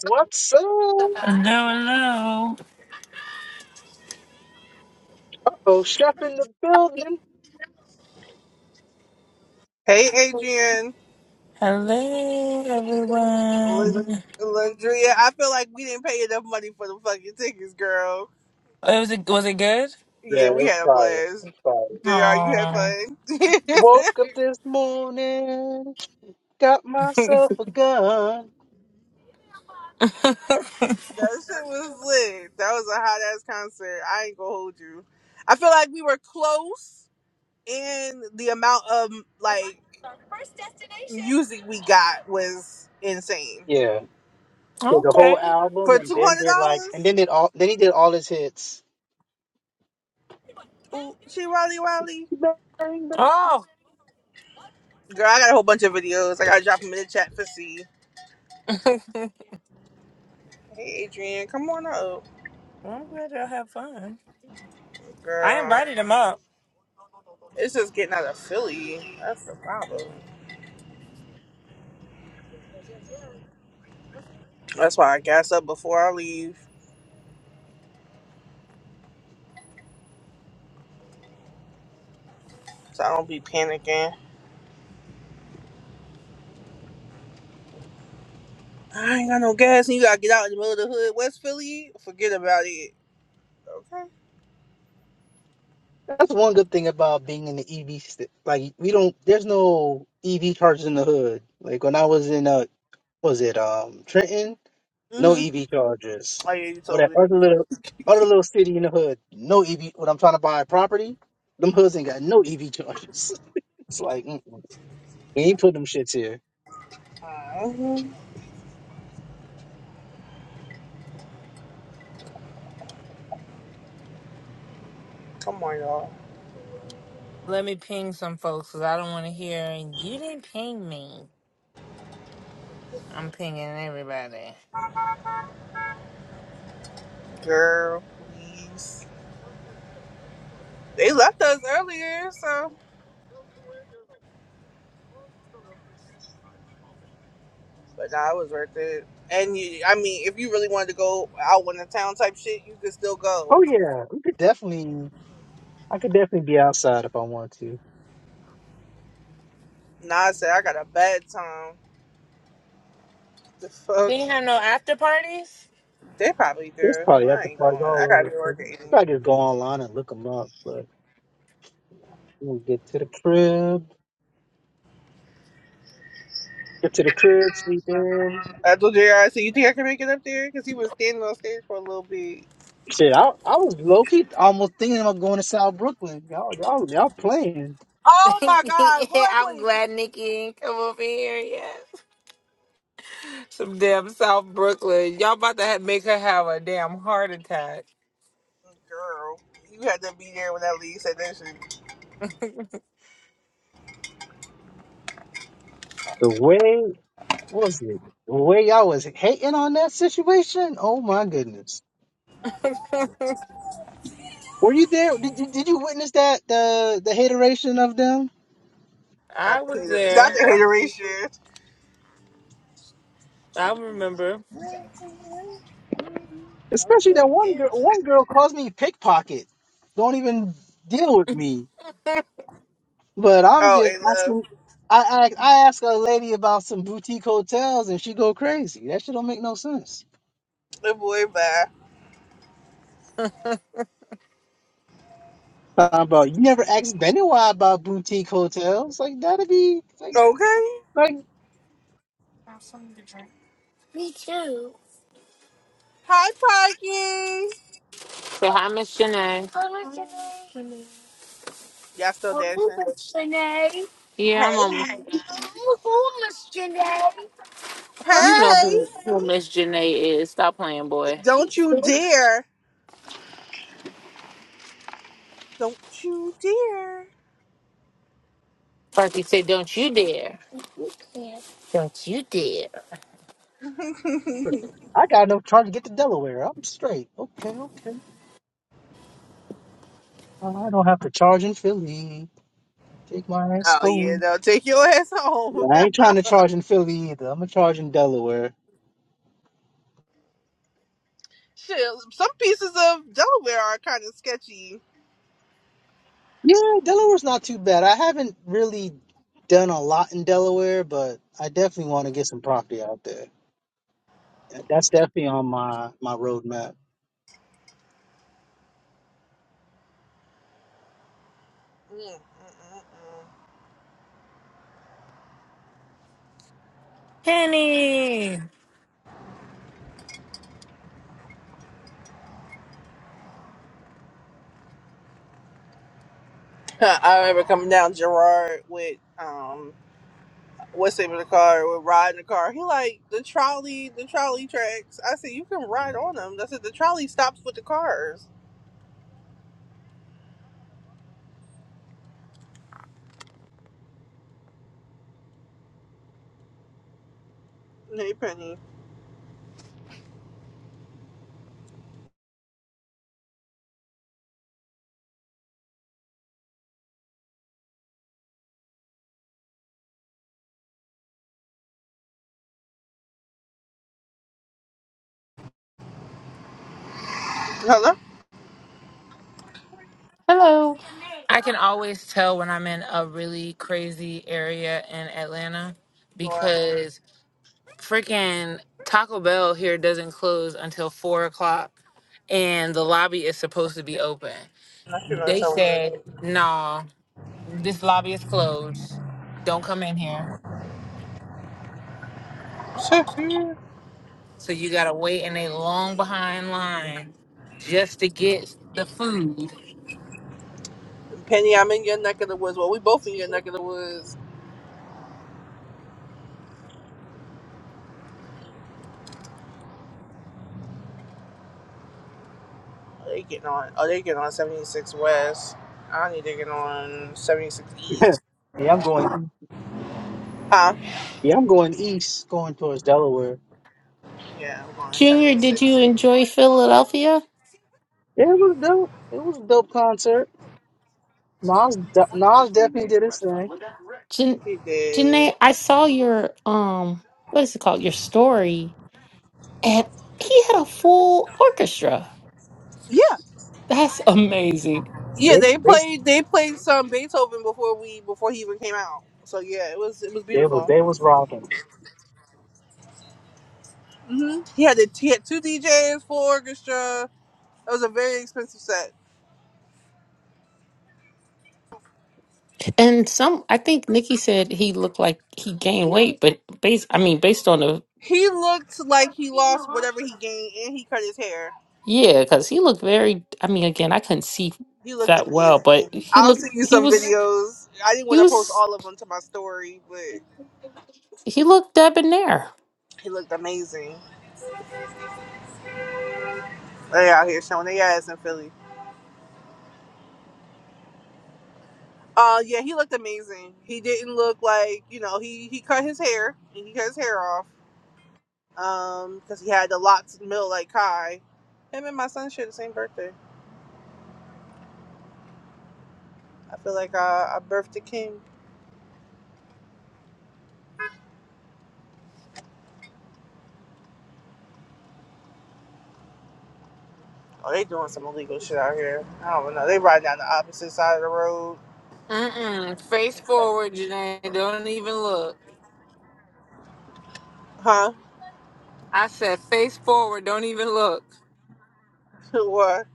What's up? Hello, hello. Uh-oh, chef in the building. Hey, Adrian. Hello, L- everyone. Landria, I feel like we didn't pay enough money for the fucking tickets, girl. Oh, It was it was it good? Yeah, we Yeah, it's had a fire. blast. It's fire. JR, you had Oh, fun? that Woke up this morning, got myself a gun. shit was lit. That was a hot ass concert. I ain't gonna hold you. I feel like we were close, and the amount of like music we got was insane. Yeah, did the whole okay. album, For and $200? then did like, and then did all, then he did all his hits. She Raleigh Raleigh? Bang, bang. Oh, Girl, I got a whole bunch of videos. I gotta drop them in the chat for see. Hey, Adrian, come on up. I'm glad y'all have fun. I Girl, invited them up. it's just getting out of Philly. That's the problem. That's why I gas up before I leave, so I don't be panicking. I ain't got no gas, and you gotta get out in the middle of the hood, West Philly. Forget about it. Okay. That's one good thing about being in the EV. St- like, we don't, there's no EV charges in the hood. Like when I was in uh, was it um Trenton? No Mhm. EV chargers. Oh yeah, you Or that told me. other little other little city in the hood. No EV. When I'm trying to buy a property, them hoods ain't got no EV chargers. it's like mm-mm. we ain't putting them shits here. Mhm. Come on, y'all. Let me ping some folks because I don't want to hear you didn't ping me. I'm pinging everybody. Girl, please. They left us earlier, so. But nah, it was worth it. And you, I mean, if you really wanted to go out in the town type shit, you could still go. Oh yeah, we could definitely. I could definitely be outside if I want to. Nah, I said I got a bad time. The fuck. They didn't have no after parties. They probably There's do. Well, probably I after ain't parties going. I all gotta over. be the city. working. Probably just go online and look them up. But we'll get to the crib. Get to the crib. Sleep in. I told JR, said, You think I can make it up there? Because he was standing on stage for a little bit. Shit, I I was low key almost thinking about going to South Brooklyn. Y'all y'all y'all playing Oh my god, boy, yeah, I'm please. glad Nikki ain't come over here yet. Some damn South Brooklyn. Y'all about to ha- make her have a damn heart attack. Girl, you had to be there when that lead said that shit. the way. What was it? The way y'all was hating on that situation? Oh my goodness. Were you there? Did, did, did you witness that the the hateration of them? Not I the was hater, not there. the hateration. I remember. I don't Especially that one girl one girl calls me pickpocket. Don't even deal with me. But I'm Oh, just and love. asking I, I I ask a lady about some boutique hotels and she go crazy. That shit don't make no sense. The boy, bye. Talking about you never asked Benoit about boutique hotels. Like that'd be like Okay. like Me too. Hi, Parky. So hi, Miss Janae. Hello, Janae. Y'all still Oh, dashing? Miss Janae. Yeah, I'm almost. Hey. Who, who Miss Janae? You know Hey. who, who Miss Janae is. Stop playing, boy. Don't you dare. Don't you dare. Parky said, "Don't you dare! Don't you dare!" I got no charge to get to Delaware. I'm straight. Okay, okay. I don't have to charge in Philly. Take my ass Oh yeah, home. no, take your ass home. Yeah, I ain't trying to charge in Philly either. I'm gonna charge in Delaware. Shit, some pieces of Delaware are kind of sketchy. Yeah, Delaware's not too bad. I haven't really done a lot in Delaware, but I definitely want to get some property out there. That- That's definitely on my my roadmap. Mm, mm, mm, Penny. mm. I remember coming down Gerard with um, what's the name of the car? With Rod in the car, he like the trolley, the trolley tracks. I said you can ride on them. I said the trolley stops with the cars. Hey Penny, hello. Hello, I can always tell when I'm in a really crazy area in Atlanta Why? because freaking Taco Bell here doesn't close until four o'clock and the lobby is supposed to be open. Not You want- I should gonna They tell you. said, no, this lobby is closed. Don't come in here. So you gotta wait in a long behind line just to get the food. Penny, I'm in your neck of the woods. Well, we both in your neck of the woods. They getting on. Oh, they getting on 76 West. I need to get on 76 East. yeah, I'm going. Huh? Yeah, I'm going east, going towards Delaware. Yeah, I'm going on Junior. Did you 76. enjoy Philadelphia? Yeah, it was dope. It was a dope concert. Nas, de- Nas definitely did his thing. Jan- He did. Janae, I saw your um, what is it called? Your story, and he had a full orchestra. Yeah. That's amazing. Yeah, They, they they, played they played some Beethoven before we before he even came out. So yeah, it was it was they was, beautiful. they was rocking. hmm He had the, he had two DJs, full orchestra. It was a very expensive set. And some, I think Nikki said he looked like he gained weight, but based, I mean, based on the He looked like he lost whatever he gained, and he cut his hair. yeah, because he looked very. I mean, again, I couldn't see He looked that well, amazing. but he I'll looked. send you He some was. videos. I didn't He want to post was. all of them to my story, but. He looked debonair. He looked amazing. They out here showing their ass in Philly. Uh, yeah, he looked amazing. He didn't look like you know he he cut his hair. He cut his hair off. Um, because he had the locks mill like Kai. Him and my son share the same birthday. I feel like uh, I birthed a king. Oh, they doing some illegal shit out here. I don't know. They riding down the opposite side of the road. Mm-mm. Face forward, Janae. Don't even look. Huh? I said face forward. Don't even look. what?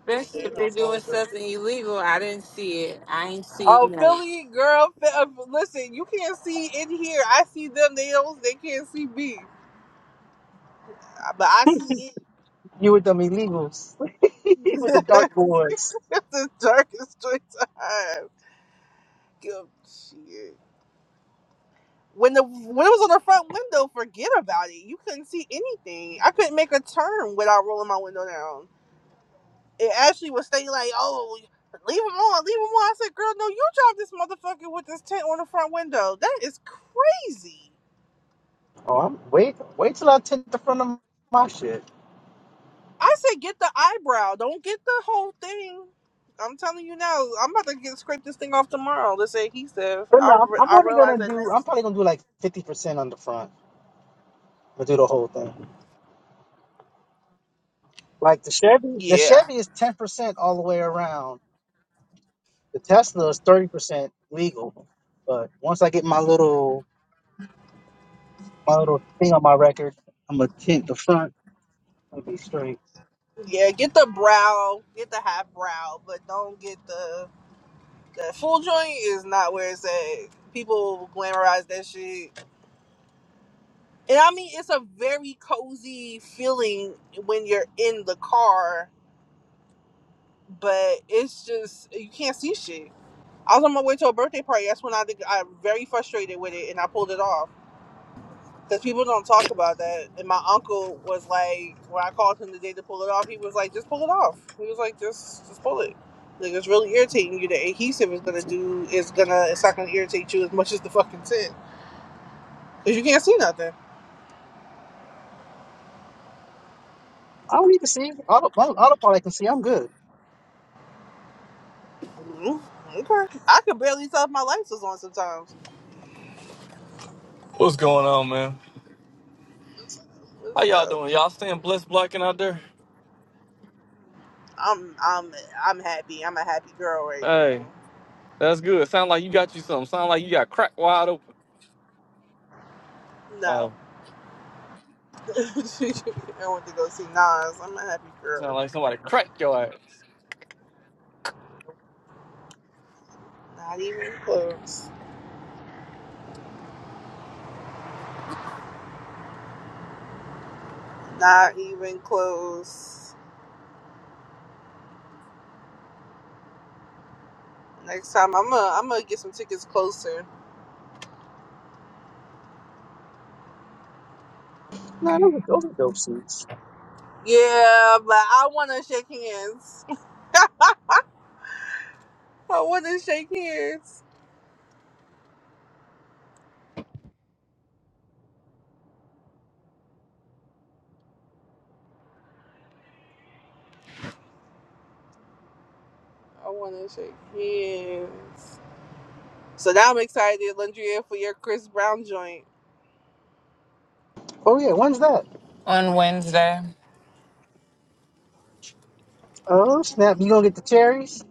Especially They if doing they're some doing illegal shit. something illegal. I didn't see it. I ain't see Oh, none. Philly girl, Phil- listen, you can't see in here. I see them. They don't. They can't see me. But I see it. You with them illegals. with the the dark boys. darkest straight time. Give shit. When the when it was on the front window, forget about it. You couldn't see anything. I couldn't make a turn without rolling my window down. It actually was staying like, oh, leave him on, leave him on. I said, girl, no, you drive this motherfucker with this tent on the front window. That is crazy. Oh, I'm, wait, wait till I tint the front of my shit. I said, get the eyebrow. Don't get the whole thing. I'm telling you now, I'm about to get scrape this thing off tomorrow. Let's say he said. But no, I, I'm, re- I'm I only realize gonna that. do. next. I'm probably gonna do like fifty percent on the front. But do the whole thing. Like the Chevy, the Yeah, Chevy is ten percent all the way around. The Tesla is thirty percent legal. But once I get my little my little thing on my record, I'm gonna tint the front and be straight. yeah. Get the brow, get the half brow, but don't get the the full joint. Is not where it's at. People glamorize that shit, and I mean it's a very cozy feeling when you're in the car, but it's just you can't see shit. I was on my way to a birthday party. That's when I think I very frustrated with it, and I pulled it off. Because people don't talk about that. And my uncle was like, when I called him the day to pull it off, he was like, just pull it off. He was like, just just pull it. Like it's really irritating you. The adhesive is gonna do is gonna it's not gonna irritate you as much as the fucking tint. Cause you can't see nothing. I don't need to see auto my autopilot. I can see. I'm good. mm Okay. I could barely tell if my lights was on sometimes. What's going on, man? How y'all So doing? Y'all staying blessed blacking out there? I'm I'm I'm happy. I'm a happy girl right Hey, now. that's good. Sound like you got you something. Sound like you got cracked wide open. No. Oh, I want to go see Nas. I'm a happy sound girl. like somebody cracked your ass. Not even close. Not even close. Next time I'm gonna I'm gonna get some tickets closer. No, those are, those are dope suits. Yeah, but I wanna shake hands. I wanna shake hands. I wanna shake hands. So now I'm excited, Landria, for your Chris Brown joint. Oh yeah, when's that? on Wednesday. Oh snap! You gonna get the cherries?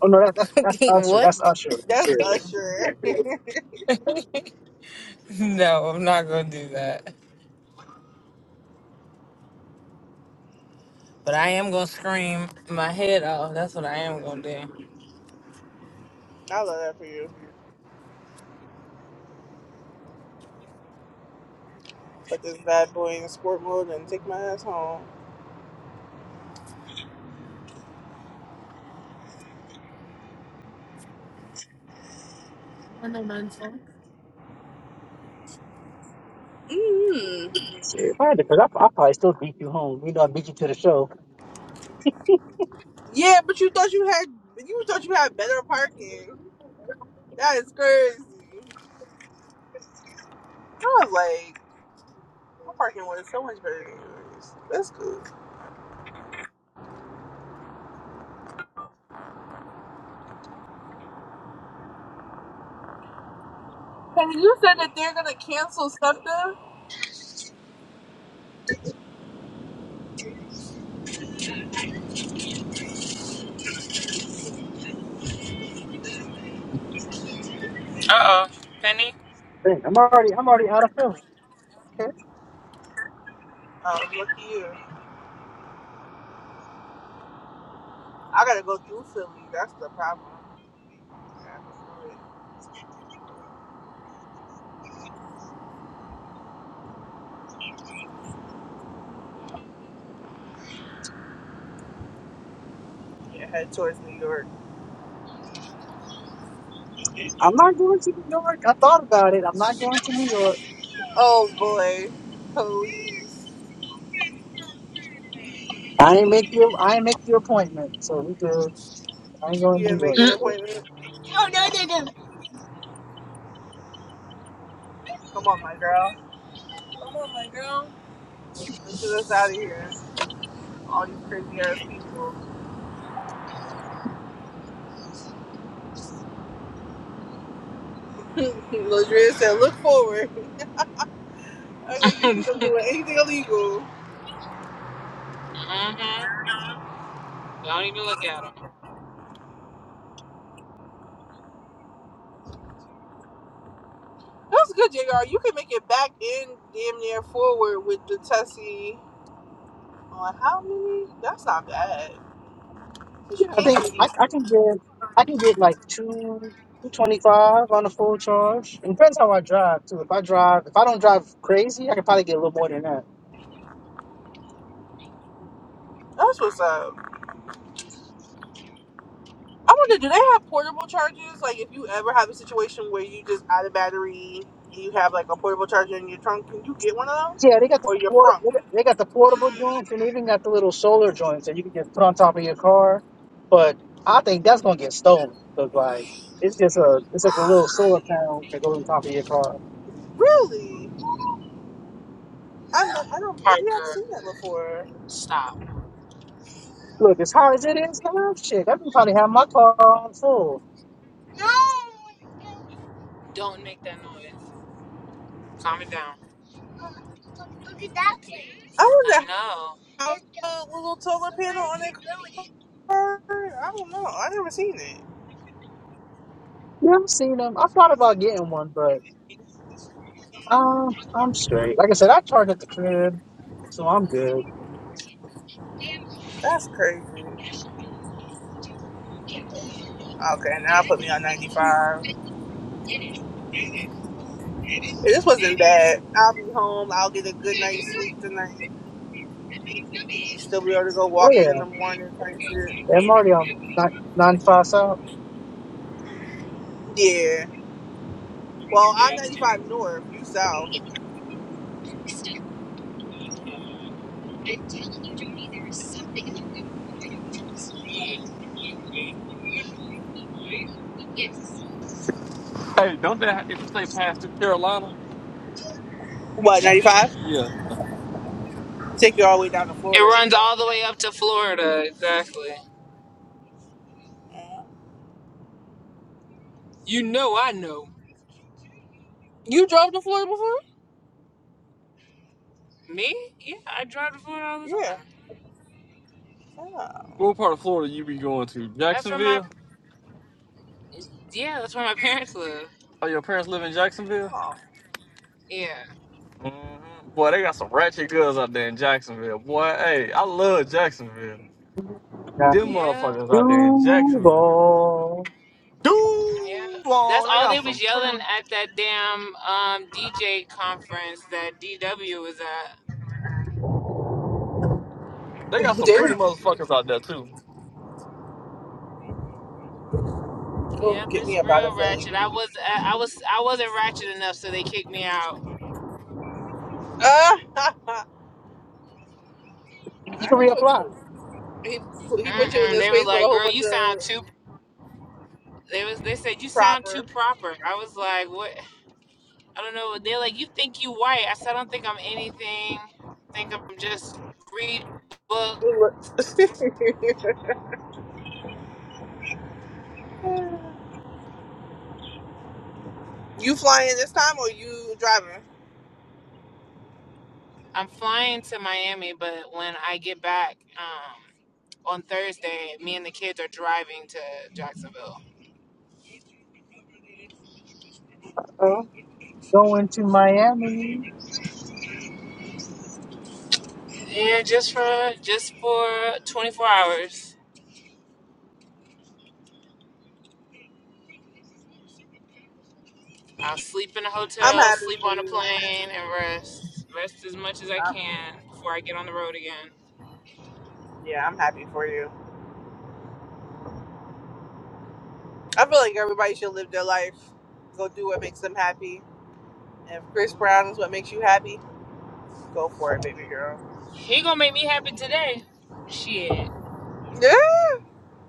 Oh no, that, that's that's Usher. That's what? Usher. That's Seriously, Usher. No, I'm not gonna do that. But I am gonna scream my head off. That's what I am gonna do. I love that for you. Put this bad boy in sport mode and take my ass home. Uh Mm. seriously. If I had All right, because I, I probably still beat you home. You know, I beat you to the show. Yeah, but you thought you had you thought you had better parking. That is crazy. I was like. My parking was so much better than yours. That's good. And you said that they're gonna cancel SEPTA? oh, Penny. Dang, I'm already I'm already out of Philly. Okay, Oh, look you. I gotta go through Philly. That's the problem. I have to do it. Yeah, head towards New York. I'm not going to New York. I thought about it. I'm not going to New York. Oh boy, please. I ain't make you. I ain't make the appointment. So we good. I ain't going You to New didn't make York an today. appointment? Come on, my girl. Come on, my girl. Let's get us out of here. All these crazy ass people. Ladria said, look forward. I know you see them doing anything illegal. Mm-hmm. Don't even look at him. That's good, JR. You can make it back in damn near forward with the Tessie on how many? That's not bad. Because Yeah, you I can't think do I, these. I can get I can get like two. 225 on a full charge. It depends how I drive too. If I drive, if I don't drive crazy, I can probably get a little more than that. That's what's up. I wonder, do they have portable chargers? Like, if you ever have a situation where you just out of battery and you have like a portable charger in your trunk, can you get one of those? Yeah, they got the Or your port- front? they got they got the portable joints and they even got the little solar joints that you can just put on top of your car. But I think that's gonna get stolen. because like it's just a it's like a little solar panel that goes on top of your car. Really? I'm not, I don't, maybe I've Parker, seen that before. stop. Look, as hard as it is now, shit, I can probably have my car on full. Don't make that noise. Calm it down. I I wonder know. how a little solar panel on their car. I don't know. i never seen it. Yeah, I've seen them. I thought about getting one, but um, I'm straight. Like I said, I charge at the crib, so I'm good. That's crazy. Okay, now put me It on 95. If this wasn't bad, I'll be home. I'll get a good night's sleep tonight. Still be able to go Well, walking in yeah, the morning type shit. I'm already on 95 South. Yeah. Well, I'm 95 north, you south. Hey, don't that if you say past through Carolina? What, 95? Yeah. Take you all the way down to Florida. runs all the way up to Florida, exactly. You know I know. You drove to Florida before? Me? Yeah, I drive to Florida all the Yeah. time. Yeah. Oh, What part of Florida you be going to? That's where my Jacksonville? yeah, that's where my parents live. Oh, your parents live in Jacksonville? Aw. Yeah. hmm Boy, they got some ratchet girls out there in Jacksonville. Boy, hey, I love Jacksonville. Got Them Yeah. motherfuckers out there in Jacksonville. Duval. Dude, Yeah. That's oh, they all got they some. was pretty. yelling at that damn um, DJ conference that DW was at. They got some pretty damn. motherfuckers out there too. Oh, Yep, get it's me up out of real Philly. ratchet. I was uh, I was I wasn't ratchet enough, so they kicked me out. Uh, nah, You can he put reapply. you. He put- he put you in Mm-mm, this they were space with a like, whole "Girl, bunch you of sound too." They was they said you sound too Proper. proper. I was like, "What?" I don't know. They're like, "You think you white?" I said, "I don't think I'm anything. I think I'm just read book. You flying this time or you driving? I'm flying to Miami, but when I get back um, on Thursday, me and the kids are driving to Jacksonville. Uh, going to Miami. Yeah, just for just for 24 hours." I'll sleep in a I'm hotel, happy sleep for on a you. plane, and rest. Rest as much as I Um, can before I get on the road again. yeah, I'm happy for you. I feel like everybody should live their life, go do what makes them happy. And if Chris Brown is what makes you happy, go for it, baby girl. He gonna make me happy today. Shit. Yeah.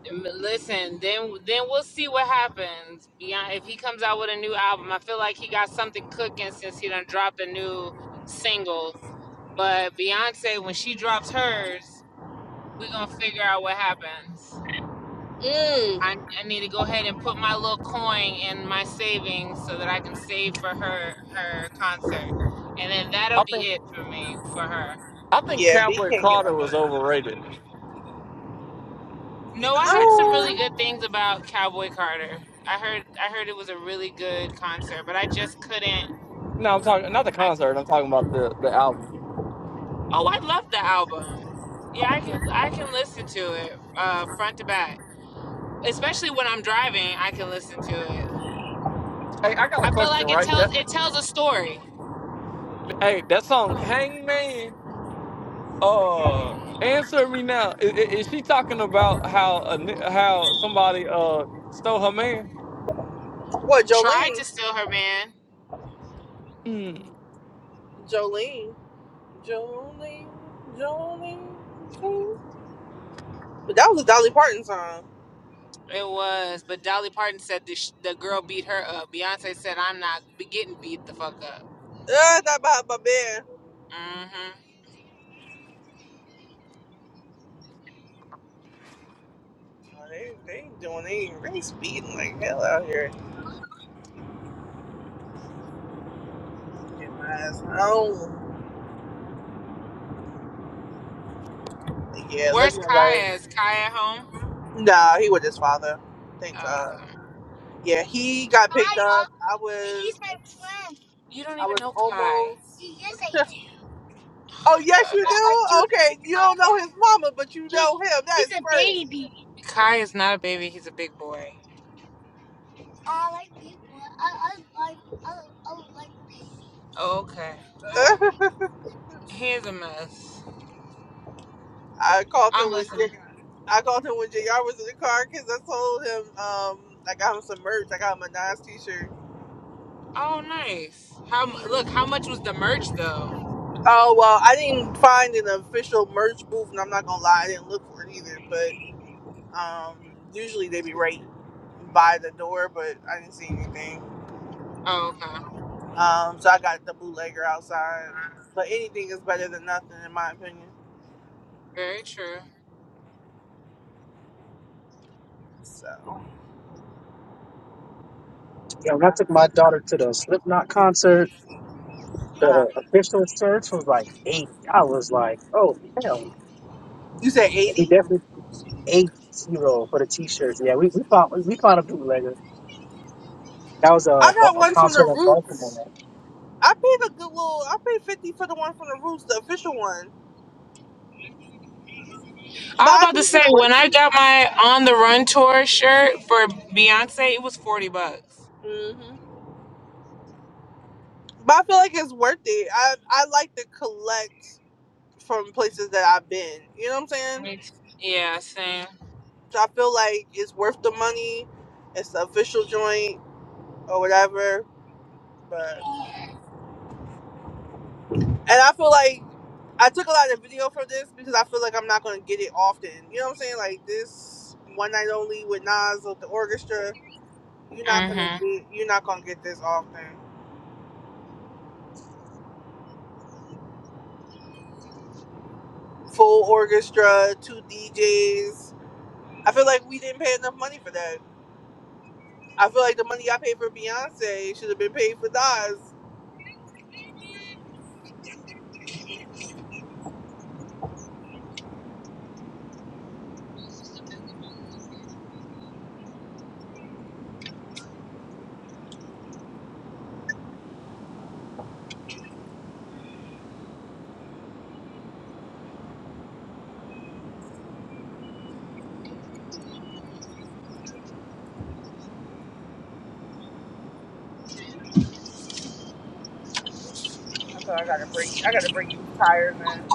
M- Listen, then then we'll see what happens. Beyond if he comes out with a new album, I feel like he got something cooking since he done dropped a new single. But Beyonce, when she drops hers, we gonna figure out what happens. Mm. I, I need to go ahead and put my little coin in my savings so that I can save for her her concert, and then that'll I be think it for me for her. I think Yeah, B Cowboy can't get no Carter was money. overrated. Yeah, No, I heard some really Oh, good things about Cowboy Carter. I heard I heard it was a really good concert, but I just couldn't. No, I'm talking not the I concert. I'm talking about the the album. oh, I love the album. Yeah, I can Mm. I can listen to it uh, front to back, especially when I'm driving. I can listen to it. Hey, I got a I feel question, like it right? tells That it tells a story. hey, that song Hangman. Uh, answer me now. Is, is is she talking about how a, ni- how somebody uh stole her man? what, Tried to Jolene? steal her man Mm. Jolene. Jolene. Jolene. Jolene. But that was a Dolly Parton song. It was, but Dolly Parton said the, sh- the girl beat her up. Beyonce said, "I'm not be- getting beat the fuck up." Uh, that about my bed. hmm No, they, they ain't doing, they ain't, they ain't speeding like hell out here. Yes, I don't- Yeah, Where's looking Kaya? like Is Kai at home? nah, he was his father. Thank Oh, okay. God. Yeah, he got picked up. Kaya, I was, he's my friend. you don't I even was know Kai. almost. Yes, I do. Oh yes, God. you I, I do. do know Okay, you don't know Kaya. his mama, but you He, know him. That he's a is baby. Kai is not a baby. He's a big boy. I like big boy. I, I, like I, I like babies. Oh, okay. I like babies. crazy. Here's a mess. I called him I'm when listening. J- I called him when Jr. was in the car because I told him um I got him some merch. I got him a Nas T-shirt. Oh, nice. How mu- look? Mm. How much was the merch though? Oh well, I didn't find an official merch booth, and I'm not gonna lie, I didn't look for it either, but. Um, usually they be right by the door, but I didn't see anything. Oh, okay. Um, so I got the bootlegger outside. But anything is better than nothing, in my opinion. Very true. So Yeah, I when I got. took my daughter to the Slipknot concert, Uh, the official search was like eight. I was like, oh hell! you said So we eighty? definitely eight zero for the t-shirts. Yeah, we, we found we found a bootlegger. That was a, I got bu- a one from the concert in Roots. Baltimore. I paid a good little. I paid fifty for the one from the Roots, the official one. I But was I about to think say it's worth when I it. got my on the run tour shirt for Beyonce, it was forty bucks. hmm But I feel like it's worth it. I I like to collect from places that I've been. You know what I'm saying? Me too. Yeah, same. I feel like it's worth the money. It's the official joint or whatever. But and I feel like I took a lot of video for this because I feel like I'm not gonna get it often. You know what I'm saying? Like this one night only with Nas with the orchestra. You're not gonna Mhm. get you're not gonna get this often. Full orchestra, two DJs. I feel like we didn't pay enough money for that. I feel like the money I paid for Beyonce should have been paid for Nas. I feel I gotta break I gotta break these tires in.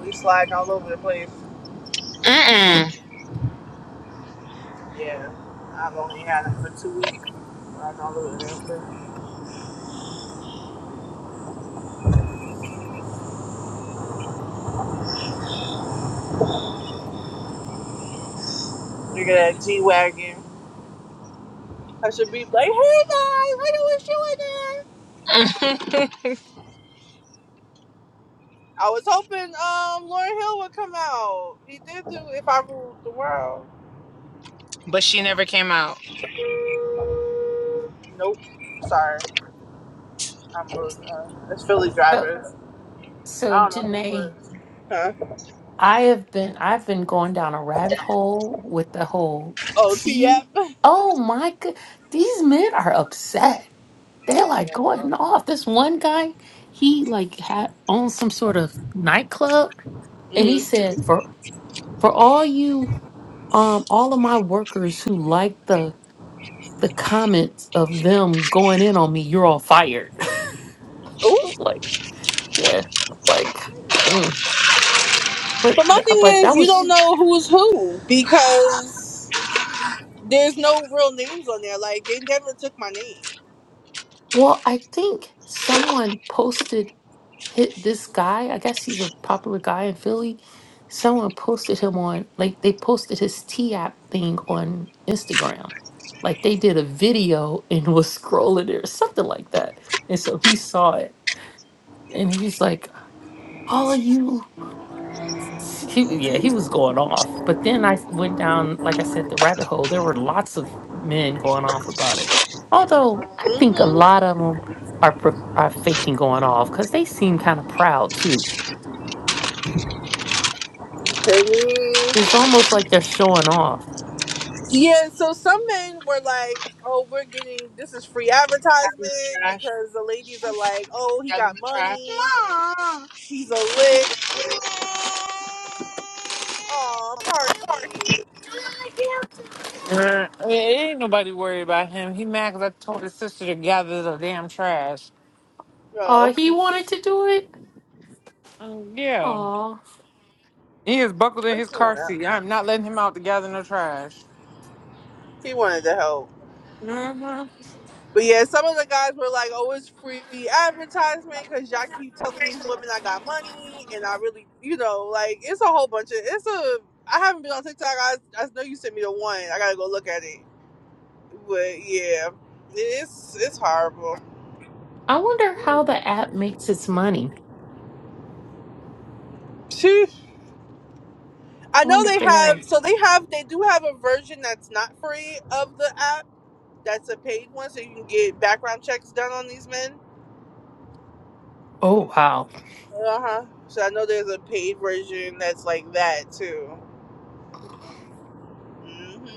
We sliding all over the place. Mm Yeah, I've only had him for two weeks. Sliding all over the place. Look at that G wagon. I should be like, hey guys, I know what you in there. mm. I was hoping um Lauryn Hill would come out. He did do If I Ruled the World. but she never came out. Nope. Sorry, I'm rude. Uh, it's Philly So, drivers. so I don't know who's Janae. worse. Huh? I have been I've been going down a rabbit hole with the whole Oh, tea. TF. Oh my god, these men are upset. They're like Yeah, going girl. off. This one guy, he like had owns some sort of nightclub, and he hmm said for for all you um all of my workers who like the the comments of them going in on me, you're all fired. Ooh. like yeah, like mm. but But my th- thing but that is, you was don't know who's who because. There's no real names on there. Like they never took my name. Well, I think someone posted hit this guy. I guess he's a popular guy in Philly. Someone posted him on like they posted his T app thing on Instagram. Like they did a video and was scrolling there, something like that. And so he saw it and he was like, All of you. S- He, yeah, he was going off. But then I s- went down, like I said, the rabbit hole. There were lots of men going off about it. Although I think a Mm-hmm. lot of them are pro- are faking going off because they seem kind of proud too. It's almost like they're showing off. Yeah, so some men were like, "Oh, we're getting this is free That was advertisement trash. because the ladies are like, oh, he That was got trash. money, he's a lick, oh, Parky, Mom. Uh, ain't nobody worried about him. He mad 'cause I told his sister to gather the damn trash. Oh, oh, he wanted to do it. Um, yeah. Oh, He is buckled in his car seat. I'm not letting him out to gather no trash. he wanted help. Mhm. But yeah, some of the guys were like, "Oh, it's free advertisement because y'all keep telling these women I got money, and I really, you know, like it's a whole bunch of it's a. I haven't been on TikTok. I I know you sent me the one. I gotta go look at it. But yeah, it's it's horrible. I wonder how the app makes its money. Sheesh. I I know wonder if they they have. have so they have they do have a version that's not free of the app. That's a paid one, so you can get background checks done on these men. Oh wow, Uh huh. So I know there's a paid version that's like that too. Mm-hmm.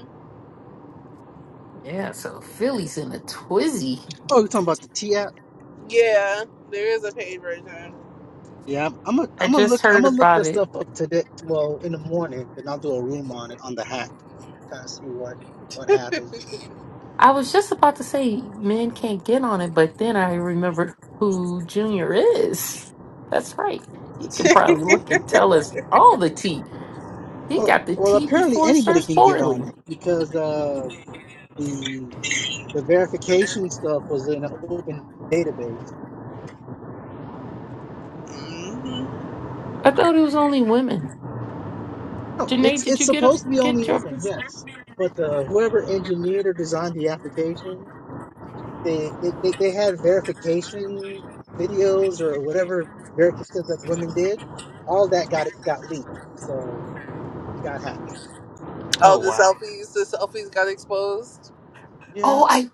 yeah. So Philly's in a twizzy. Oh, you're talking about the T app? Yeah, there is a paid version. Yeah, I'm I'm gonna I I'm gonna just look I'm heard gonna look about this it stuff up today. Well, in the morning, and I'll do a room on it on the hack and kind of see what what happened. I was just about to say men can't get on it, but then I remembered who Junior is. That's right. He can hmm probably look and tell us all the tea. He Well, got the well, tea apparently before it anybody starts can get on boiling. it because uh. the The verification stuff was in an open database. I thought it was only women. No, Janae, it's did it's you get a supposed to be only get women, yours? yes. But the whoever engineered or designed the application, they they, they, they had verification videos or whatever verification that the women did. All that got it got leaked, so it got hacked. Oh, Oh the wow. selfies. The selfies got exposed Yeah, Oh I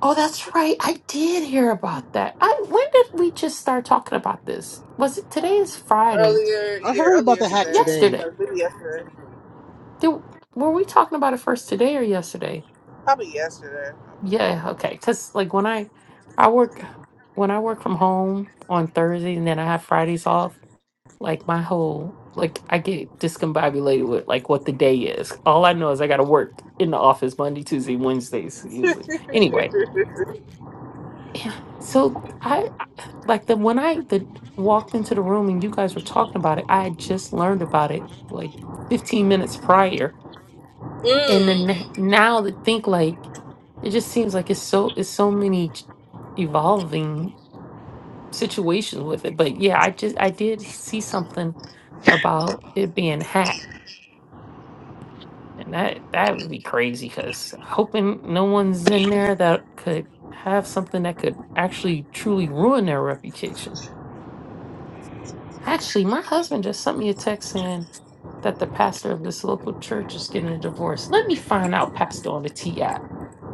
oh that's right. I did hear about that. I when did we just start talking about this? Was it today is Friday? earlier. I Yeah, heard about earlier the hack today. today. Yesterday. Or maybe yesterday. Did, were we talking about it first today or yesterday? Probably yesterday. Yeah, okay. Because like when I I work when I work from home on Thursday and then I have Fridays off, like my whole like I get discombobulated with like what the day is. All I know is I gotta work in the office Monday, Tuesday, Wednesdays I usually. believe. Anyway, yeah. So I I- like the when I the walked into the room and you guys were talking about it, I had just learned about it like 15 minutes prior and then mm. n- now to think like it just seems like it's so it's so many ch- evolving situations with it but yeah i just i did see something about it being hacked and that that would be crazy because hoping no one's in there that could have something that could actually truly ruin their reputation actually my husband just sent me a text saying that the pastor of this local church is getting a divorce let me find out pastor on the ti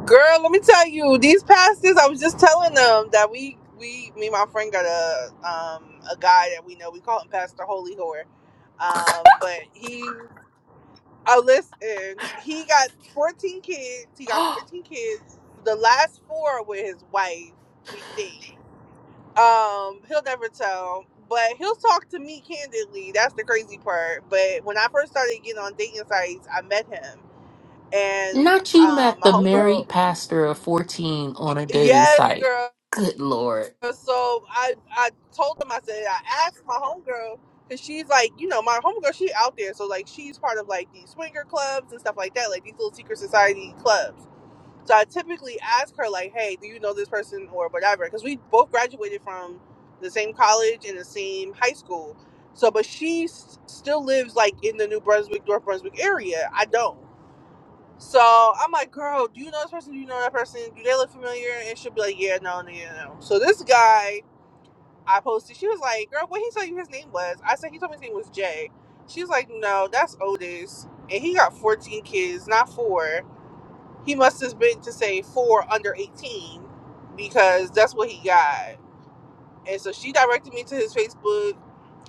Girl, let me tell you, these pastors. I was just telling them that we, we, me and my friend got a um a guy that we know. We call him Pastor Holy Whore. Um, but he Oh, listen, he got 14 kids. He got 14 kids. The last four were with his wife, we think. Um, he'll never tell, but he'll talk to me candidly. That's the crazy part. But when I first started getting on dating sites, I met him, and Not you um, met my the homegirl, married pastor of 14 on a dating yes, site. girl. Good Lord. So I, I told him, I said, I asked my homegirl, cause she's like, you know, my homegirl, she out there, so like, she's part of like these swinger clubs and stuff like that, like these little secret society clubs. So I typically ask her like, "Hey, do you know this person or whatever?" Because we both graduated from the same college and the same high school. So, but she s- still lives like in the New Brunswick, North Brunswick area. I don't. So I'm like, "Girl, do you know this person? Do you know that person? Do they look familiar?" And she'll be like, "Yeah, no, no, yeah, no." So this guy I posted, she was like, "Girl, what he told you his name was?" I said, "He told me his name was Jay." She's like, "No, that's Otis, and he got 14 kids, not four. He must have been to say four under 18 because that's what he got. And so she directed me to his Facebook.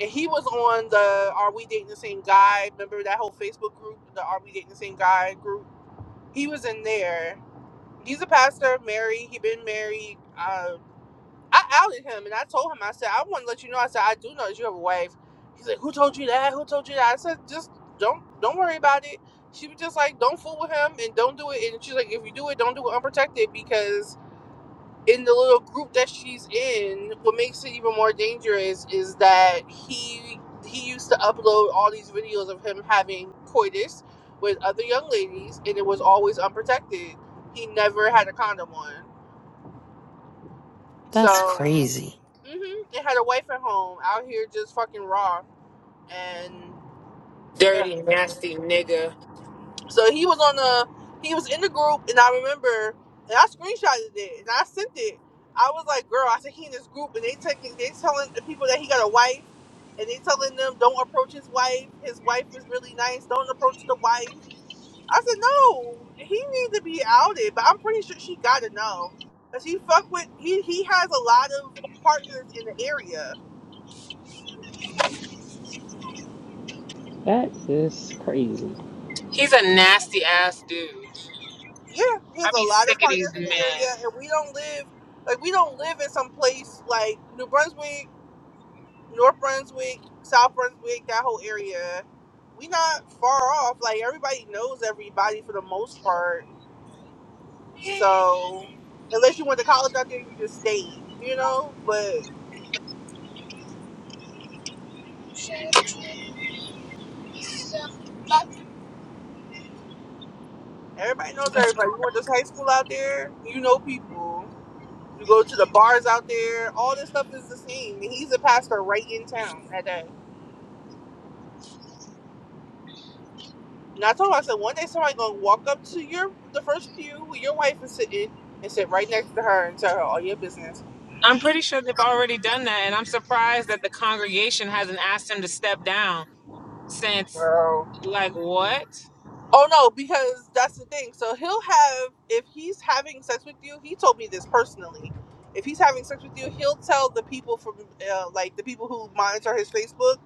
And he was on the Are We Dating the Same Guy? Remember that whole Facebook group, the Are We Dating the Same Guy group? He was in there. He's a pastor, married. He been married. Uh, I outed him and I told him, I said, I want to let you know. I said, I do know that you have a wife. He's like, Who told you that? Who told you that? I said, Just don't don't worry about it. She was just like, Don't fool with him and don't do it. And she's like, If you do it, don't do it unprotected because in the little group that she's in, what makes it even more dangerous is that he he used to upload all these videos of him having coitus with other young ladies and it was always unprotected. He never had a condom on. That's So crazy. hmm They had a wife at home out here just fucking raw. And yeah. Dirty, nasty nigga. So he was on the he was in the group and I remember and I screenshotted it and I sent it. I was like, girl, I said he in this group and they taking they telling the people that he got a wife and they telling them don't approach his wife. His wife is really nice. Don't approach the wife. I said, no, he needs to be outed, but I'm pretty sure she gotta know. Cause he fuck with he he has a lot of partners in the area That is crazy. He's a nasty ass dude. yeah, there's I a be lot of sick of these partners in the area, men. and we don't live like we don't live in some place like New Brunswick, North Brunswick, South Brunswick, that whole area. We not far off. Like everybody knows everybody for the most part. So unless you went to college out there, you just stayed, you know. But everybody knows everybody. You went to high school out there, you know people. You go to the bars out there. All this stuff is the same. And he's a pastor right in town at that. And I told him, I said, one day somebody gonna walk up to your the first pew where your wife is sitting and sit right next to her and tell her all your business. I'm pretty sure they've already done that, and I'm surprised that the congregation hasn't asked him to step down since, Girl. like, what? Oh no, because that's the thing. So he'll have if he's having sex with you, he told me this personally. If he's having sex with you, he'll tell the people from uh, like the people who monitor his Facebook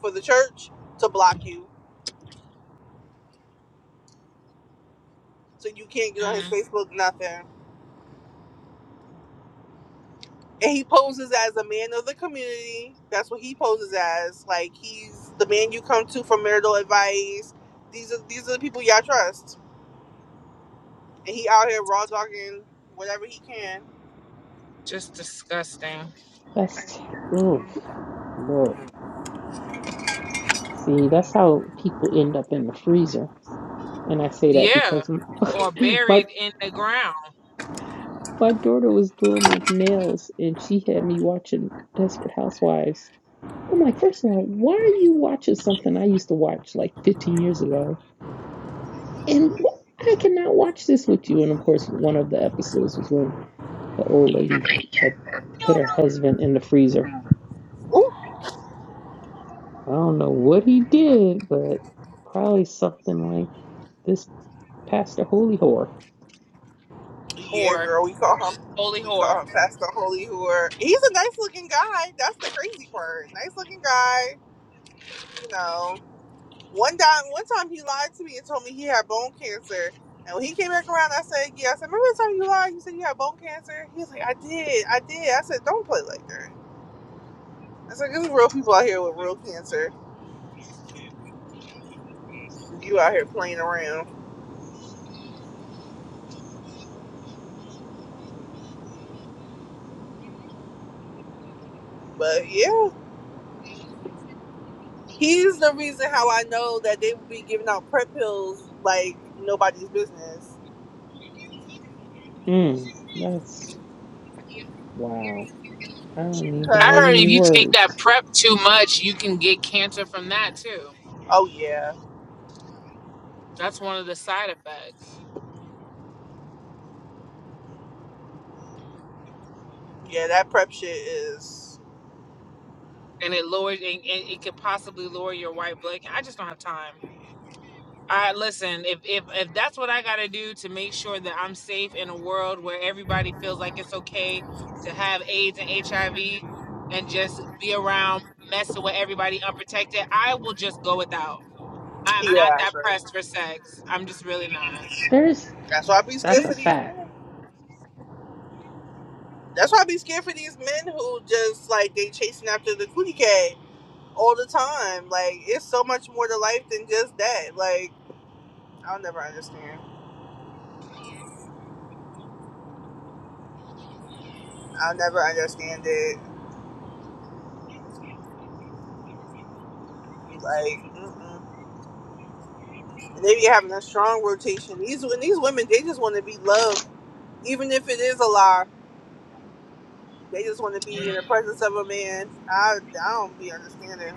for the church to block you, so you can't get on his Mm, Facebook. Nothing. and he poses as a man of the community. That's what he poses as. Like he's the man you come to for marital advice. These are these are the people y'all trust, and he out here raw talking whatever he can. just disgusting. That's t oof, Lord. See, that's how people end up in the freezer. And I say that Yeah, because m- or my buried in the ground. my daughter was doing my nails and she had me watching Desperate Housewives. I'm like, first of all, why are you watching something I used to watch like 15 years ago? and I cannot watch this with you. And of course, one of the episodes was when the old lady had put her husband in the freezer. Ooh. I don't know what he did, but probably something like this Pastor Holy Whore. Yeah, Whore, girl, we call him holy we whore. call him Pastor Holy Whore. He's a nice looking guy. That's the crazy part. Nice looking guy. You know. One time, one time he lied to me and told me he had bone cancer. And when he came back around, I said, "Yeah." I said, "Remember the time you lied? You said you had bone cancer." He was like, "I did, I did." I said, "Don't play like that." I said, "There's real people out here with real cancer. You out here playing around." But yeah, he's the reason how I know that they would be giving out prep pills like nobody's business. Mm, that's wow. I don't even I have heard Cause any if you take that words. prep too much, you can get cancer from that too. oh yeah, That's one of the side effects, yeah, that prep shit is and it lowers, and, and it could possibly lower your white blood. I just don't have time. I listen. If if if that's what I gotta do to make sure that I'm safe in a world where everybody feels like it's okay to have AIDS and HIV, and just be around messing with everybody unprotected, I will just go without. I'm not yeah. that pressed for sex. I'm just really not. There's That's why I be that's scared a for these fact. men. That's why I be scared for these men who just like they chasing after the cootie cat all the time. Like it's so much more to life than just that. Like I'll never understand. I'll never understand it. Like mm-mm. And they be having a strong rotation. These when these women they just want to be loved, even if it is a lie. They just want to be in Mm. the presence of a man. I I don't be understanding.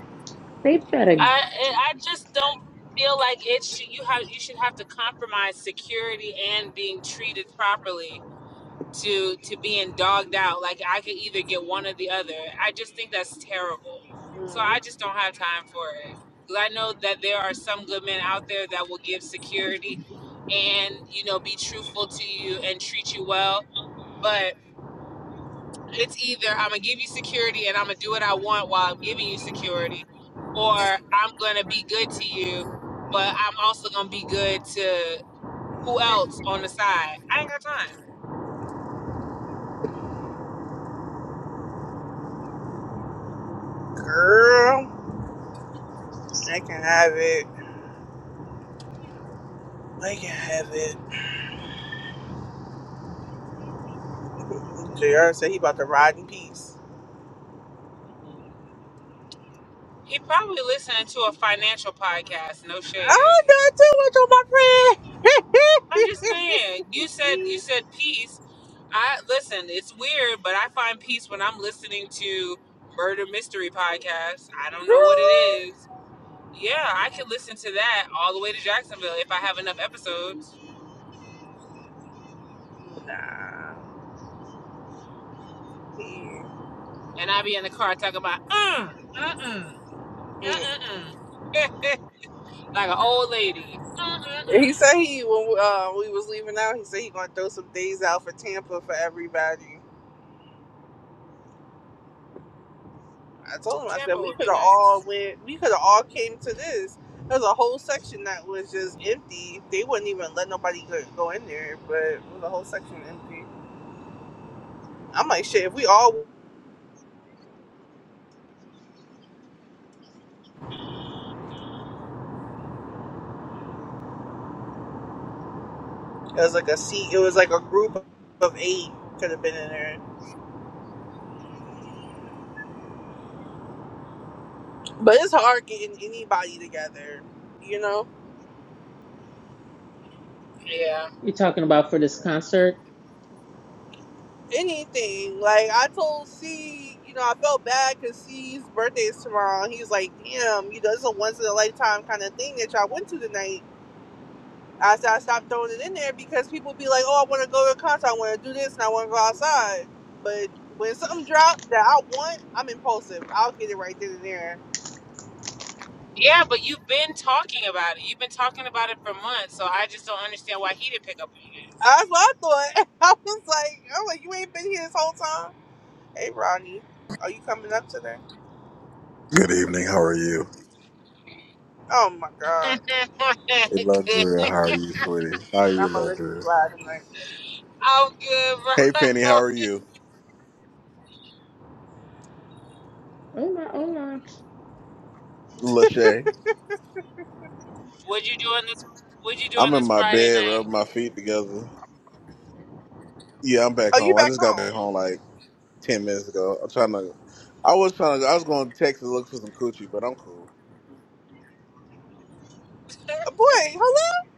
They better. I I I just don't feel like it should you have you should have to compromise security and being treated properly to to being dogged out. Like I could either get one or the other. I just think that's terrible. So I Mm. just don't have time for it. 'Cause I know that there are some good men out there that will give security and you know be truthful to you and treat you well. but. it's either I'm gonna give you security and I'm gonna do what I want while I'm giving you security, or I'm gonna be good to you, but I'm also gonna be good to who else on the side. I ain't got time. Girl, they can have it. They can have it. Jr. said he about to ride in peace. He probably listening to a financial podcast. No I shade. got too much on my friend. I'm just saying. You said you said peace. I listen. It's weird, but I find peace when I'm listening to murder mystery podcasts. I don't know what it is. Yeah, I could listen to that all the way to Jacksonville if I have enough episodes. nah. He, and I be in the car talking about uh uh uh uh uh uh like an old lady. Uh uh uh. he said he when uh, we was leaving out, he said he gonna throw some days out for Tampa for everybody. I told him I Tampa said we would could be have nice. all went, we could have all came to this. There's a whole section that was just empty. They wouldn't even let nobody go, go in there, but it was a whole section empty. I'm like, shit. If we all, it was like a seat. It was like a group of eight could have been in there. But it's hard getting anybody together, you know? Yeah, You're talking about for this concert? Anything. Like, I told C, you know, I felt bad because C's birthday is tomorrow. And he was like, damn, you know, it's a once in a lifetime kind of thing that y'all went to tonight. I said, I stopped throwing it in there because people be like, oh, I want to go to a concert. I want to do this and I want to go outside. But when something drops that I want, I'm impulsive. I'll get it right then and there. yeah, but you've been talking about it. You've been talking about it for months, so I just don't understand why he didn't pick up on That's what I thought. I was like, I'm like, you ain't been here this whole time. Hey, Ronnie, are you coming up today? Good evening. How are you? Oh my god. Hey, Landria. How are it. you, sweetie? How are you, I'm gonna let you Landria? slide tonight. I'm good, bro. Hey, Penny. How How are are you? you? Oh my, oh my. Lachey. What you doing this? What would you do on I'm in this my Friday bed, night? rubbing my feet together. Yeah, I'm back Oh, you home. I back just got home? back home like ten minutes ago. I'm trying to. I was trying to. I was going to Texas look for some coochie, but I'm cool. Oh, boy, hello?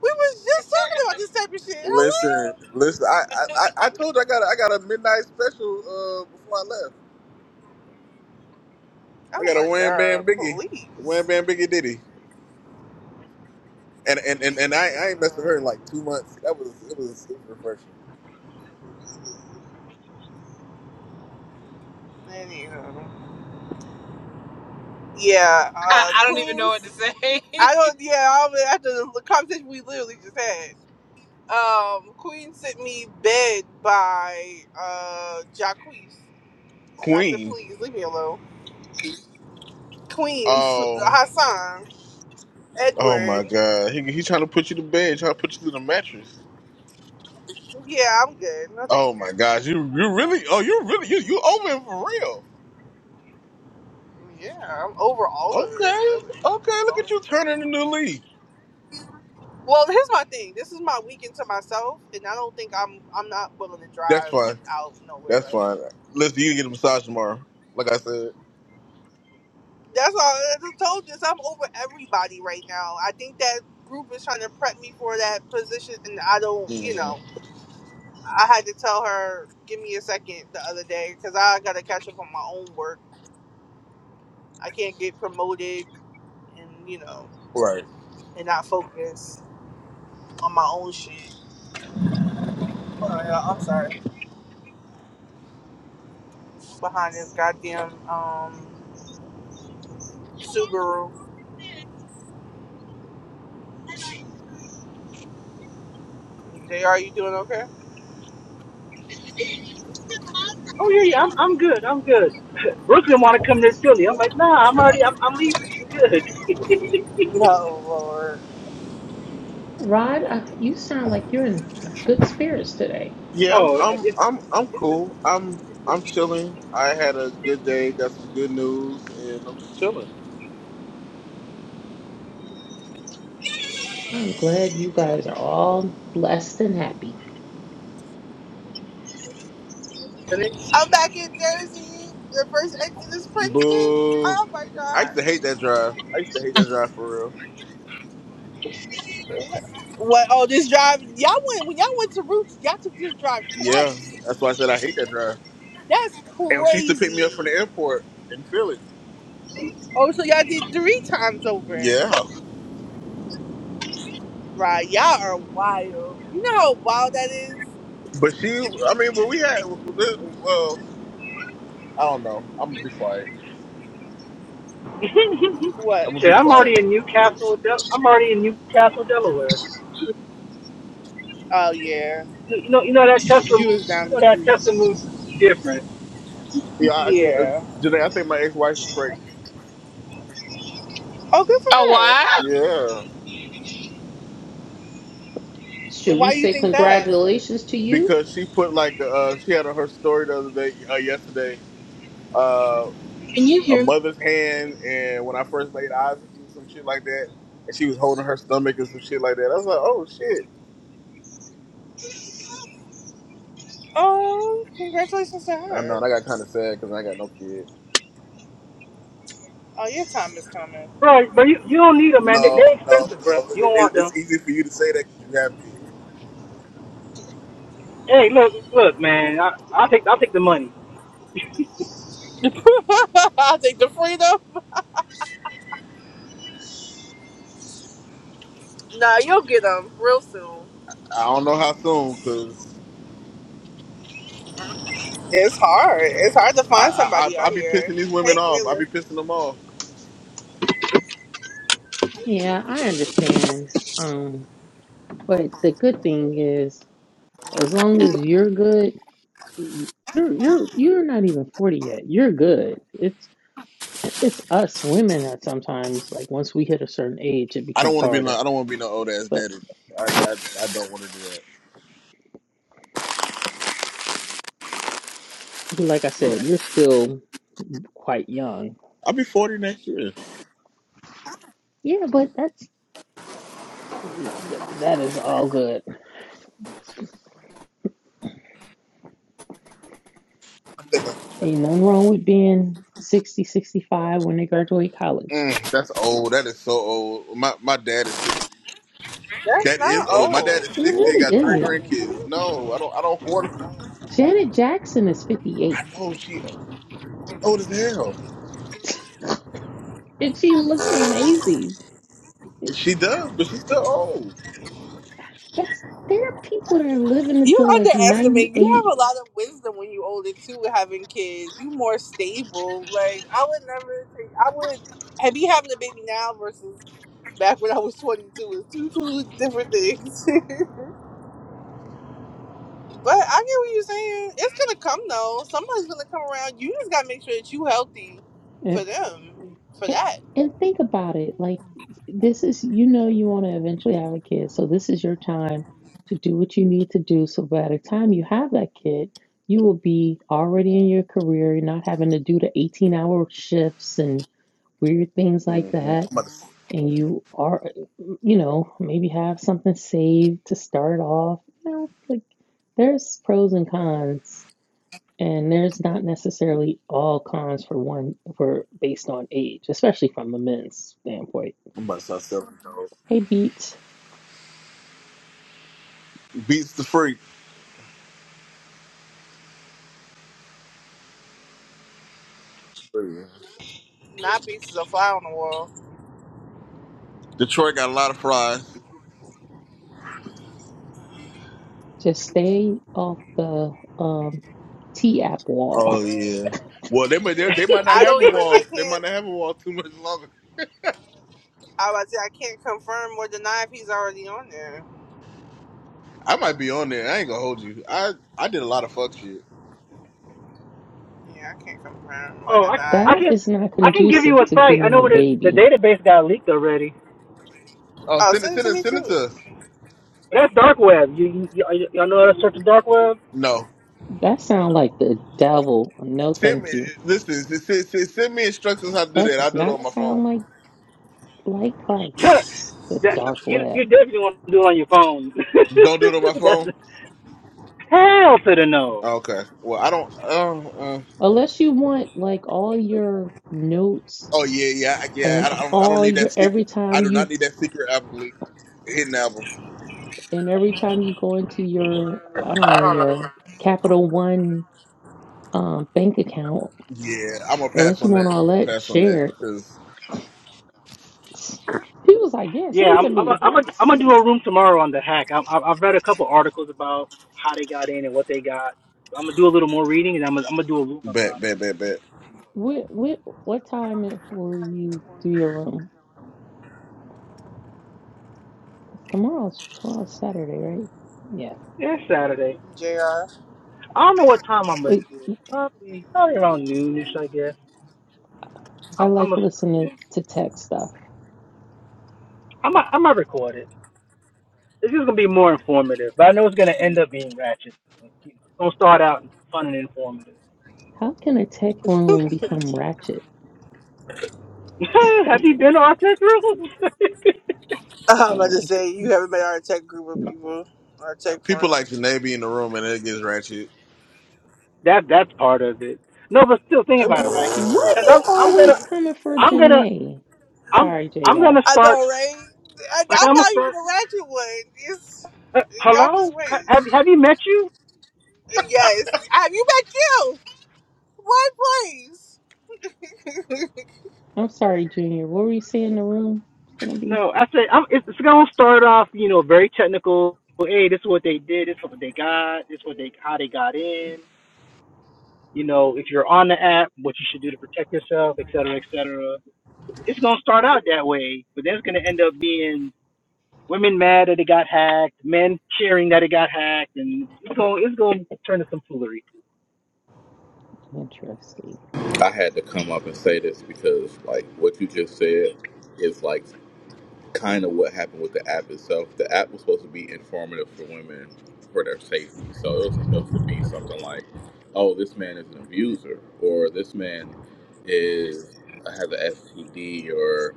We was just talking about this type of shit. Listen, Hello? listen. I I, I I told you I got a, I got a midnight special uh before I left. I Oh got a my Wham Bam god, Biggie, Wham please. Bam Biggie Diddy, and and and, and I, I ain't messed with her Mm-mm. in like two months. That was it was it was refreshing. Anywho. Yeah, I, uh, I don't even know what Queens. to say. I don't, yeah, I was, after the conversation we literally just had, um, Queen sent me Bed by, uh, Jacquees. I said, Queen. please leave me alone. Queens, Oh, Hassan, oh Edward. my God! He he trying to put you to bed, trying to put you to the mattress. Yeah, I'm good. No, thank Oh my you. gosh, you you really? Oh, you really? You you over it for real? Yeah, I'm over all of it, really. Okay, okay. Look at you turning the new leaf. Well, here's my thing. This is my weekend to myself, and I don't think I'm I'm not willing to That's drive fine. out nowhere That's right fine. now. Listen, you can get a massage tomorrow. Like I said. That's all. I just told you. So I'm over everybody right now. I think that group is trying to prep me for that position, and I don't. You hmm know, I had to tell her, "Give me a second the other day, because I got to catch up on my own work. I can't get promoted, and you know, Right. and not focus on my own shit. Oh, yeah, I'm sorry. behind this goddamn um Subaru. JR, you doing okay? Oh yeah, yeah, I'm I'm good. I'm good. Brooklyn want to come to Philly. I'm like, nah, I'm already. I'm I'm leaving. I'm good. No, Lord. Rod, uh, you sound like you're in good spirits today. Yeah, I'm oh, I'm it's I'm I'm cool. I'm I'm chilling. I had a good day. Got some good news, and I'm just chilling. I'm glad you guys are all blessed and happy. today. I'm back in Jersey. The first exit is Princeton. Boo! Oh my I used god. to hate that drive. I used to hate that drive for real. What? Oh, this drive. Y'all went when y'all went to Roots. Y'all took this drive Yeah, twice. that's why I said I hate that drive. That's And she used to pick me up from the crazy. airport in Philly. Oh, so y'all did three times over. Yeah, Right? Y'all are wild. You know how wild that is. but she, I mean, but we had, well, I don't know. I'm gonna be quiet. I'm What? gonna Shit, be I'm quiet. already in Newcastle. Del- I'm already in Newcastle, Delaware. Oh yeah. You know, you know that Tesla You move. was You down the know that street. Tesla move different, Yeah, I, uh, Yeah. Janae, I think my ex-wife is pregnant. Oh, good for Oh, her. what? Yeah, Should we Why do you say think that? congratulations to you? because she put like uh, she had on her story the other day, uh, yesterday, uh, a mother's hand, and when I first laid eyes on you, some shit like that, and she was holding her stomach and some shit like that. I was like, oh shit. Oh, congratulations to I know, her. and I got kind of sad because I got no kid. Oh, your time is coming. bro. But you, you don't need them, man. They, they No, no, expensive, no. bro. You don't It, want them. it's easy for you to say that because you have kids. Hey, look, look, man. I, I'll take, I'll take the money. I'll take the freedom. Nah, you'll get them real soon. I don't know how soon because It's hard. It's hard to I find I somebody I I out be here. pissing these Hey, women off. I Kayla. be pissing them off. Yeah, I understand. Um, but the good thing is, as long as you're good, y- you're you're you're not even 40 yet. You're good. It's it's us women that sometimes like once we hit a certain age, it I becomes don't want to be like harder. I don't want to be no old ass But daddy. I I, I don't want to do that. you- like I said, you're still quite young. I'll be forty next year. Yeah, but that's that is all good. I think I'm Ain't nothing wrong with being sixty, sixty-five when they graduate college. mm, that's old. That is so old. My my dad is six. That's That is not old. My dad old. is It sixty. and really Got three isn't. grandkids. No, I don't. I don't want. Janet Jackson is 58 I know she old as hell. and she looks amazing. She does, but she's still old. That's there are people that are living You until like underestimate. You have 98. a lot of wisdom when you older too, with having kids. You more stable. Like I would never. Take, I would. And be having a baby now versus back when I was twenty two is two two different things. But I get what you're saying. It's gonna come though. Somebody's gonna come around. You just gotta make sure that you healthy And for them, for And, that. and think about it. Like, this is, you know, you want to eventually have a kid. So, this is your time to do what you need to do. So, by the time you have that kid, you will be already in your career. You're not having to do the 18 hour shifts and weird things hmm like I'm that. about to And you are, you know, maybe have something saved to start off. You know, like, there's pros and cons and there's not necessarily all cons for one for based on age, especially from the men's standpoint. I'm about to start selling. those. Hey Beats, beats the freak. Not be just a fly on the wall. Detroit got a lot of fries. just stay off the um T app wall. Oh yeah. Well, they might they, they might not I have a don't even. I wall. They might can't. not have a wall too much longer. I was about to say I can't confirm or deny if he's already on there. I might be on there. I ain't gonna hold you. I I did a lot of fuck shit. Yeah, I can't confirm or oh, I, deny. I That can, is not I can give you conducive a to site. I getting know a what it. The baby. database got leaked already. Oh, Oh, send it, send it send to it, me send it too, to us. That's dark web. You, you, you y'all know how to search the dark web. No, That sounds like the devil. No send me. thank you. Listen, send, send, send send me instructions how to do That that. I'll does do it on not my sound phone. like like Christ, the that dark you, web. you definitely want to do it on your phone. Don't do it on my that's phone. the, Hell to the no. Okay. Well, I don't. Uh, uh, Unless you want like all your notes oh yeah, yeah, I- yeah. and I, I don't. I don't all need your that secret. every I time do you not need that secret album leak. Hidden album. And every time you go into your, I don't know, your Capital One um, bank account, Yeah, I'm gonna pass unless you on want that. all I'm that gonna pass on that shared, because he was like, "Yeah, Yeah, send it I'm to I'm a, me. I'm a, I'm gonna do a room tomorrow on the hack. I, I, I've read a couple articles about how they got in and what they got. I'm gonna do a little more reading and I'm gonna, I'm gonna do a room bet, about it. bet, bet, bet. What what what time will you do your room? Because tomorrow's tomorrow's Saturday, right? Yeah. Yeah, it's Saturday. Jr. I don't know what time I'm gonna Wait, do it. Probably probably around noonish, I guess. I I'm I'm like a listening to tech stuff. I'm a, I'm gonna record it. It's just gonna be more informative, but I know it's gonna end up being ratchet. It's gonna start out fun and informative. How can a tech room become ratchet? Have you been to our tech rooms? I'm about to Oh, say you haven't met our tech group of mm. people, our tech People like friends. Janae be in the room and it gets ratchet. That that's part of it. No, but still think about I it, right? why are Because you I'm I'm always gonna coming for I'm gonna Janae? I'm Sorry, I'm Jr. gonna start know, right? I, like I'm I'm gonna not even start. a ratchet one. It's Uh, y'all hello, just Ha- wait. have have you met you? Yes. Have you been killed? What place? I'm sorry, Junior. What were you saying in the room? It's gonna be No, I said I'm, it's, it's gonna start off, you know, very technical. Hey, this is what they did. This is what they got. This is what they how they got in. You know, if you're on the app, what you should do to protect yourself, et cetera, et cetera. It's gonna start out that way, but then it's gonna end up being Women mad that it got hacked, men cheering that it got hacked, and it's going it's going to turn to some foolery. interesting. I had to come up and say this because, like, what you just said is like kind of what happened with the app itself. The app was supposed to be informative for women for their safety, so it was supposed to be something like, "Oh, this man is an abuser," or "This man is uh, has an STD," or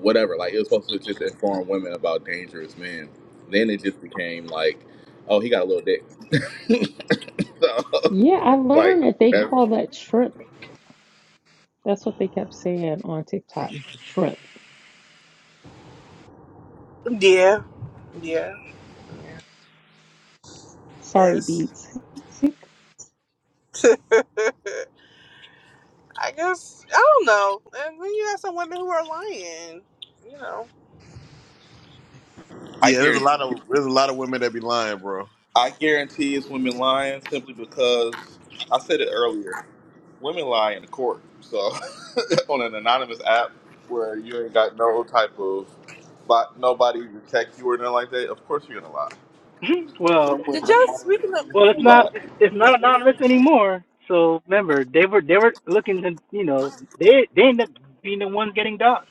whatever. Like, it was supposed to just inform women about dangerous men. Then it just became like, "Oh, he got a little dick." so, Yeah, I like, learned that they that's, call that shrimp. That's what they kept saying on TikTok. Shrimp. Yeah, yeah, Sorry, yes. beats. I guess I don't know. And then you have some women who are lying. You know. I Yeah, there's a guarantee. lot of there's a lot of women that be lying, bro. I guarantee it's women lying simply because I said it earlier. Women lie in court, so on an anonymous app where you ain't got no type of, but nobody to check you or nothing like that. Of course you're gonna lie. well, Some Did women y'all are speaking of automatically well, it's to not lie. it's, it's not anonymous anymore. So remember, they were they were looking to you know they they end up being the ones getting doxxed.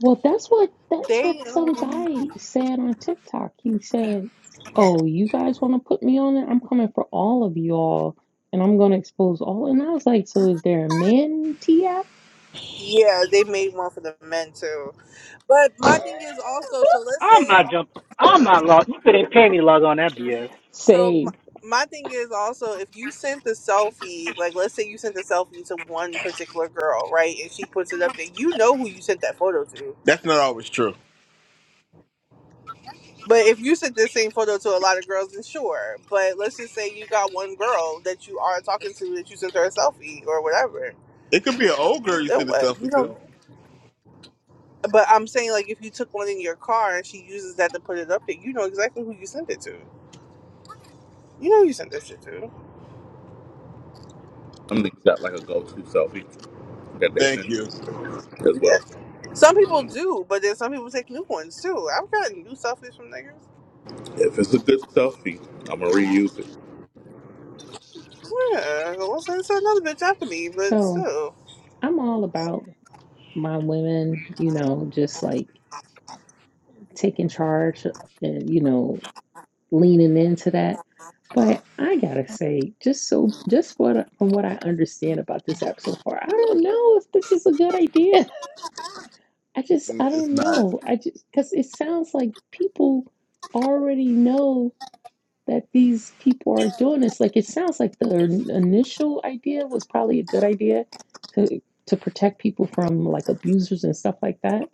Well, that's what that's they what some um guy said on TikTok. He said, "Oh, you guys want to put me on it? I'm coming for all of y'all, and I'm gonna expose all." And I was like, "So is there a man T app?" Yeah, they made one for the men too. But my thing is also so let's I'm say not jumping. I'm not log. You couldn't pay me to log on that BS. so my, Same. my thing is also if you sent the selfie, like let's say you sent the selfie to one particular girl, right? And she puts it up there, you know who you sent that photo to. That's not always true. But if you sent this same photo to a lot of girls, then sure. But let's just say you got one girl that you are talking to that you sent her a selfie or whatever. It could be an old girl you Then send a what? selfie to. But I'm saying like if you took one in your car and she uses that to put it up there, you know exactly who you sent it to. You know you sent this shit to. Some niggas got like a go-to selfie that they Thank send you. as well. Yeah. Some people do, but then some people take new ones too. I've gotten new selfies from niggas. If it's a good selfie, I'm gonna reuse it. Yeah. Well, it's another bitch after me, but So still. I'm all about. my women, you know, just like taking charge and, you know, leaning into that. But I gotta say, just so, just what from what I understand about this app so far, I don't know if this is a good idea. I just, Mm, I It's don't not. know. I just, because it sounds like people already know that these people are doing this. Like it sounds like the initial idea was probably a good idea to to protect people from like abusers and stuff like that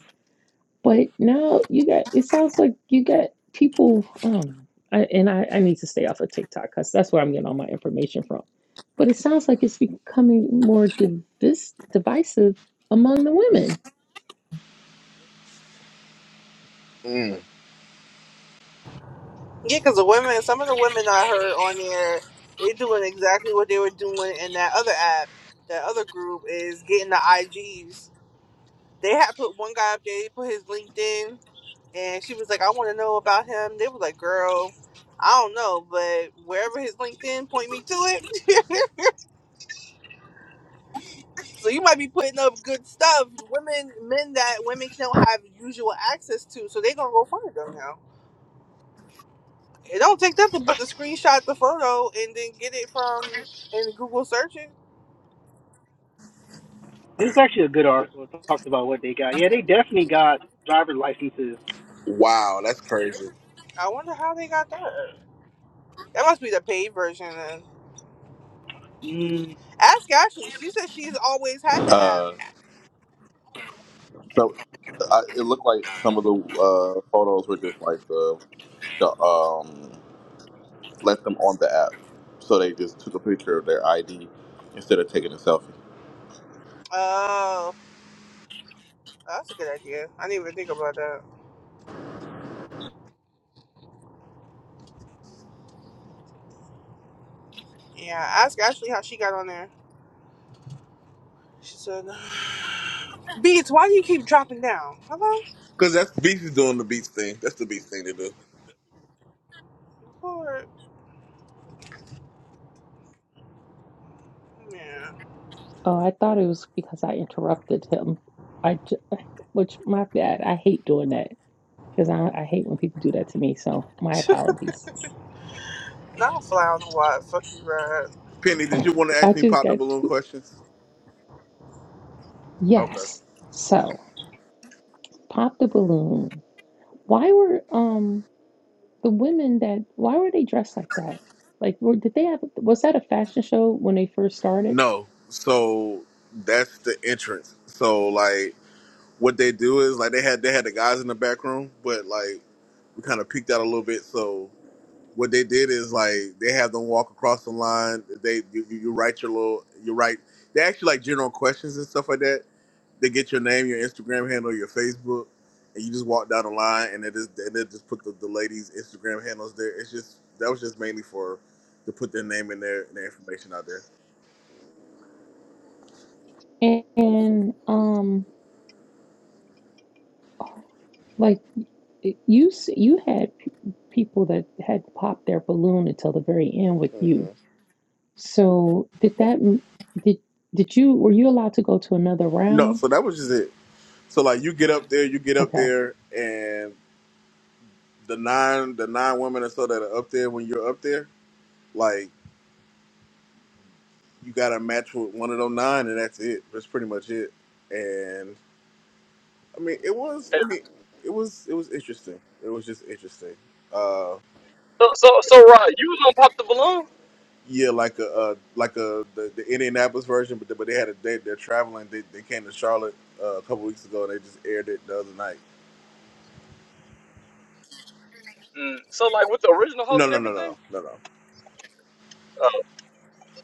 But now you got, it sounds like you got people, I don't know. I, and I, I need to stay off of TikTok because that's where I'm getting all my information from. But it sounds like it's becoming more divis- divisive among the women. Mm. Yeah, because the women, some of the women I heard on there, they doing exactly what they were doing in that other app. That other group is getting the IGs. They had put one guy up there, he put his LinkedIn, and she was like, I want to know about him. They was like, girl, I don't know, but wherever his LinkedIn, point me to it. So you might be putting up good stuff. Women, men that women don't have usual access to, so they going to go find them now. It don't take that to put the screenshot the photo and then get it from in Google searches. This is actually a good article. It talks about what they got. Yeah, they definitely got driver licenses. Wow, that's crazy. I wonder how they got that. That must be the paid version. Then. Mm, Ask Ashley. She said she's always had the app. Uh, so I, it looked like some of the uh, photos were just like the the um. let them on the app. So they just took a picture of their ID instead of taking a selfie. Oh, that's a good idea. I didn't even think about that. Yeah, ask Ashley how she got on there. She said, "Beats, why do you keep dropping down?" Hello, Because that's Beach is doing the Beach thing. That's the Beach thing to do. Lord. Yeah, Oh, I thought it was because I interrupted him. I, j- which my bad. I hate doing that because I, I hate when people do that to me. So my apologies. not fly on the wall. Fuck you, right? Penny, did you want to I ask me just pop the got balloon to, questions? Okay. yes. So pop the balloon. Why were, um, the women that why were they dressed like that? Like, were, did they have was that a fashion show when they first started? No. So that's the entrance. So like. what they do is like they had they had the guys in the back room, but like we kind of peeked out a little bit. So what they did is like they have them walk across the line. They you, you you write your little you write. They actually like general questions and stuff like that. They get your name, your Instagram handle, your Facebook, and you just walk down the line and they just and they just put the, the ladies' Instagram handles there. It's just that was just mainly for to put their name in there and their information out there. And, and um, like you you had p- people that had popped their balloon until the very end with hmm you. So did that did did you were you allowed to go to another No, round? so that was just it. So like you get up there, you get up Okay, there, and. the nine the nine women or so that are up there when you're up there, like you got to match with one of those nine, and that's it. That's pretty much it. And I mean, it was. Hey, I mean, it was. It was interesting. It was just interesting. Uh, So, so, so, Rod, you was on Pop the Balloon? yeah, like a uh, like a the, the Indianapolis version, but they- but they had a they, they're traveling. They, they came to Charlotte uh, a couple weeks ago, and they just aired it the other night. Mm. So, like, with the original host No, and no, no, no, everything? no, no, no. Oh,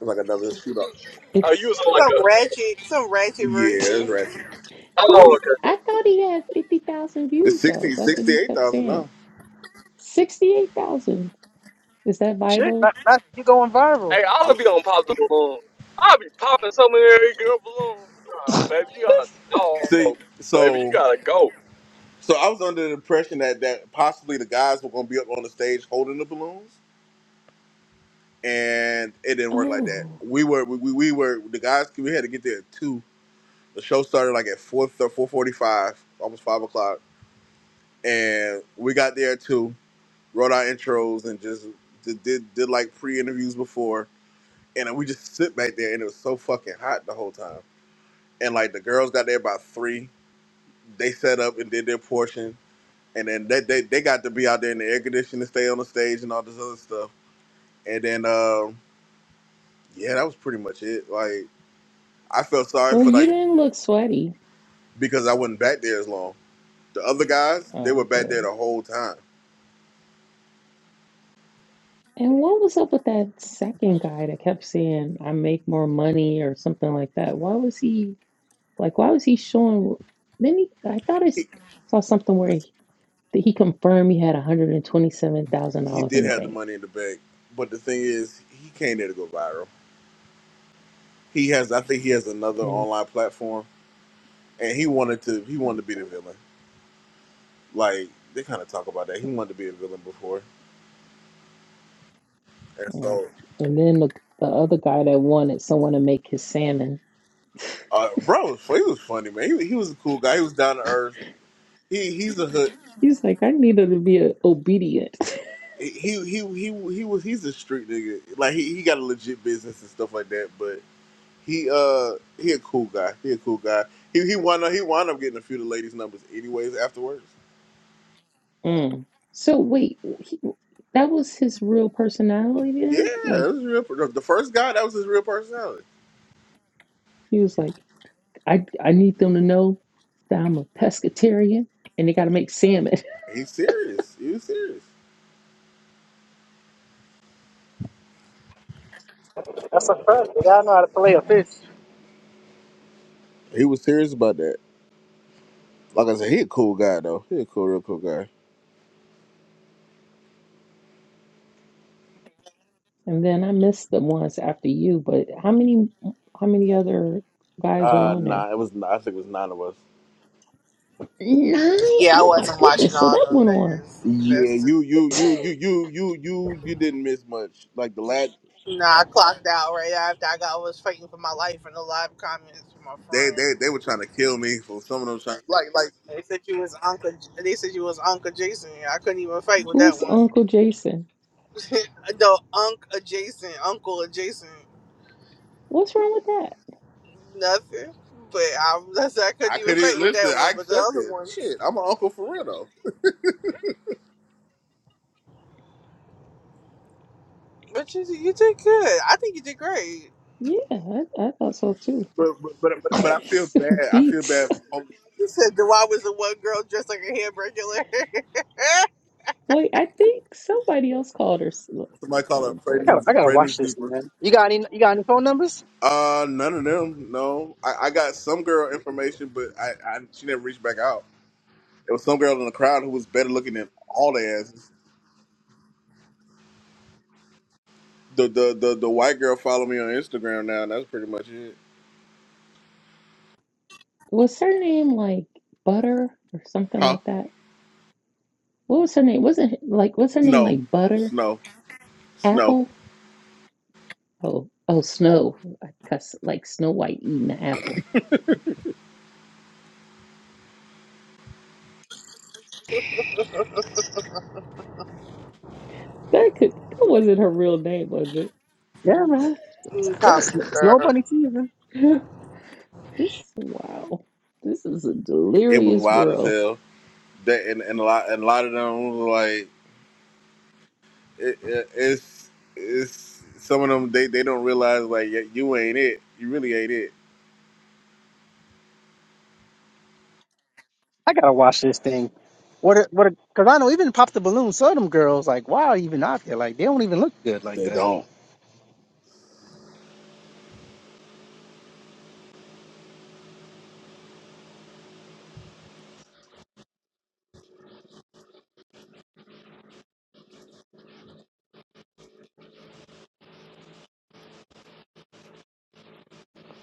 It was like another shootout. oh you it's was on, like, Some a. ratchet, some ratchet Yeah, it's version. ratchet. he's Oh, I thought he had fifty thousand It's views though. sixty That's what sixty he eight kept thousand 68,000 saying. now. Sixty eight thousand is that Shit, viral? that, that, you going viral. Hey, all I'm, of you don't pop the balloon. I'll be popping so many every girl balloon. Nah, baby, you got a see, dog. Baby, you so. gotta go. So I was under the impression that that possibly the guys were going to be up on the stage holding the balloons, and it didn't work like that. Oh, We were we, we we were the guys. We had to get there at two. The show started like at four four forty five, almost five o'clock, and we got there at two. Wrote our intros and just did did, did like pre interviews before, and then we just sit back there, and it was so fucking hot the whole time. And like the girls got there by three. They set up and did their portion and then they, they they got to be out there in the air conditioning, stay on the stage, and all this other stuff. And then, um, yeah, that was pretty much it. Like, I felt sorry well, for you like didn't look sweaty. because I wasn't back there as long. The other guys, they were Oh, back there good. the whole time. And what was up with that second guy that kept saying, I make more money or something like that? Why was he like, why was he showing? Then he, I thought I He, s- saw something where he, that he confirmed he had he $127,000 in did the have the bank. money in the bank, but the thing is, he came there to go viral. He has, I think, he has another Yeah, online platform, and he wanted to, he wanted to be the villain. Like they kind of talk about that. He wanted to be a villain before, and yeah. so And then the, the other guy that wanted someone to make his salmon, Uh, bro, was, he was funny, man. He, he was a cool guy. He was down to earth. He he's a hood. he's like, I needed to be uh, obedient. He he he he was he's a street nigga. Like he, he got a legit business and stuff like that. But he uh he a cool guy. He a cool guy. He he wound up he wound up getting a few of the ladies' numbers anyways afterwards. Mm. So wait, he, that was his real personality Yeah, then? Like that was real. per- The first guy that was his real personality. he was like, I I need them to know that I'm a pescatarian and they got to make salmon. He's serious. He was serious. That's a fact. They gotta know how to play a fish. He was serious about that. Like I said, he a cool guy though. He a cool, real cool guy. And then I missed the ones after you, but how many how many other guys were Uh, on there? nah, it was. I think it was nine of us. Nine? Yeah, I Oh my wasn't watching goodness. So all that them went on. niggas. That's Yeah, just, you, you, you, you, you, you, you, you didn't miss much. Like the last, nah, I clocked out right after I got I was fighting for my life in the live comments with my they, friend. they, they were trying to kill me for some of those. Trying, like, like They said you was Uncle. They said you was Uncle Jason. I couldn't even fight with that Who's one. Uncle Jason? no, Unc adjacent, Uncle adjacent, What's wrong with that? nothing. But I, that's, I couldn't I even couldn't fight even- with listen. that I one. But the accept other, it. Shit, I'm an uncle for real though. but you, you did good. I think you did great. Yeah, I, I thought so too. But, but, but, but, but I feel bad. I feel Beats. bad. Oh, You said the why was the one girl dressed like a hamburger? Wait, I think somebody else called her. Somebody call her Oh I boy. gotta, Fredney's I gotta watch Fredney's this, deeper. man. You got any? You got any phone numbers? Uh, none of them. No, I, I got some girl information, but I, I, she never reached back out. It was some girl in the crowd who was better looking than all the asses. The, the, the, the white girl followed me on Instagram now, and that's pretty much it. Was her name like Butter or something Huh? like that? What was her name? Wasn't like what's her name snow, like Butter? snow, snow. Apple? Oh, oh, Snow. cuss like Snow White eating the apple. Okay, that could that wasn't her real name, was it? Yeah, man. Mm, There's Probably snow girl. bunny season. This wow, this is a It was delirious wild as world. hell. That and, and a lot and a lot of them was like it, it, it's it's some of them they, they don't realize like yeah, you ain't it. You really ain't it. I gotta watch this thing. What? A, what? Because I know even pop the balloon. Some of them girls like, wow, even out there, like they don't even look good like They that. don't.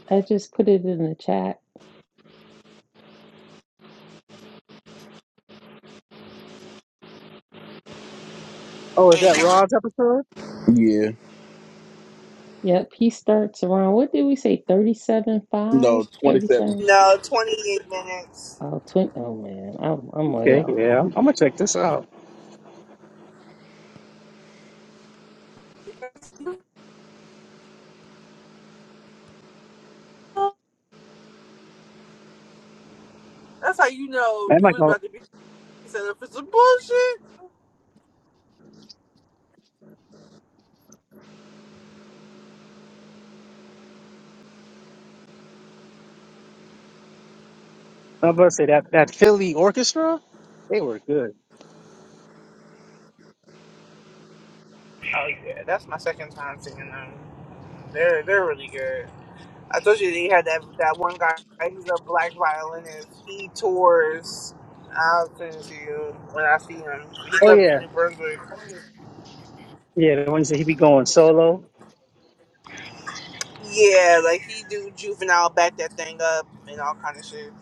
I just put it in the chat. Oh, is that Rod's episode? Yeah. Yep, he starts around. What did we say? Thirty-seven five, No. Twenty seven. thirty-seven. No, twenty eight minutes. Oh, 20, oh man, I'm I'm way Okay, off. yeah, I'm, gonna check this out. That's how you know And you like, was I'm about to be set up for some bullshit. about to say that that Philly orchestra, they were good. Oh yeah, that's my second time singing them. They're they're really good. I told you they had that that one guy. He's a black violinist. He tours. I'll send it to you when I see him. He Oh comes to yeah, New Brunswick. yeah. The one you said he be going solo. Yeah, like he do juvenile, back that thing up and all kind of shit.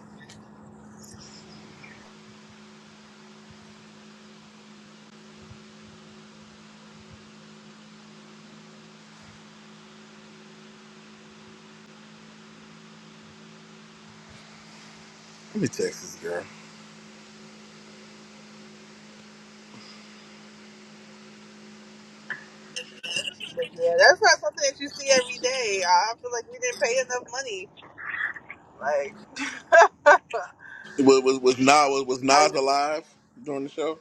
Let me text this girl. But yeah, that's not something that you see every day. I feel like we didn't pay enough money. Like, Was was was Nas was, was Nas alive during the show?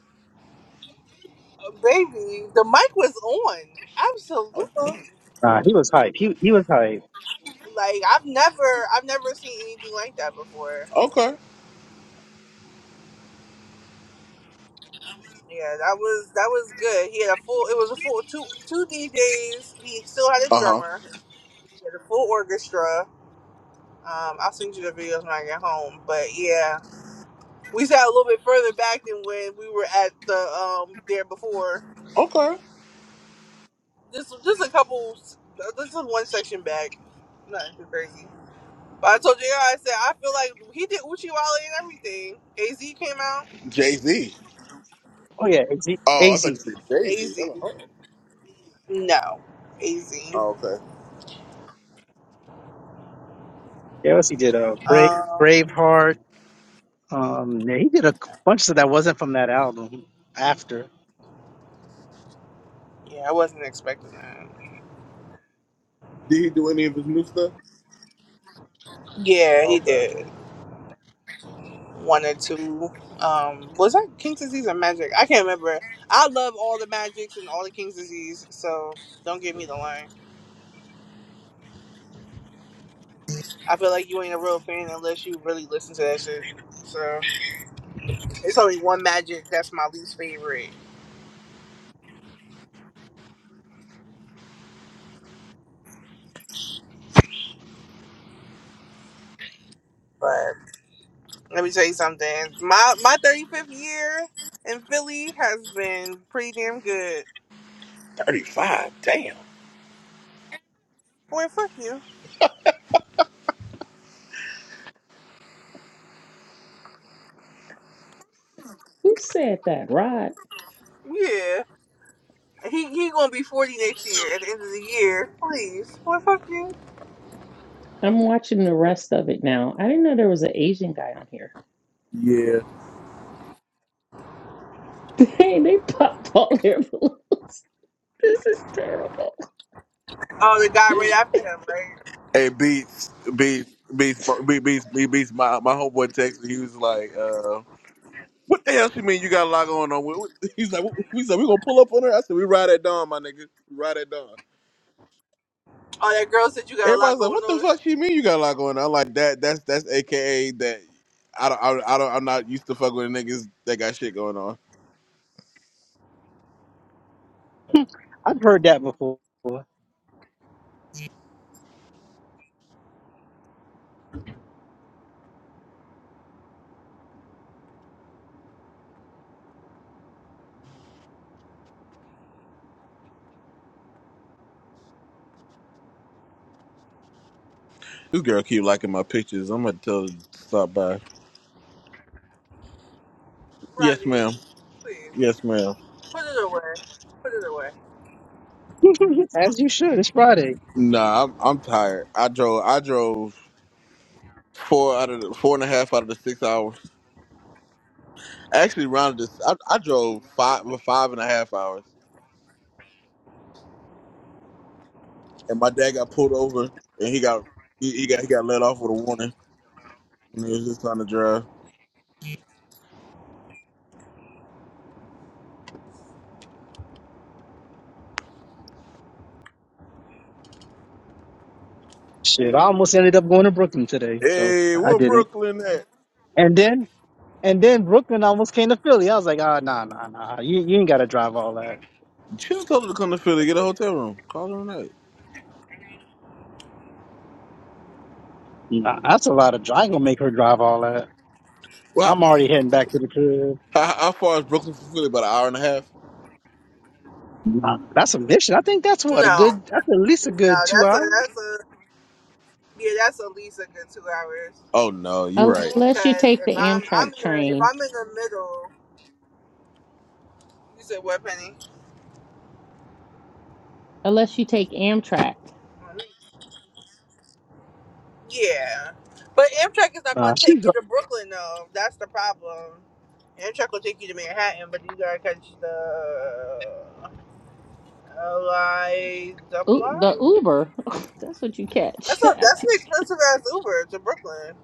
uh, baby, the mic was on. Absolutely. Okay. Nah, he was hype. He he was hype. Like I've never, I've never seen anything like that before. Okay. Yeah, that was that was good. He had a full. It was a full two two DJs. He still had a Uh huh. drummer. He had a full orchestra. Um, I'll send you the videos when I get home. But yeah, we sat a little bit further back than when we were at the um there before. Okay. Just just a couple. This is one section back. Nothing too crazy. But I told you, I said I feel like he did Uchi Wale and everything. Az came out. Jay Z. Oh yeah, AZ. Oh, I thought you Yeah, said Jay Z. Az Oh, no, Az. oh, okay. what else he did? Uh, Brave Um, Braveheart. Um, yeah, he did a bunch that wasn't from that album. After yeah, I wasn't expecting that. Did he do any of his new stuff? Yeah, he Okay. did one or two. Um, was that King's Disease or Magic? I can't remember. I love all the Magics and all the King's Disease, so don't give me the line. I feel like you ain't a real fan unless you really listen to that shit. So it's only one Magic that's my least favorite. But let me tell you something. My my thirty fifth year in Philly has been pretty damn good. Thirty five. Damn. Boy, fuck you. Who said that? Rod. Yeah. He he gonna be forty next year at the end of the year. Please. Boy, fuck you. I'm watching the rest of it now. I didn't know there was an Asian guy on here. Yeah. Dang, they popped all their balloons. This is terrible. Oh, the guy right after him, right? Hey, Beats, Beats, Beats, Beats, Beats, Beats, Beats my, my homeboy texted. He was like, uh, what the hell she mean you got a lot going on? What- what- He's like, we said, we gonna pull up on her? I said, we ride at dawn, my nigga. We ride at dawn. Oh, that girl said you got a lot Everybody's like, going what the on. fuck she mean you got a lot going on? I'm like, that, that's, that's AKA that I don't, I, I don't, I'm not used to fucking with niggas that got shit going on. I've heard that before, This girl keep liking my pictures. I'm gonna tell her to stop by. Yes, Rodney, ma'am. please Yes, ma'am. put it away. Put it away. as you should. It's Friday. Nah, I'm, I'm tired. I drove. I drove. Four out of the four and a half out of the six hours. I actually rounded this. I, I drove five well, five and a half hours, and my dad got pulled over, and he got he, he got he got let off with a warning when he was just trying to drive. Shit, I almost ended up going to Brooklyn today, so Hey, I where didn't. Brooklyn at? And then and then Brooklyn almost came to Philly. I was like, ah, nah, nah, nah. You you ain't got to drive all that. She just told her to come to Philly, get a hotel room, call her a night. Nah, that's a lot of drive. I ain't gonna make her drive all that. Well, I'm already heading back to the crib. how, how far is Brooklyn from Philly? About an hour and a half. Nah, that's a mission. I think that's what a No, good. That's at least a no, good two that's a hours. that's a yeah, that's at least a good two hours. Oh no, you're right. Unless you Cause take if the I'm I'm Amtrak in the, if train. I'm in the middle, you said what, Penny? Unless you take Amtrak. Yeah, but Amtrak is not Nah, going to take she. you to Brooklyn though. That's the problem. Amtrak will take you to Manhattan, but you gotta catch the uh, LI double U- R. the Uber. That's what you catch. That's a that's an Is expensive ass Uber to Brooklyn.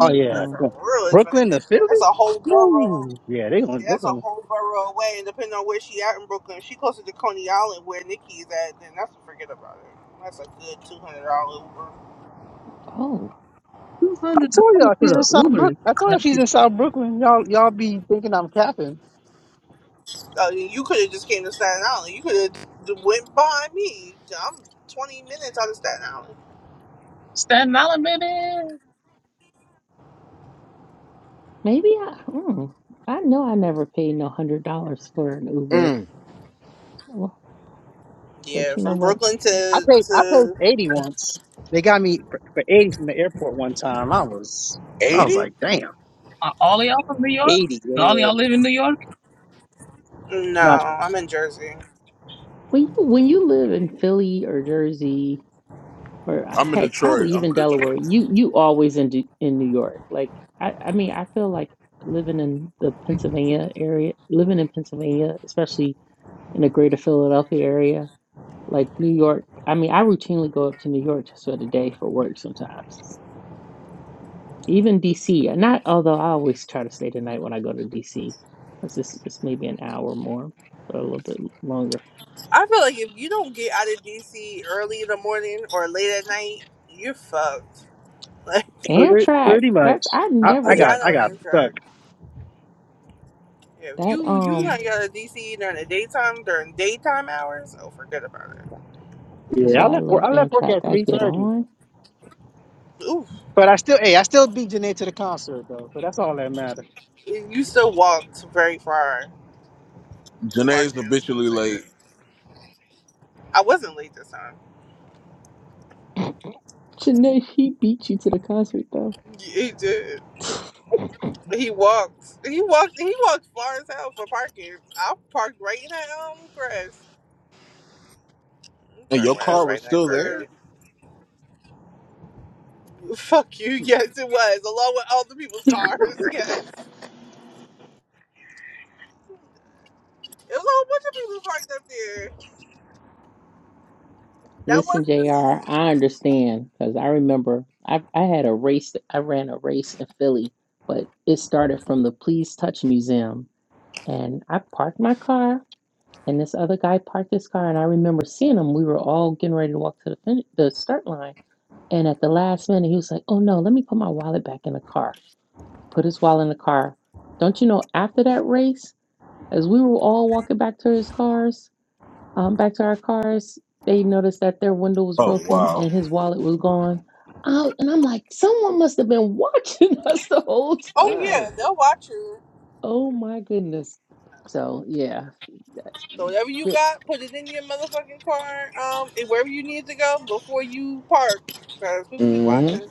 Oh yeah, That's Oh. a yeah. real expensive. Brooklyn to Philly. Uber. That's a whole borough. Ooh, yeah, they gonna. Yeah, They're that's a gonna whole borough away. And depending on where she at in Brooklyn, if she closer to Coney Island where Nikki is at, then that's forget about it. That's a good two hundred dollar Uber. Oh. Two I hundred told dollars y'all for she's in the South Uber. Brook. I told you she's in South Brooklyn. Y'all, y'all be thinking I'm capping. Oh, you you could have just came to Staten Island. You could have went behind me. I'm twenty minutes out of Staten Island. Staten Island, baby. Maybe I. Mm, I know I never paid no hundred dollars for an Uber. Mm, Well, But Yeah, you know from what? Brooklyn I to paid, I paid to eighty once. They got me for, for eighty from the airport one time. I was, I was Eighty? like, damn, Are all y'all from New York? eighty. Do All Yeah, y'all live in New York? no, not I'm in Jersey. When you when you live in Philly or Jersey or uh, I'm in heck, Detroit. probably I'm even in Delaware, Detroit. you you always in Du- in New York. Like I I mean I feel like living in the Pennsylvania area, living in Pennsylvania, especially in the greater Philadelphia area, like New York. I mean, I routinely go up to New York just for the day for work sometimes. Even DC, not although I always try to stay the night when I go to DC. That's just it's maybe an hour more or a little bit longer. I feel like if you don't get out of DC early in the morning or late at night, you're fucked. Like, pretty, Amtrak, pretty much. that's I I, oh I yeah, never I got, I know got you're stuck. correct. If that you you um not get out of DC during the daytime during daytime hours, oh forget about it. that's Yeah, I why I left work. love I left work Amtrak. at I three get thirty. on. Oof, But I still, hey, I still beat Janae to the concert though. So that's all that matters. you still walked very far for Janae's parking. just wanna habitually say that. late. I wasn't late this time. Janae, he beat you to the concert though. He did. He walked. He walked. He walked far as hell for parking. I parked right in that um grass. I And your parked my ass car right was in that still grass. there? Fuck you. Yes, it was. Along with all the people's cars. Yes. It was a whole bunch of people parked up there. That Listen, wasn't the JR, same. I understand because I remember I, I had a race, I ran a race in Philly, but it started from the Please Touch Museum. And I parked my car And this other guy parked his car, and I remember seeing him. We were all getting ready to walk to the fin- the start line, and at the last minute, he was like, "Oh no, let me put my wallet back in the car." Put his wallet in the car. Don't you know? After that race, as we were all walking back to his cars, um, back to our cars, they noticed that their window was Oh broken wow. and his wallet was gone. Oh, and I'm like, someone must have been watching us the whole Oh, time. yeah. They'll watch you. Oh my goodness. So yeah, So whatever you got, put it in your motherfucking car. Um, and wherever you need to go before you park. Because people be Mm-hmm. watching.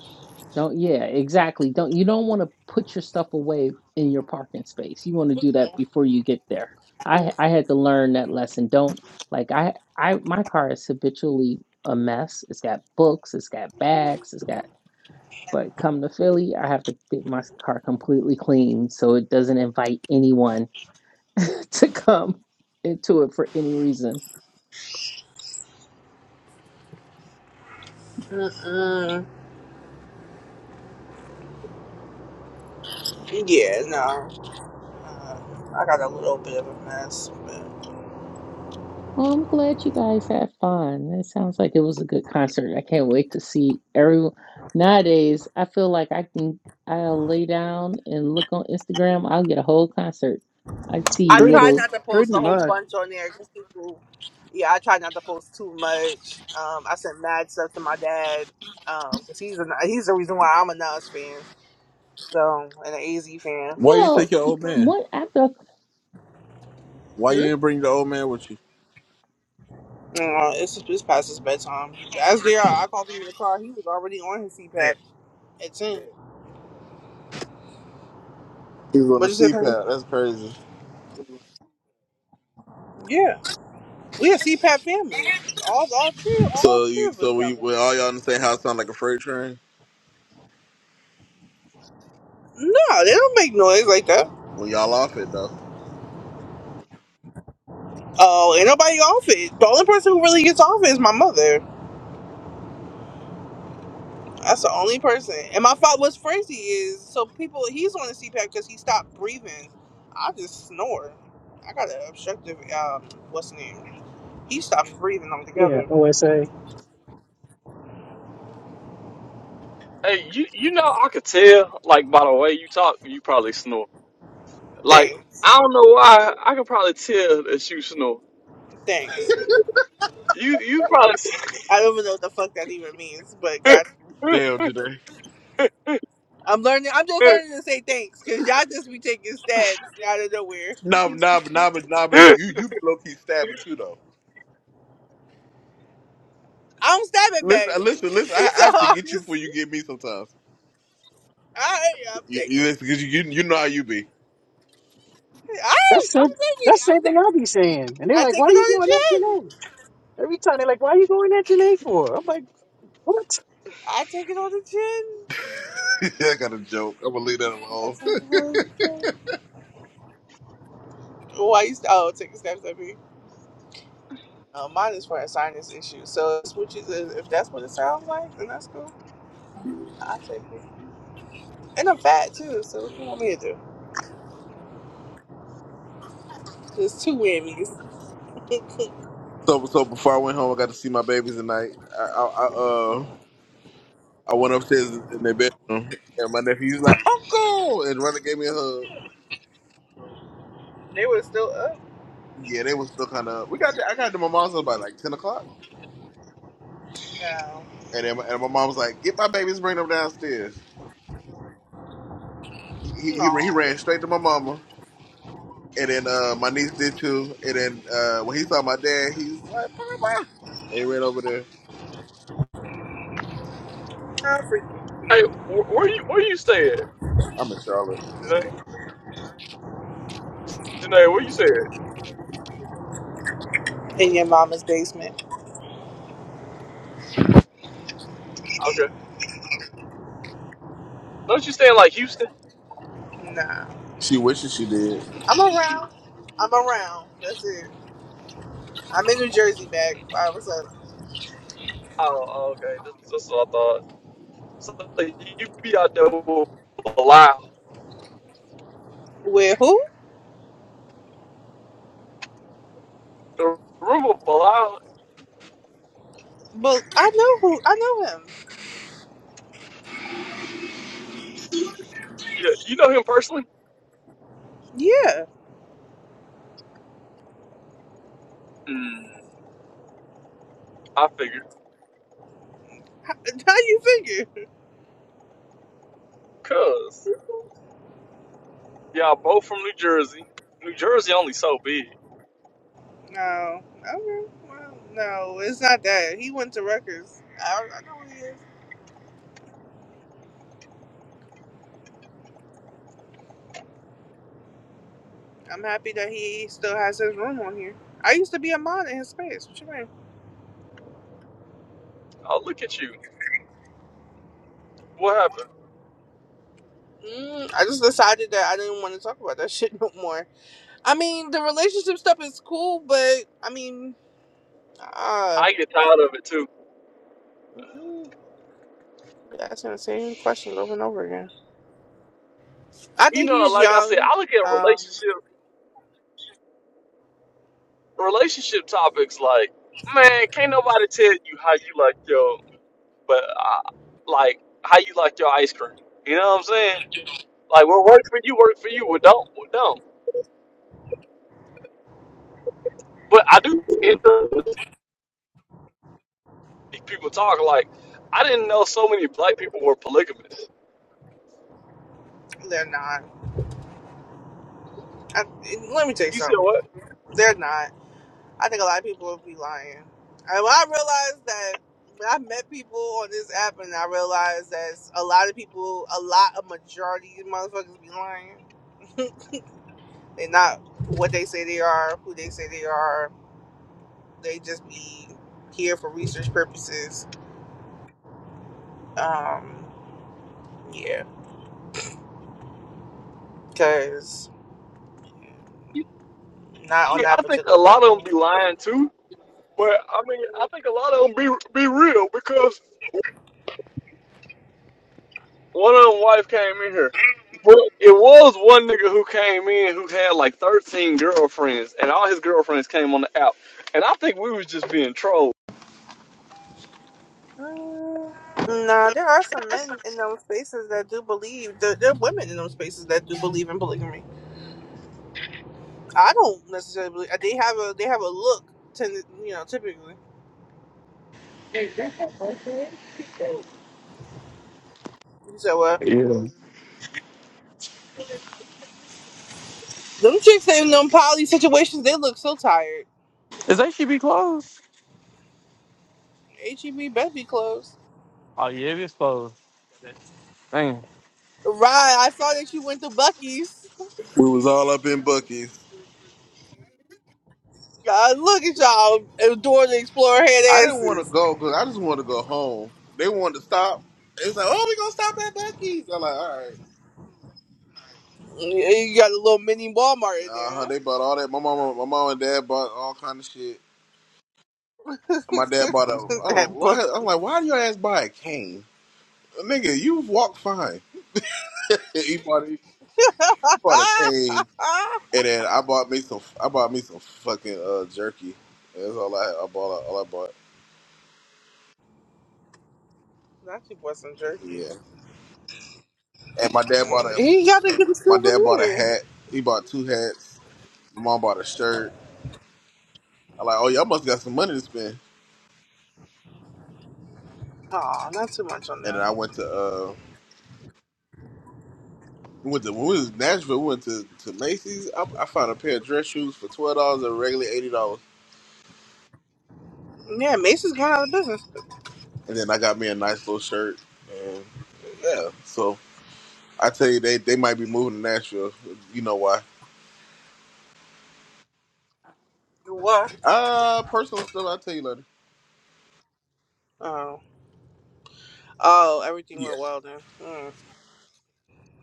Don't, yeah, exactly. Don't you don't want to put your stuff away in your parking space. You want to do that before you get there. I Mm, I had to learn that lesson. Don't like I I my car is habitually a mess. It's got books, it's got bags, it's got but come to Philly, I have to get my car completely clean so it doesn't invite anyone to come into it for any reason. Mm-mm. Yeah, no. Uh, I got a little bit of a mess. but Well, I'm glad you guys had fun. It sounds like it was a good concert. I can't wait to see everyone. Nowadays, I feel like I can I'll lay down and look on Instagram. I'll get a whole concert. I see I Pretty, try little. not to post pretty a whole much. bunch on there because people, yeah, I try not to post too much. Um, I sent mad stuff to my dad because he's a, he's the reason why I'm a Nas fan, so and an AZ fan. Why you didn't take Well, your y- old man? what after a Why you Hmm? didn't bring the old man with you? Uh, it's just it's past his bedtime. As JR, I called him in the car. He was already on his CPAP at ten. He was on the What you say, Penny? CPAP. That's crazy. Yeah, we a CPAP family. All all three all So three you of us so we got one. when all y'all in the same house sound like a freight train? No, they don't make noise like that. When y'all off it though. Oh, ain't nobody off it. The only person who really gets off it is my mother. That's the only person. And my father, what's crazy is, so people, he's on the CPAP because he stopped breathing. I just snore. I got an obstructive, um, what's the name? He stopped breathing Yeah, altogether. OSA. Hey, you you know I could tell like by the way you talk, you probably snore. Like Thanks. I don't know why, I could probably tell that you snore. Thanks. You you probably. I don't even know what the fuck that even means, but hey, God, Damn Janae. I'm learning, I'm just learning to say thanks because y'all just be taking stabs out of nowhere. Nah but nah but nah but nah but you you be low key stabbing too though. I don't stab it Listen back. uh, listen listen I, I so have to I'm get you before just, you get me sometimes. all right, I'm You taking you it. listen, 'cause you, you you know how you be. All right, That's I'm the taking it. that's the same I'm thing ta- I be saying. And they're I like, take why it are you on going at the chin. Janae? Every time they're like, why are you going at Janae for? I'm like, what? I take it on the chin. I got a joke. I'm gonna leave that I take alone. it on the chin. Why you? Oh, taking snaps at me. Uh, mine is for a sinus issue. So it's which is if that's what it sounds like, then that's cool. I take it. And I'm fat too. So what you want me to do? There's two whammies. So so before I went home I got to see my babies tonight. I I, I uh I went upstairs in in their bedroom, and my nephew was like, "Uncle," and Runner gave me a hug. They were still up. Yeah, they was still kind of. We got. I got to my mom's house by like ten o'clock, No, and then my, and my mom was like, "Get my babies, bring them downstairs." He he, he no, ran straight to my mama, and then uh, my niece did too. And then uh, when he saw my dad, he was like, "Papa," and he ran over there. how freaking cute. wh- where you where you stay at? I'm in Charlotte. Janae, Janae, where you stay at? In your mama's basement. Okay, don't you stay in like Houston? Nah, She wishes she did. I'm around. I'm around. That's it. I'm in New Jersey back. I was up Oh, oh, okay, that's, that's what I thought. So you be out there with a lie with who? The rumor Bilal, But I know who. I know him. yeah, you know him personally? Yeah. Mm, I figured. How, how you figure? Cuz, y'all both from New Jersey. New Jersey only so big. No. Okay. Well, no, it's not that. He went to Rutgers. I, I know who he is. I'm happy that he still has his room on here. I used to be a mod in his space. What you mean? Oh, look at you. What happened? Mm, I just decided that I didn't want to talk about that shit no more. I mean, the relationship stuff is cool, but I mean, uh, I get tired of it too. mm, asking the same questions over and over again. I You think know, he's like I said, young. I look at Um, relationship relationship topics like, man, can't nobody tell you how you like your, but I, like how you like your ice cream. You know what I'm saying? Like what works for you, work for you. What don't, what don't. But I do. end up people talk like I didn't know so many black people were polygamists. they're not. I, let me tell you You said something. what? They're not. I think a lot of people would be lying. And when I realized that when I met people on this app and I realized that a lot of people, a lot of majority of motherfuckers be lying. They're not what they say they are, who they say they are. They just be here for research purposes. Um, yeah, because not I, on mean, that I think a particular lot of them person. be lying too, but I mean I think a lot of them be be real because one of them wife came in here. But it was one nigga who came in who had like thirteen girlfriends, and all his girlfriends came on the app, and I think we was just being trolled. Mm, No, there are some men in those spaces that do believe. There, there are women in those spaces that do believe in polygamy. I don't necessarily believe they have a they have a look. Tend you know typically. So uh, Yeah. them chicks in them poly situations, they look so tired. Is that should be closed? H E B best be closed. Oh yeah, it is closed. Dang. Right, I saw that you went to Bucky's. We was all up in Bucky's. God, look at y'all adore the Explorer I head didn't want to asses. go because I just wanted to go home. They wanted to stop. It's like, oh, we gonna stop at Bucky's. I'm like, all right. Yeah, You got a little mini Walmart in Uh there. huh. They bought all that. My mama, my mom and dad bought all kind of shit. huh? My dad bought a. I don't. that Why? book. I'm like, why do your ass buy a cane? Nigga, you walk fine. He bought, he bought a cane, and then I bought me some. I bought me some fucking uh, jerky. That's all I. I bought. All I bought. not you bought some jerky. Yeah. And my dad bought Mm, a. He got to get a My dad bought a souvenir. hat. He bought two hats. My mom bought a shirt. I'm like, oh y'all must got some money to spend. Oh, not too much on And then that. I went to. uh. We went to when we was in Nashville. We went to, to Macy's. I, I found a pair of dress shoes for twelve dollars and regularly eighty dollars, Yeah, Macy's going out of business. and then I got me a nice little shirt. And yeah, so I tell you, they they might be moving to Nashville. You know why? What? Uh, personal stuff. I'll tell you later. Oh. Oh, everything Yeah, went well then. Mm,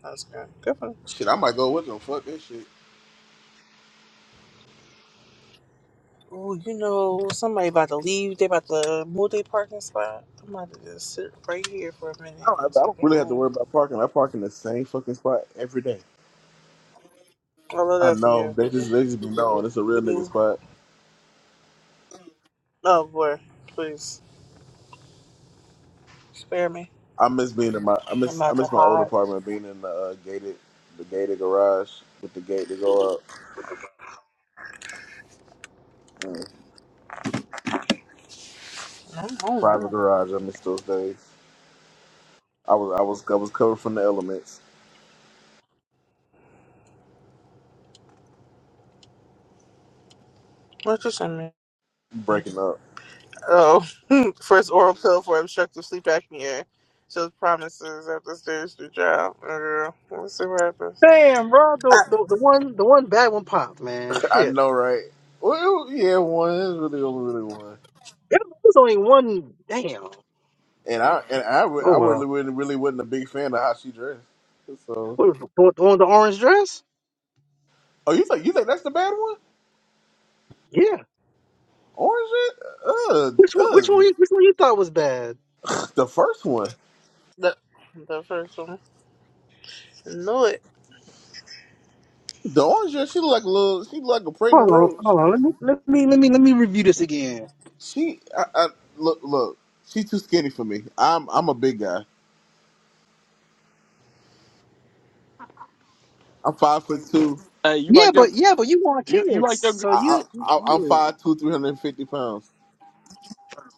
that's good. Good for shit. I might go with them. Fuck that shit. Oh, you know, somebody about to leave. They about to move their parking spot. I'm about to just sit right here for a I minute don't, I and see don't if they really have to move. worry about parking. I park in the same fucking spot every day. I love I that for know you. they just they just be known. So, It's a real nigga you- spot. oh boy, please spare me. I miss being in my I I'm miss I about to miss my old hide. apartment being in the uh, gated the gated garage with the gate to go up. Mm. No, no, Private no. garage. I miss those days. I was I was I was covered from the elements, What you send me? breaking up. Oh, first oral pill for obstructive sleep apnea shows promises after stage through trial. Uh, Let's see what happens. Damn, bro, Uh, the, the, the one the one bad one popped, man. I Shit. know, right? Well, yeah, one is really really one. There was only one damn. And I and I re- Oh I really well. really really wasn't a big fan of how she dressed. So, What, the, the one with the orange dress? oh, you think you think that's the bad one? Yeah. Orange? Red? Which Uh, one which one you- uh, which one you thought was bad? the first one. the the first one. Knew it. The orange. Red, She look like a little. She look like a pregnant Hold on, rose. hold on. Let me let me let me let me review this again. She I, I look look. She's too skinny for me. I'm I'm a big guy. I'm five foot two. Hey, you Yeah, like but your yeah, but you want you, you kids, like your so I, you I, I'm yeah. five two, three hundred and fifty pounds.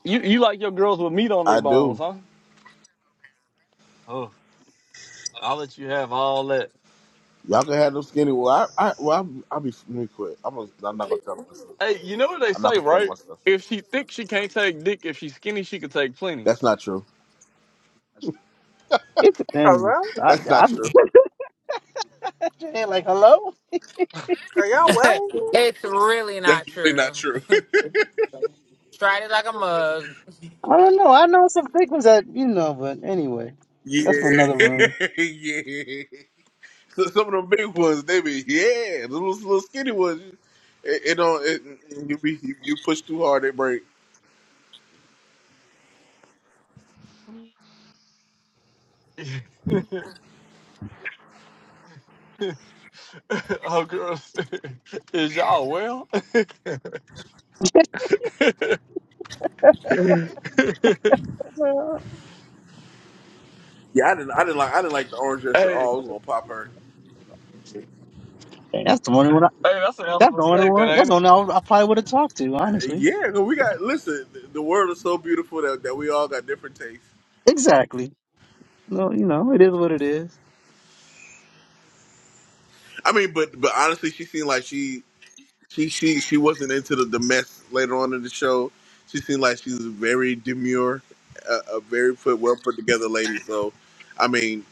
you, you like your girls with meat on I their bones, do. huh? Oh. I'll let you have all that. Y'all can have them skinny. Well, I, I, well, I, I be let me quit. I'm, gonna, I'm not gonna tell them myself. Hey, you know what they I'm not say, gonna tell them right? myself. If she thick, she can't take dick. If she's skinny, she could take plenty. That's not true. it's a thing. Hello? I, That's I, not true. and like hello. Are y'all well? it's really That's not really not true. true. Tried it like a mug. I don't know. I know some fake ones that you know, but anyway, Yeah, that's for another room. yeah. So some of them big ones, they be yeah. The little, little skinny ones, it, it don't. It, you be you, you push too hard, it break. oh, girl, is y'all well? hey, hey, Uh, Yeah, I didn't. I didn't like. I didn't like the orange dress at all. I was gonna pop her. and That's the only one. I, that's an that's helpful the only statement, one. That's ain't the it? only one I, I probably would have talked to, honestly. Yeah, 'cause we got. Listen, the the world is so beautiful that, that we all got different tastes. Exactly. No, you know, it is what it is. I mean, but but honestly, she seemed like she she she she wasn't into the, the mess later on in the show. She seemed like she was very demure, a, a very put well put together lady. So, I mean,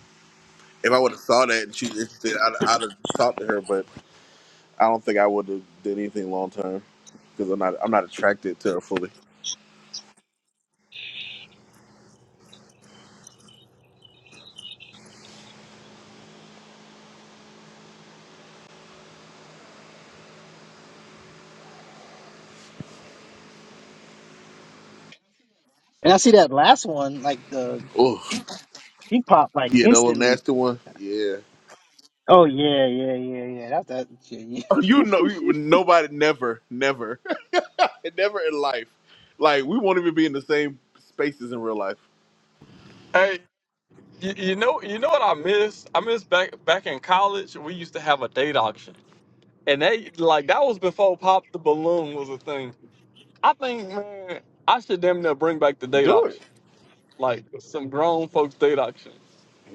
if I would have saw that and she's interested, I'd, I'd have talked to her. But I don't think I would have did anything long term because I'm not I'm not attracted to her fully. And I see that last one, like the Oh he popped like yeah, that little instantly. nasty one. Yeah, Oh yeah, yeah, yeah, yeah. That's that. Yeah, you know, you, yeah. nobody never never never in life. Like we won't even be in the same spaces in real life. Hey, you, you know, you know what I miss? I miss back back in college. We used to have a date auction, and they like that was before pop the balloon was a thing. I think, man, I should damn near bring back the date Do it. auction. like some grown folks date auction.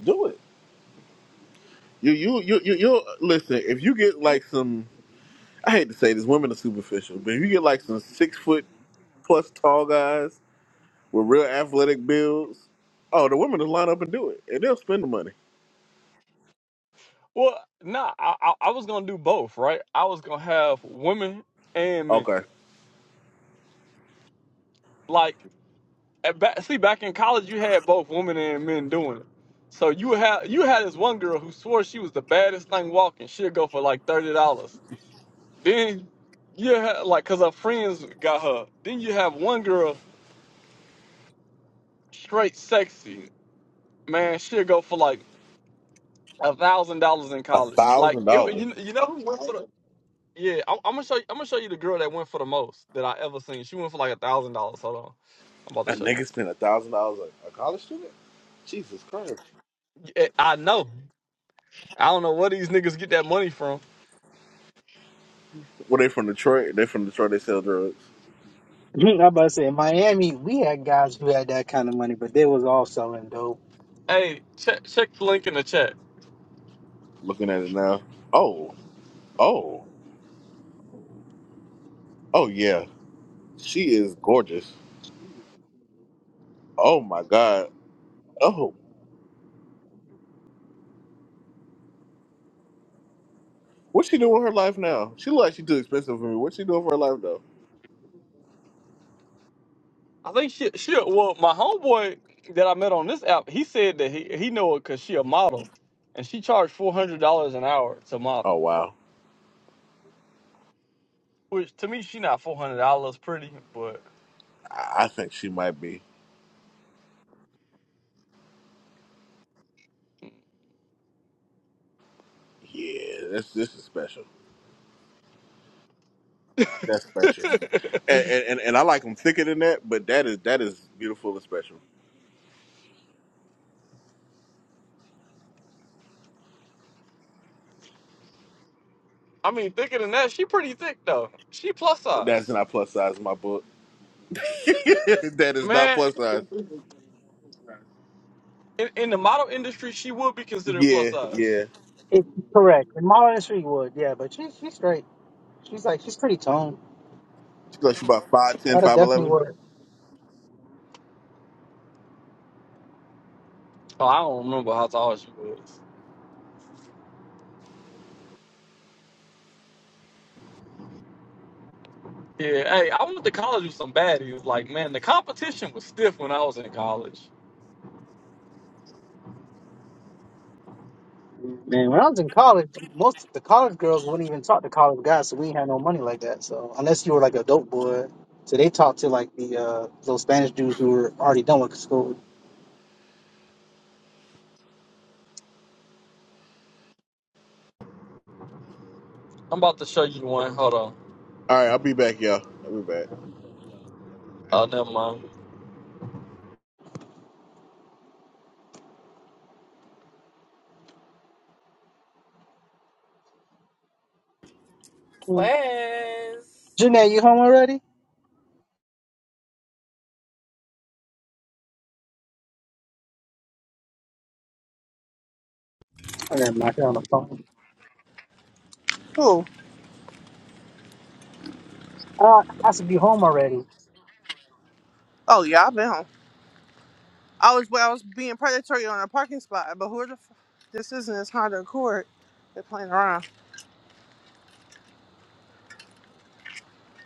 Do it. You you you you you listen. If you get like some, I hate to say this, women are superficial, but if you get like some six foot plus tall guys with real athletic builds, oh, the women will line up and do it, and they'll spend the money. Well, nah, I, I, I was gonna do both, right? I was gonna have women and men. Okay, Like, at back, see, back in college, you had both women and men doing it. So you had you had this one girl who swore she was the baddest thing walking. She'd go for like thirty dollars. Then you had like, cause her friends got her. Then you have one girl straight sexy man. She'd go for like a thousand dollars in a college. Like thousand it, dollars. you, you know who went to the Yeah, I'm, I'm gonna show you. I'm gonna show you the girl that went for the most that I ever seen. She went for like a thousand dollars. Hold on, I'm about to A show you. nigga spent a thousand dollars on a college student. Jesus Christ. Yeah, I know. I don't know where these niggas get that money from. Were they from Detroit? They from Detroit. They sell drugs. I'm about to say in Miami, we had guys who had that kind of money, but they was all selling dope. Hey, check check the link in the chat. Looking at it now. Oh, oh, oh yeah. She is gorgeous. Oh my God. What's she doing with her life now? She look like she too expensive for me. What's she doing for her life though? I think she she well my homeboy that I met on this app. He said that he he know it cause she a model, and she charged four hundred dollars an hour to Oh model. wow, Which to me she not four hundred dollars pretty, but I I think she might be. Yeah, this this is special. That's special. And and, and and I like them thicker than that, but that is that is beautiful and special. I mean thicker than that. She pretty thick though. She plus That's size. not plus size in my book. that is not Man, plus size. In, in the model industry, she would be considered plus Yeah, size. yeah. It, correct. And Marlon Street would, yeah, but she, she's straight. She's like she's pretty toned. She like she about five ten, That'd five definitely eleven. work. Oh, I don't remember how tall she was. Yeah, hey, I went to college with some baddies. Like, man, the competition was stiff when I was in college. Man, when I was in college, most of the college girls wouldn't even talk to college guys, so we ain't had no money like that. So unless you were like a dope boy, so they talked to like the uh those Spanish dudes who were already done with school. I'm about to show you one. Hold on. All right, I'll be back, y'all. I'll be back. Oh, never mind. Wes. Janae, you home already? I got my shit on the phone. Who? Uh, I should be home already. Oh, y'all been home. I was well, I was being predatory on a parking spot, but who the f- this isn't this Honda Accord. They're playing around.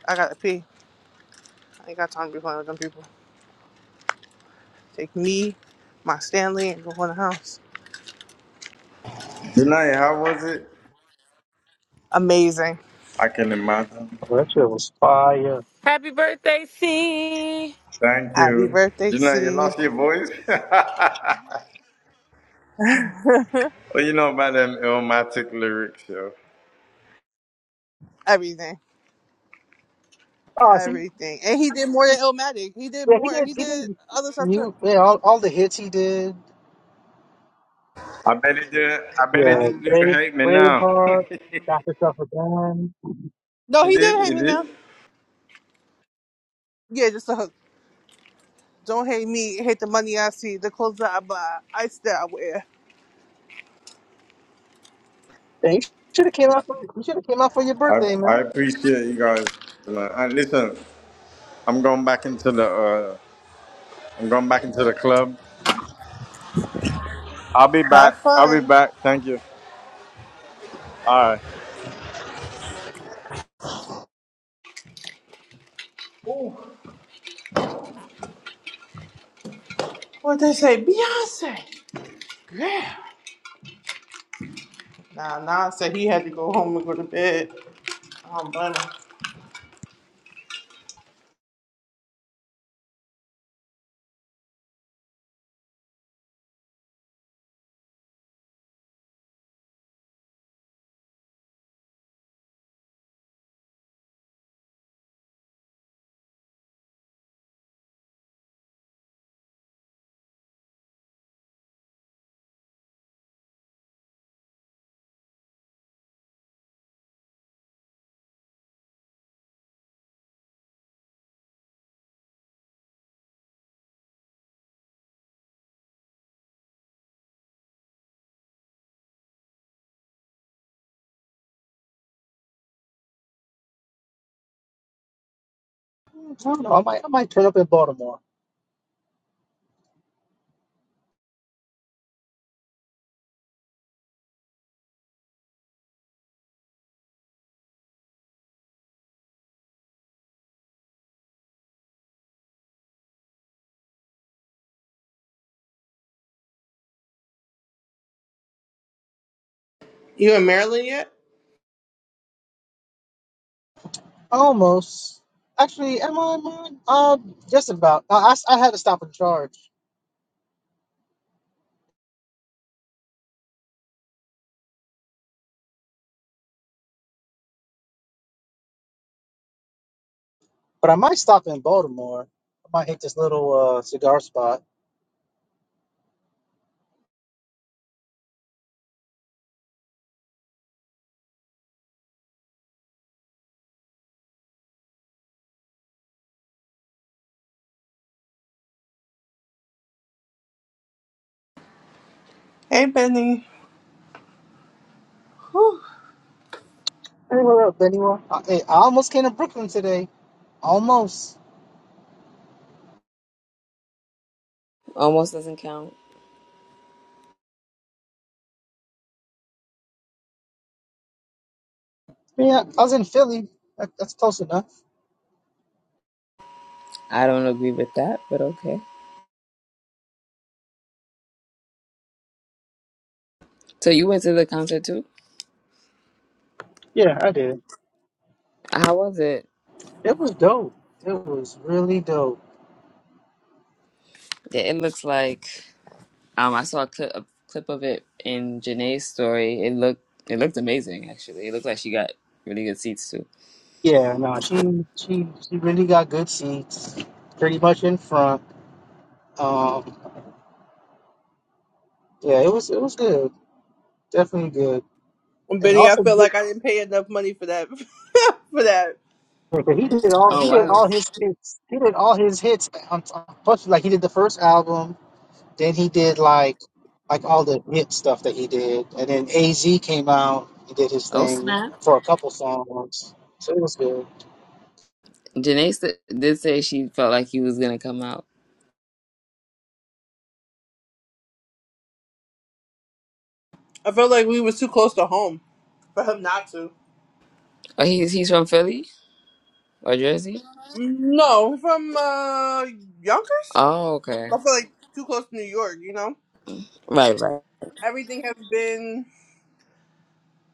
I gotta pee. I ain't got time to be playing with them people. Take me, my Stanley, and go in the house. Janai, how was it? Amazing. I can imagine. Well, that shit was fire. Happy birthday, C. Thank Happy you. birthday, Janai, you C. lost your voice? well, you know about them illmatic lyrics, yo. everything. Oh, see, Everything. And he did more than Illmatic. He did yeah, he more. did. He He did did. other stuff too. You, yeah, all, all the hits he did. I bet it didn't, I bet it Yeah. Yeah, didn't do you brave, hate me now. Braveheart, got yourself a gun. No, it he did, did hate it me now. did. Yeah, just the hook. Don't hate me, hate the money I see, the clothes that I buy, ice that I wear. Yeah, you should have came out. Yep. For, you should have came out for your I, birthday, I man. appreciate you guys, man. And listen, I'm going back into the, uh, I'm going back into the club. I'll be Have back. I'll be fun. back. Thank you. All right. What they say, be a girl. Nah, nah, said he had to go home and go to bed. Oh, do I don't know. I might, I might turn up in Baltimore. You in Maryland yet? Almost. Actually, am I? Am I? Uh, just about. I, I s- I had to stop and charge, but I might stop in Baltimore. I might hit this little uh, cigar spot. Hey, Benny. Whew. Hey, what up, anyone? I, hey, I almost came to Brooklyn today. Almost. Almost doesn't count. Yeah, I was in Philly. That, that's close enough. I don't agree with that, but okay. So you went to the concert too? Yeah, I did. How was it? It was dope. It was really dope. Yeah, it looks like um I saw a clip a clip of it in Janae's story. It looked it looked amazing actually. It looked like she got really good seats too. Yeah, no, she she she really got good seats, pretty much in front. Um, yeah, it was it was good. Definitely good. And Benny, I also, feel good- like I didn't pay enough money for that. for that, but he did all he Oh did wow. all honestly. his hits. He did all his hits. On, on, plus, like he did the first album. Then he did like like all the hit stuff that he did. And then AZ came out. He did his Oh thing snap. for a couple songs. So it was good. Janae st- did say she felt like he was gonna come out. I felt like we was too close to home for him not to. Oh, he's he's from Philly or Jersey. No, from uh Yonkers. Oh okay. I feel like too close to New York. You know, Right right. everything has been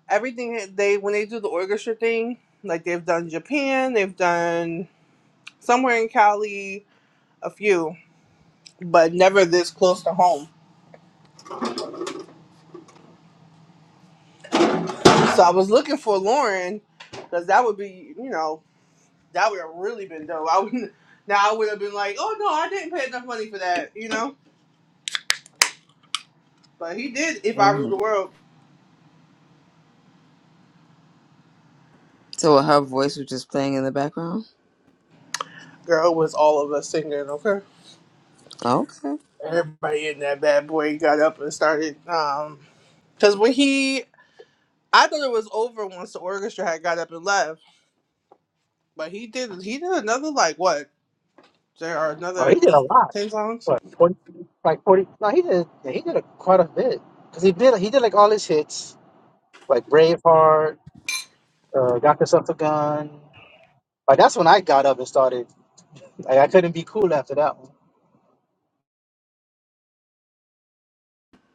everything they when they do the orchestra thing, like they've done Japan, they've done somewhere in Cali, a few, but never this close to home. So I was looking for Lauren because that would be, you know, that would have really been dope. I would now I would have been like, oh no, I didn't pay enough money for that, you know. But he did. If I rule hmm the world, So her voice was just playing in the background. girl, it was all of us singing. Okay, Okay. everybody in that bad boy got up and started. Um, because when he I thought it was over once the orchestra had got up and left. But he did he did another like what? There are Oh, he another did a eight, lot. ten songs. What forty? Like forty? No, he did. He did a, quite a bit. Cause he did he did like all his hits, like Braveheart, uh, Got Yourself a Gun. Like that's when I got up and started. Like I couldn't be cool after that one.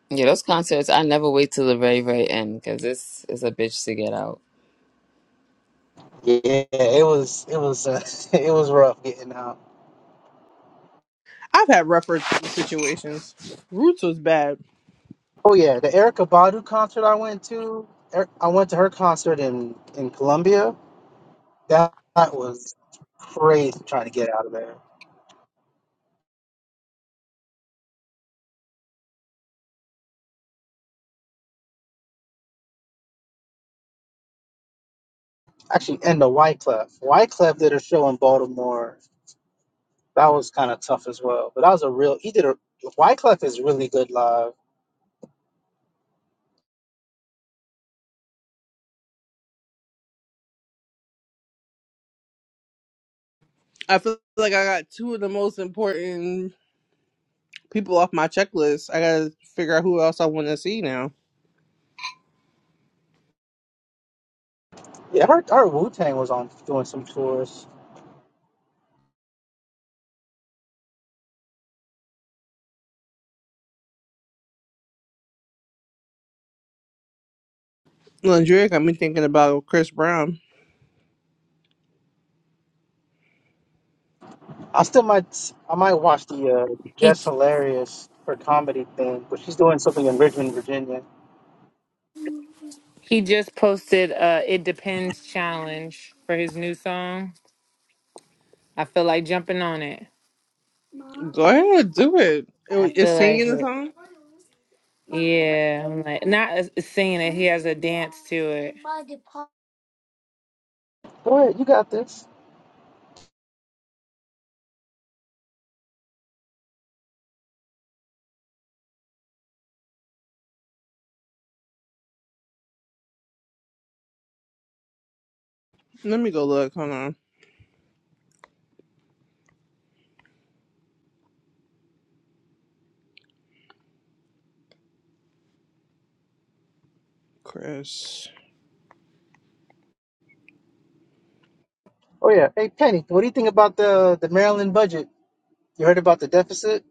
Yeah, those concerts, I never wait till the very, very end because this is a bitch to get out. Yeah, it was it was uh, it was rough getting out. I've had rougher situations. Roots was bad. Oh yeah, the Erica Badu concert I went to, Er- I went to her concert in in Colombia. That, that was crazy trying to get out of there. Actually, and the Wyclef. Wyclef did a show in Baltimore. That was kind of tough as well. But that was a real. He did a. Wyclef is really good live. I feel like I got two of the most important people off my checklist. I gotta figure out who else I want to see now. Yeah, I heard, I heard Wu Tang was on doing some tours. Landry got me thinking about Chris Brown. I still might I might watch the uh, He Jess Hilarious her comedy thing, but she's doing something in Richmond, Virginia. he just posted a "It Depends" challenge for his new song. I feel like jumping on it. Go ahead, do it. I it is feel like singing the it. song? Yeah, I'm like not as- singing it. He has a dance to it. Go ahead, you got this. Let me go look. Hold on, Chris. Oh yeah, hey Penny, what do you think about the the Maryland budget? You heard about the deficit?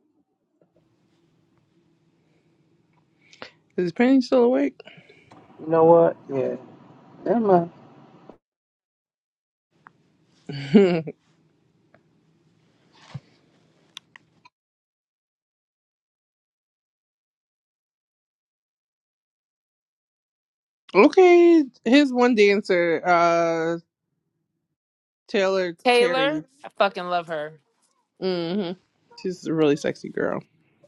Is Penny still awake? You know what? Yeah, never mind. okay, here's one dancer. Uh, Taylor Terry. Taylor, I fucking love her. hmm She's a really sexy girl.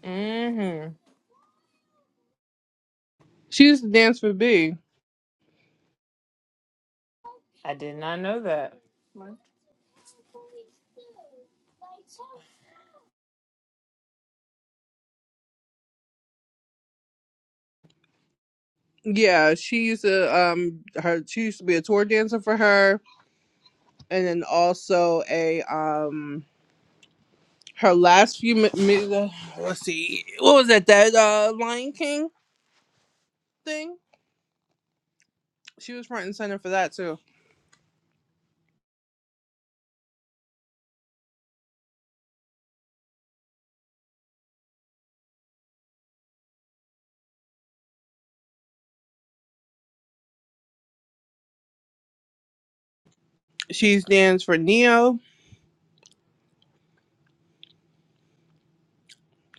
mm hmm She used to dance for B. I did not know that. Yeah, she used to um her she used to be a tour dancer for her, and then also a um her last few mi- mi- uh, let's see what was that that uh Lion King thing. She was front and center for that too. She's danced for Neo.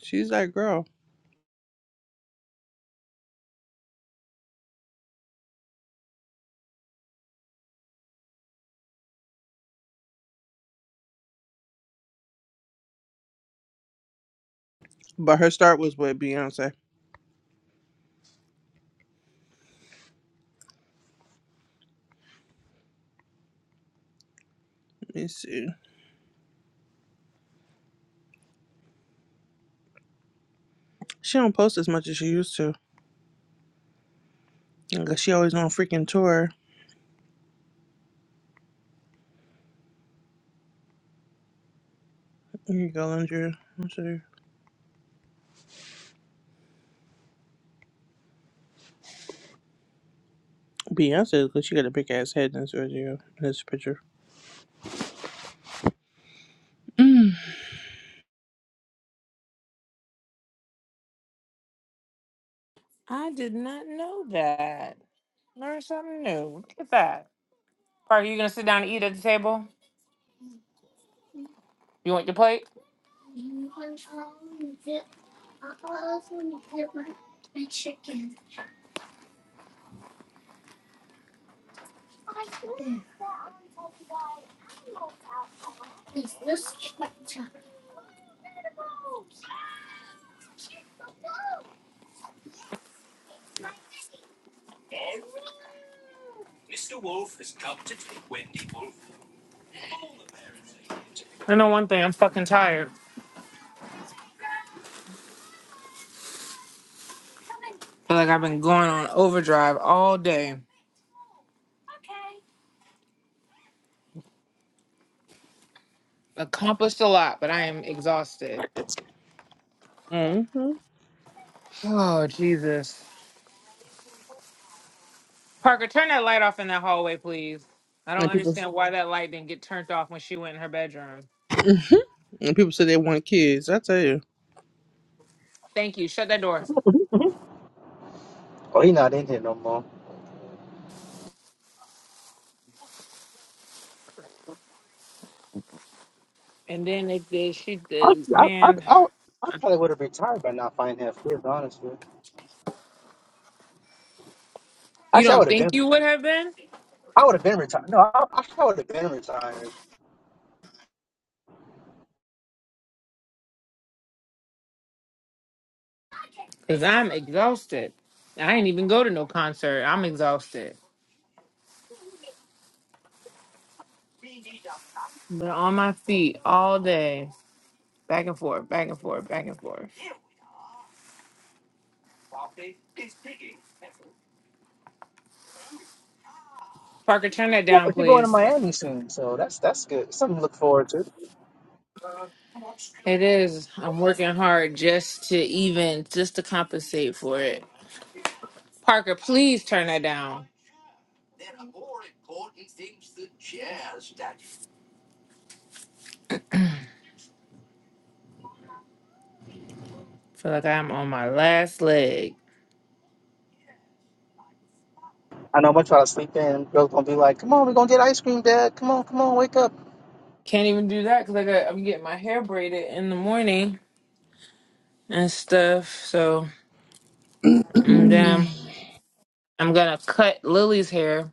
She's that girl, but her start was with Beyonce. Let me see. She don't post as much as she used to. Like, She always on freaking tour. Here you go, Andrew. Beyonce because she got a big ass head in this video in this picture. Mm. I did not know that. Learn something new. Look at that. Parker, you gonna sit down and eat at the table? You want your plate? feel like I've been going on overdrive all day. Accomplished a lot, but I am exhausted. hmm Oh, Jesus. Parker, turn that light off in that hallway, please. I don't And people understand why that light didn't get turned off when she went in her bedroom. and people say they want kids. I tell you, Thank you. Shut that door. Oh, he not in here no more. And then they did. She I did. I I, Man, I, I probably would have retired by now if I didn't have kids, honestly. you Actually, I don't would have been think you would have been? I would have been retired. No, I, I would have been retired. Because I'm exhausted. I ain't even go to no concert. I'm exhausted. Been on my feet all day, back and forth, back and forth, back and forth. Parker, turn that Yeah, down, but you're going to please. Miami soon, so that's that's good. Something to look forward to. It is. I'm working hard just to even just to compensate for it. Parker, please turn that down. feel like I'm on my last leg. I know my child was sleeping, and girls gonna be like, "Come on, we're gonna get ice cream, Dad. Come on, come on, wake up." Can't even do that because I got I'm getting my hair braided in the morning and stuff. So and then I'm gonna cut Lily's hair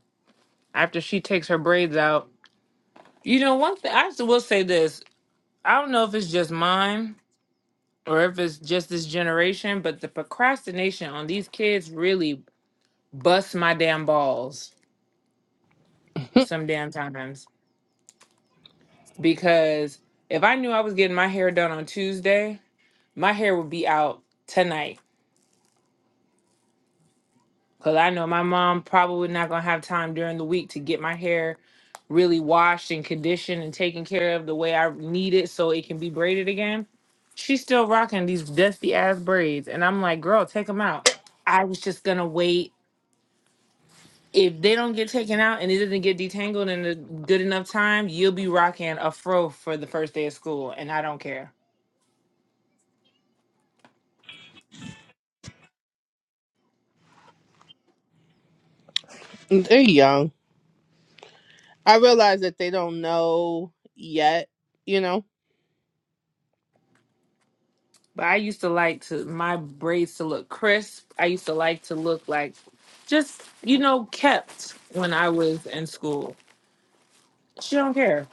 after she takes her braids out. You know, one thing I s- will say this. I don't know if it's just mine or if it's just this generation, but the procrastination on these kids really busts my damn balls some damn times because if I knew I was getting my hair done on Tuesday, my hair would be out tonight because I know my mom probably not gonna have time during the week to get my hair really washed and conditioned and taken care of the way I need it so it can be braided again. She's still rocking these dusty ass braids, and I'm like, girl, take them out. I was just gonna wait. If they don't get taken out and it doesn't get detangled in a good enough time, you'll be rocking a fro for the first day of school, and I don't care. they're young. I realize that they don't know yet. You know. But I used to like to my braids to look crisp. I used to like to look like just, you know, kept when I was in school. She don't care.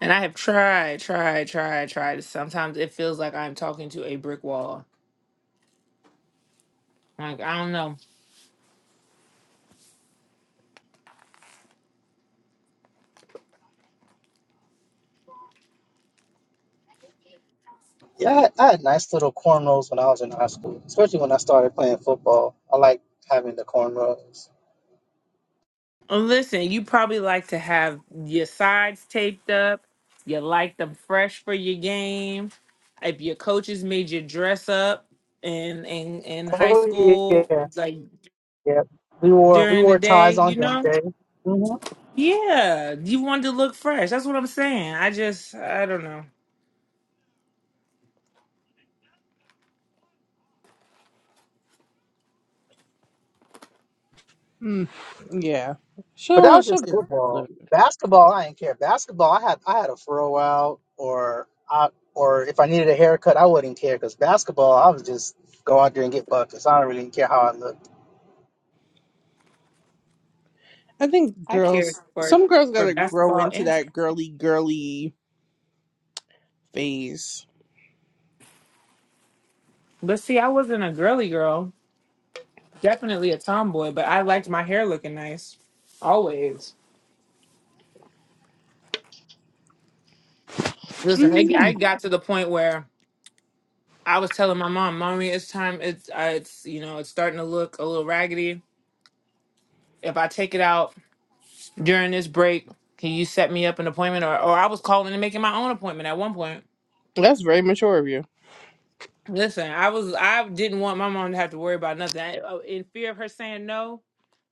And I have tried, tried, tried, tried. Sometimes it feels like I'm talking to a brick wall. Like, I don't know. Yeah, I had, I had nice little cornrows when I was in high school, especially when I started playing football. I liked having the cornrows. And Listen, you probably like to have your sides taped up. You like them fresh for your game. If your coaches made you dress up in in, in high Oh school, yeah, like yeah. We wore we during the wore day, ties on you them know? day. hmm Yeah, you wanted to look fresh. That's what I'm saying. I just, I don't know. Mm. Yeah. But She'll that was she'll just get around football. Basketball, I didn't care. Basketball, I had I had a throw out, or I or if I needed a haircut, I wouldn't care because basketball, I was just go out there and get buckets. I don't really care how I look. I think I care girls. for Some girls for gotta grow basketball into and track. that girly girly phase. But see, I wasn't a girly girl. Definitely a tomboy, but I liked my hair looking nice. Always. Listen, I, I Mm. got to the point where I was telling my mom, "Mommy, it's time. It's uh, it's you know, it's starting to look a little raggedy. If I take it out during this break, can you set me up an appointment?" Or, or I was calling and making my own appointment at one point That's very mature of you. Listen, I was I didn't want my mom to have to worry about nothing. I, oh, in fear of her saying no,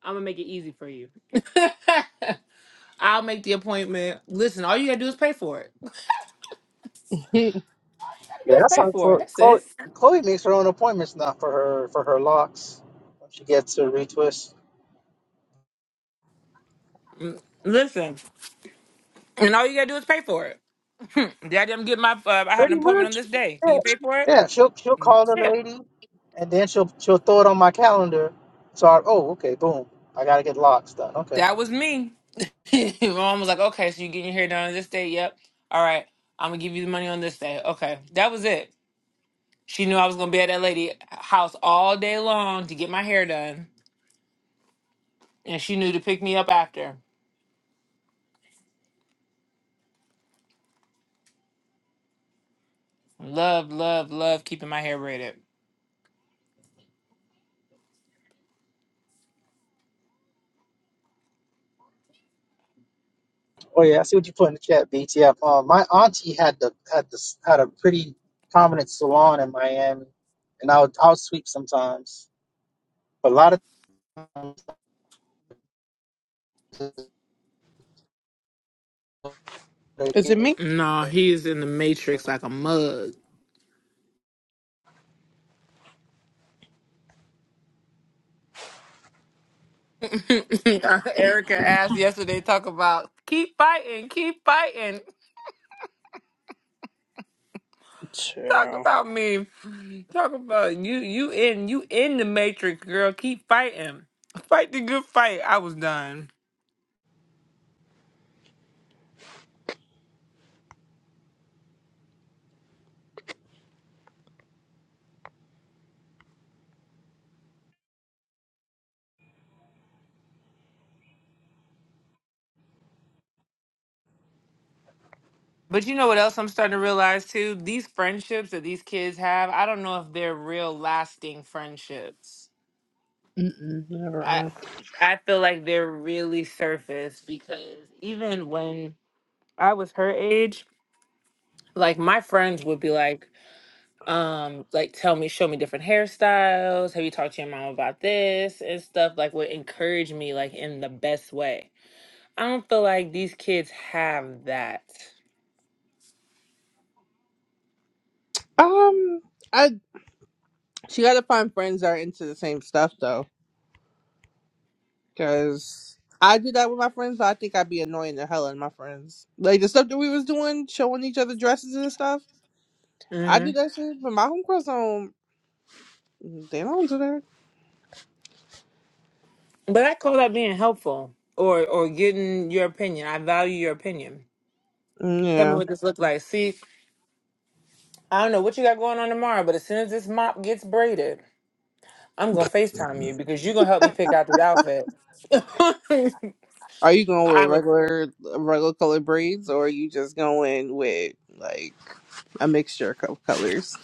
I'm gonna make it easy for you. I'll make the appointment. Listen, all you gotta do is pay for it. All you gotta do Yeah, is that's pay how for it. Chlo- That's Chloe, it. Chloe makes her own appointments now for her for her locks when she gets her retwist. Mm, Listen, and all you gotta do is pay for it. Hmm, Daddy, I'm getting my. Uh, I have an Pretty appointment on much. this day. Can Yeah, you she, pay for it? yeah. She'll she'll call That's the lady, and then she'll she'll throw it on my calendar. So I, oh okay, boom. I gotta get locks done. Okay. That was me. my mom was like, "Okay, so you getting your hair done on this day? Yep. All right, I'm gonna give you the money on this day. Okay, that was it. She knew I was gonna be at that lady house all day long to get my hair done, and she knew to pick me up after. Love, love, love keeping my hair braided. Oh yeah, I see what you put in the chat, BTF. Uh, my auntie had the had the had a pretty prominent salon in Miami, and I would I would sweep sometimes, but a lot of times Is it it's me? No, he is in the matrix like a mug. Erica asked yesterday, talk about keep fighting, keep fighting. Talk Chill. about me. Talk about you. You in you in the matrix, girl. Keep fighting. Fight the good fight. I was done. But you know what else I'm starting to realize too? These friendships that these kids have, I don't know if they're real lasting friendships. Mm-mm. I Never. I feel like they're really surface because even when I was her age, like my friends would be like, um, like tell me, show me different hairstyles. Have you talked to your mom about this and stuff? Like would encourage me like in the best way. I don't feel like these kids have that. Um. I. She got to find friends that are into the same stuff though, because I do that with my friends. But I think I'd be annoying the hell out of my friends. Like the stuff that we was doing, showing each other dresses and stuff. I Mm-hmm. do that shit, but my homegirls don't. They don't do that. But I call that being helpful or or getting your opinion. I value your opinion. Mm, Tell me Yeah. what this looks like. See, I don't know what you got going on tomorrow, but as soon as this mop gets braided, I'm gonna FaceTime you because you're gonna help me pick out this outfit. Are you going I with would regular, regular colored braids, or are you just going with like a mixture of colors?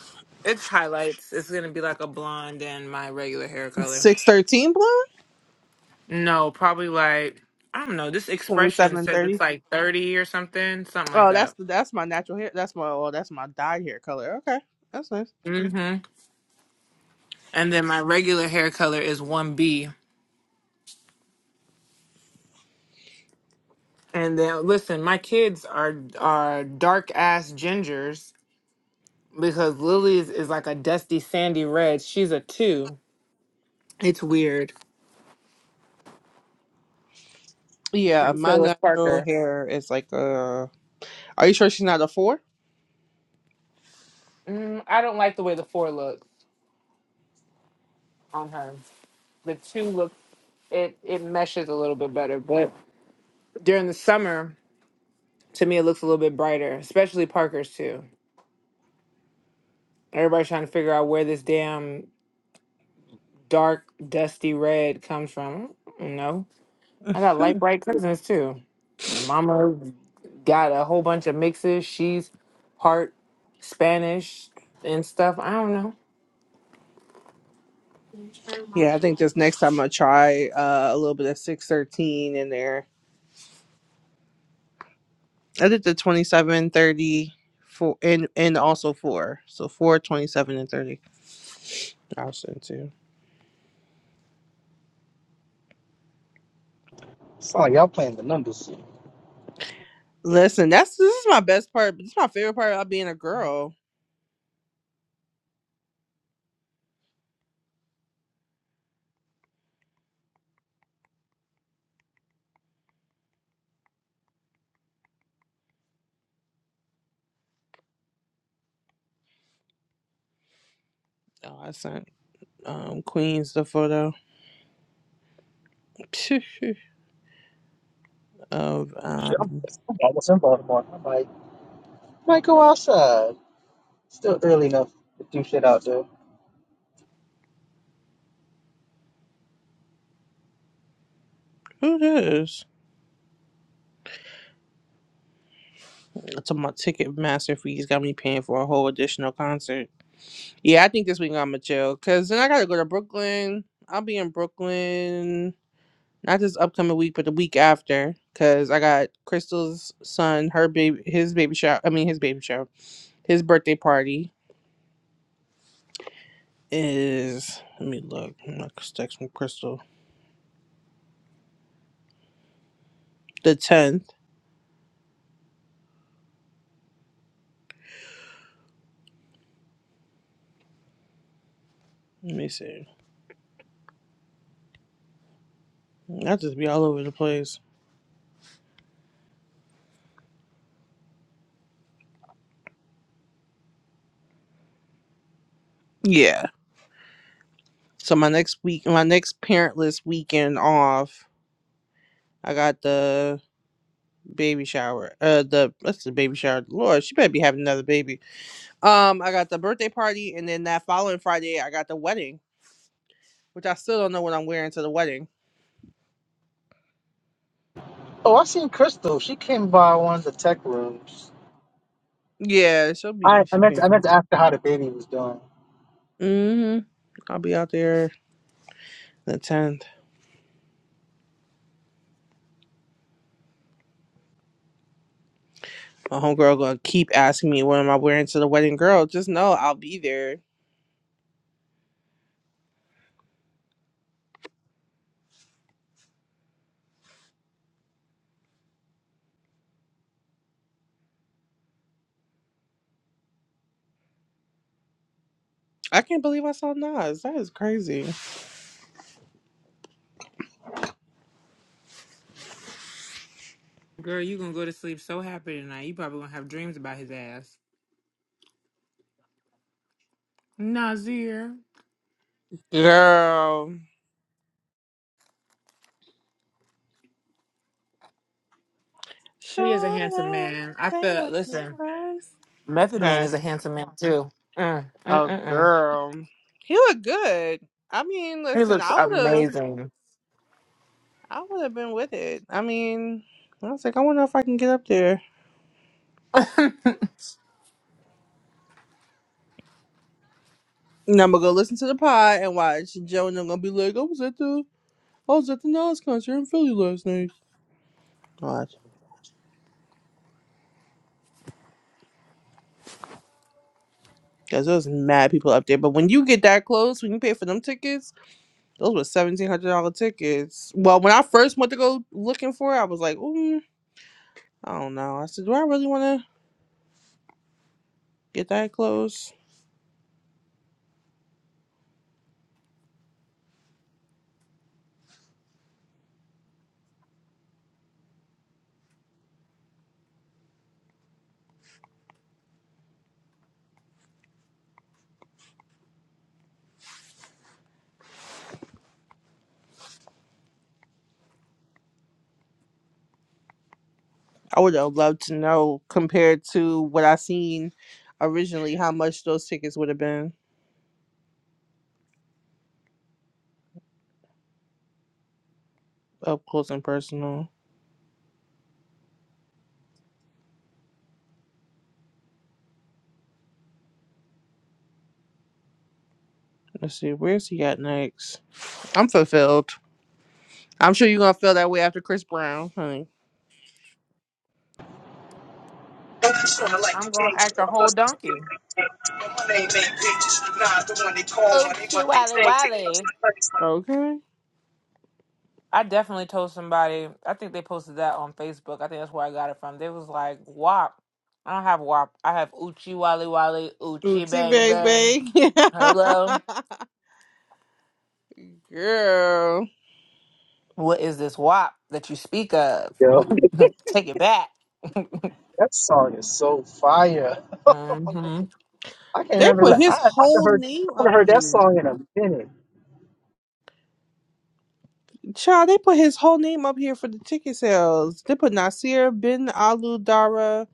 it's highlights. It's gonna be like a blonde and my regular hair color. Six thirteen blonde, No, probably like I don't know, this twenty expression seven says it's thirty. like thirty or something, something like Oh, that. that's the that's my natural hair. That's my oh, that's my dyed hair color. Okay, that's nice. hmm And then my regular hair color is one B And then listen, my kids are are dark ass gingers because Lily's is like a dusty sandy red. She's a two. It's weird. Yeah, And my so is natural Parker. hair is like a. Are you sure she's not a four? Mm, I don't like the way the four looks on her. The two looks it it meshes a little bit better, but during the summer, to me it looks a little bit brighter, especially Parker's too. Everybody's trying to figure out where this damn dark dusty red comes from. Mm, No. I got light bright cousins too. My mama got a whole bunch of mixes. She's part Spanish and stuff. I don't know. Yeah, I think this next time I'll try uh, a little bit of six thirteen in there. I did the twenty seven thirty four and and also four, so four twenty seven and thirty. I'll send too. not like y'all playing the numbers. Listen, that's this is my best part. This is my favorite part about being a girl. Oh, I sent um Queens the photo of um I'm almost in Baltimore. I might might go outside. Still early enough to do shit out there. who this? It's on my ticket master fees. Got me paying for a whole additional concert. Yeah, I think this week I'm gonna chill because then I gotta go to Brooklyn. I'll be in Brooklyn not this upcoming week, but the week after because I got Crystal's son, her baby, his baby shower. I mean, his baby shower, his birthday party is. Let me look. I'm not texting Crystal. The tenth. Let me see. I'll just be all over the place. Yeah. So my next week, my next parentless weekend off. I got the baby shower. Uh, the what's the baby shower? Lord, she better be having another baby Um, I got the birthday party, and then that following Friday, I got the wedding, which I still don't know what I'm wearing to the wedding. Oh, I seen Crystal. She came by one of the tech rooms. Yeah, she'll be. I, I She'll meant be. to, I meant to ask her how the baby was doing. hmm I'll be out there the tenth. My homegirl gonna keep asking me what am I wearing to the wedding. Girl, just know I'll be there. I can't believe I saw Nas. That is crazy. Girl, you gonna go to sleep so happy tonight. You probably gonna have dreams about his ass. Nazir. Girl. He is a handsome Sure. man. I Say feel what you listen, first. Method Man Okay, is a handsome man too. Mm, mm, Oh mm, mm. girl. He looked good. I mean, He listen, looks I would have amazing. I would have been with it. I mean, I was like, I wonder if I can get up there. I'm And I'm gonna go listen to the pod and watch. Joe and I'm gonna be like, I was at the I was at the Nas concert in Philly last night. Watch. Because there was mad people up there. But when you get that close, when you pay for them tickets, those were seventeen hundred dollar tickets. Well, when I first went to go looking for it, I was like, mm, I don't know. I said, Do I really wanna get that close? I would have loved to know compared to what I seen originally how much those tickets would have been. up close and personal. Let's see, where's he at next? I'm fulfilled. I'm sure you're gonna feel that way after Chris Brown, honey. I'm gonna act a whole donkey. Oh Wally Wally. Okay. I definitely told somebody. I think they posted that on Facebook. I think that's where I got it from. They was like, "WAP." I don't have WAP. I have Uchi Wally Wally Uchi Oochie Bang Bang. baby. Hello. Girl. What is this WAP that you speak of? Yo, Take it back. that song is so fire. hmm I can't They remember. la- put I his I haven't whole heard name I haven't up heard that here. song in a minute. Child, they put his whole name up here for the ticket sales. They put Nasir bin Alu Dara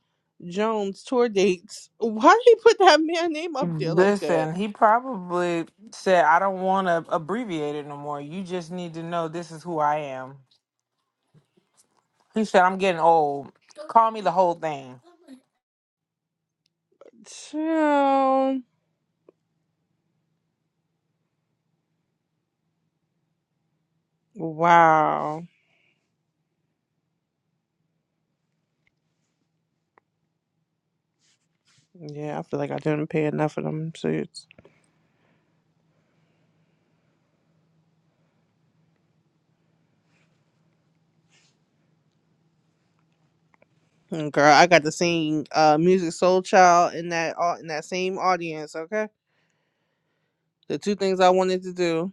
Jones tour dates. Why did he put that man name up there like that? Listen, he probably said, "I don't want to abbreviate it no more. You just need to know this is who I am." He said, "I'm getting old. Call me the whole thing." Child. Wow. Yeah, I feel like I didn't pay enough of them suits. Mm, Girl, I got to sing uh Music Soul Child in that au- in that same audience, okay? The two things I wanted to do.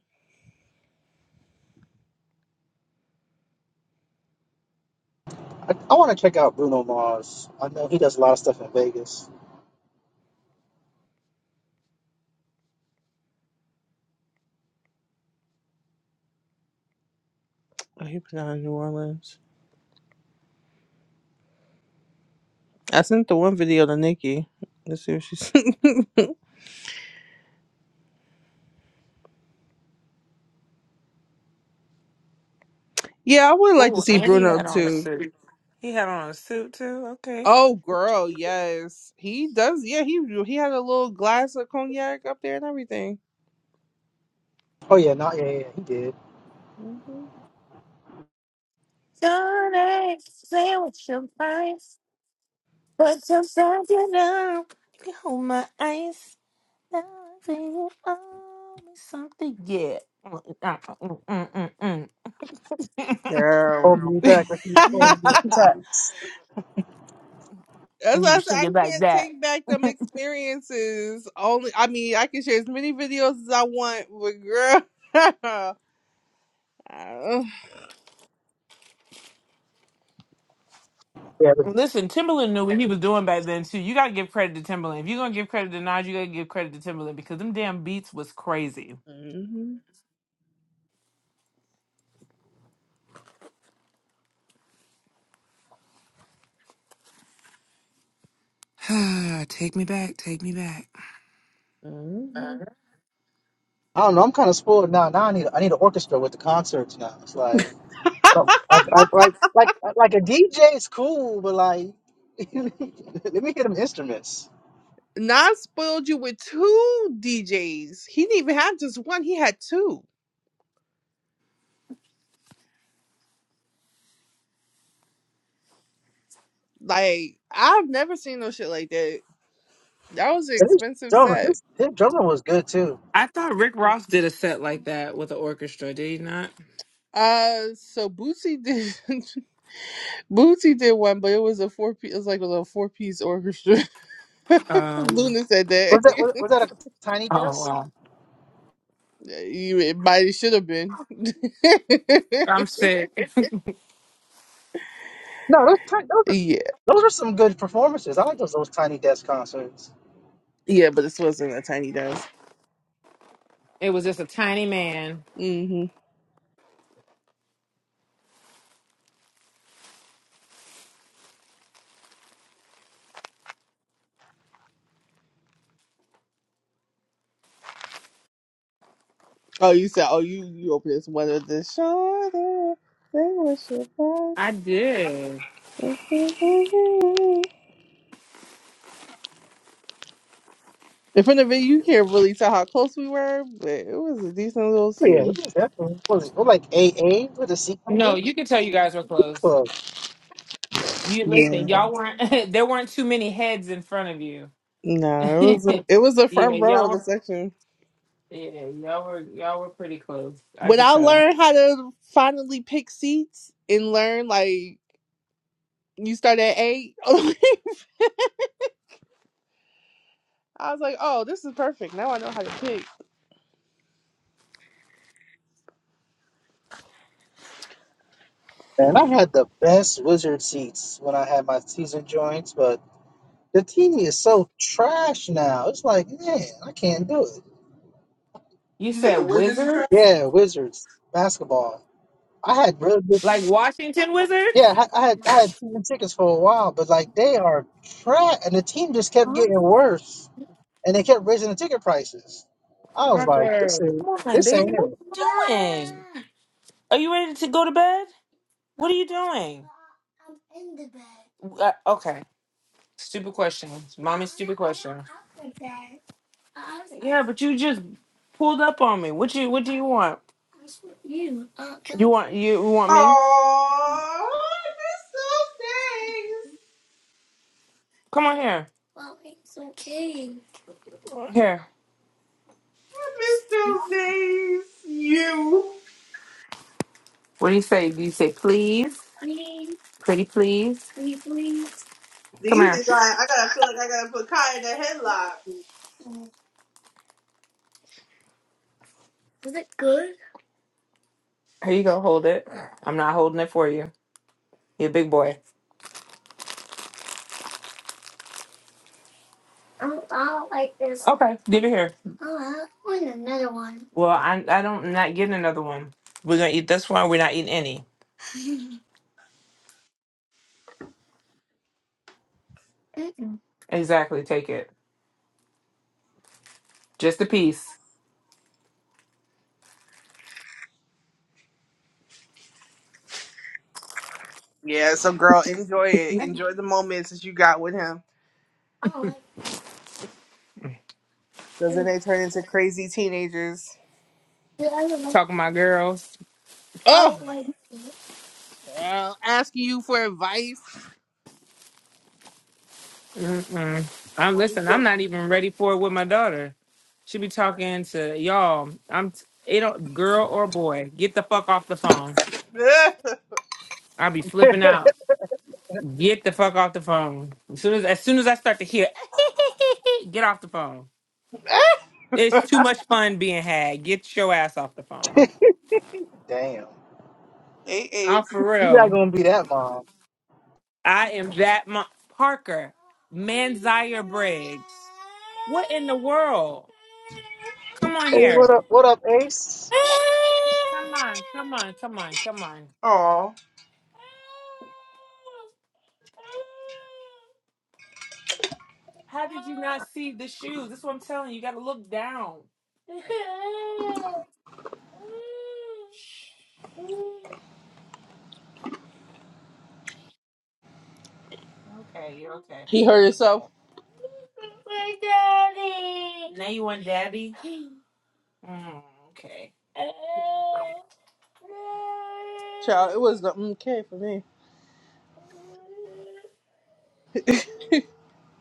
I, I want to check out Bruno Mars. I know he does a lot of stuff in Vegas. Oh, he put out in New Orleans. I sent the one video to Nikki. Let's see what she she's Yeah, I would like to Ooh, see and he Bruno had on a too. suit. He had on a suit too. Okay. Oh girl, yes. He does yeah, he he had a little glass of cognac up there and everything. Oh yeah, not yeah yeah he did. hmm Don't say what you find, but sometimes you know you can hold my eyes. Now I feel you owe me something. Yeah. Mm, uh, mm, mm, mm, mm. Girl. Hold me back, like he's going. That's And why you I can said sing I it like can't that. take back them experiences. Only, I mean, I can share as many videos as I want, but girl, Yeah, Listen, Timberland knew what he was doing back then too. You gotta give credit to Timberland. If you're gonna give credit to Nas, you gotta give credit to Timberland because them damn beats was crazy. hmm hmm I don't know. I'm kind of spoiled now. Now I need I need an orchestra with the concerts now. It's like oh, I, I, like like like a DJ is cool, but like let me hear them instruments. Nas spoiled you with two DJs. He didn't even have just one; he had two. Like I've never seen no shit like that. That was an And this expensive drummer, set. this his drummer was good too. I thought Rick Ross did a set like that with an orchestra, did he not? Uh, so Bootsy did Bootsy did one, but it was a four piece. It was like a little four piece orchestra. Um Luna said that. Was that was, was that a tiny Oh desk? wow. You- It might it should have been. I'm sick. No, those Ti- those are, yeah, those are some good performances. I like those those tiny desk concerts. yeah, but this wasn't a tiny desk. It was just a tiny man. hmm Oh, you said, oh, you you opened this one of the shoulder. They were surprised. I did. In front of it, you can't really tell how close we were, but it was a decent little Oh, Yeah, scene. it was definitely what was it, what, like AA with a seat No, number. you could tell you guys were close. Beautiful. You Yeah, listen, y'all weren't. there weren't too many heads in front of you. no, it was a, it was the yeah, front row of y'all the were. section. Yeah, y'all were. Y'all were pretty close. I When could I tell. learned how to finally pick seats and learn, like you start at eight. I was like, oh, this is perfect. Now I know how to pick. Man, I had the best wizard seats when I had my season joints, but. The TV is so trash now. It's like, man, I can't do it. You Is it the said Wizards of Trash. wizards, Yeah, Wizards basketball. I had really good. like Washington Yeah, Wizards. I, I had I had season tickets for a while, but like they are trash, and the team just kept getting worse, and they kept raising the ticket prices. I was like, this Parker, ain't come on, this ain't baby. What are you doing? Are you ready to go to bed? What are you doing? Uh, okay, stupid question, mommy. Stupid question. Yeah, but you just pulled up on me. What you What do you want? You want you want me? Oh, I miss Come on here. Here. those days. I miss those days. You. What do you say? Do you say please? Pretty please? Come These here. are why I gotta feel like I gotta put Kai in a headlock. Here you go. Hold it. I'm not holding it for you. You're a big boy. Okay, give it here. Well, I I don't I'm not getting another one. We're gonna eat this one. We're not eating any. Exactly. Take it. Just a piece. Yeah, so girl, enjoy it. Enjoy the moments that you got with him. Cause then they turn into crazy teenagers. Talking to my girls. Oh, child, asking you for advice. Mm-mm. I'm on his listen. I'm book. not even ready for it with my daughter. She be talking to y'all. I'm t- it don't girl or boy. Get the fuck off the phone. I'll be flipping out. Get the fuck off the phone. As soon as as soon as I start to hear, get off the phone. It's too much fun being had. Get your ass off the phone. it. Damn, Eight I'm eights. for you're not real. gonna be that mom. I am that mo- Parker Manzier Briggs. What in the world? Come on Hey, here. what up? What up, Ace? Come on. Come on. Come on. Come on. Aw. How did you not see the shoes? That's what I'm telling you. You got to look down. Okay, you're okay. He hurt himself. Now you want daddy? Mm, okay. Child, it was the okay for me.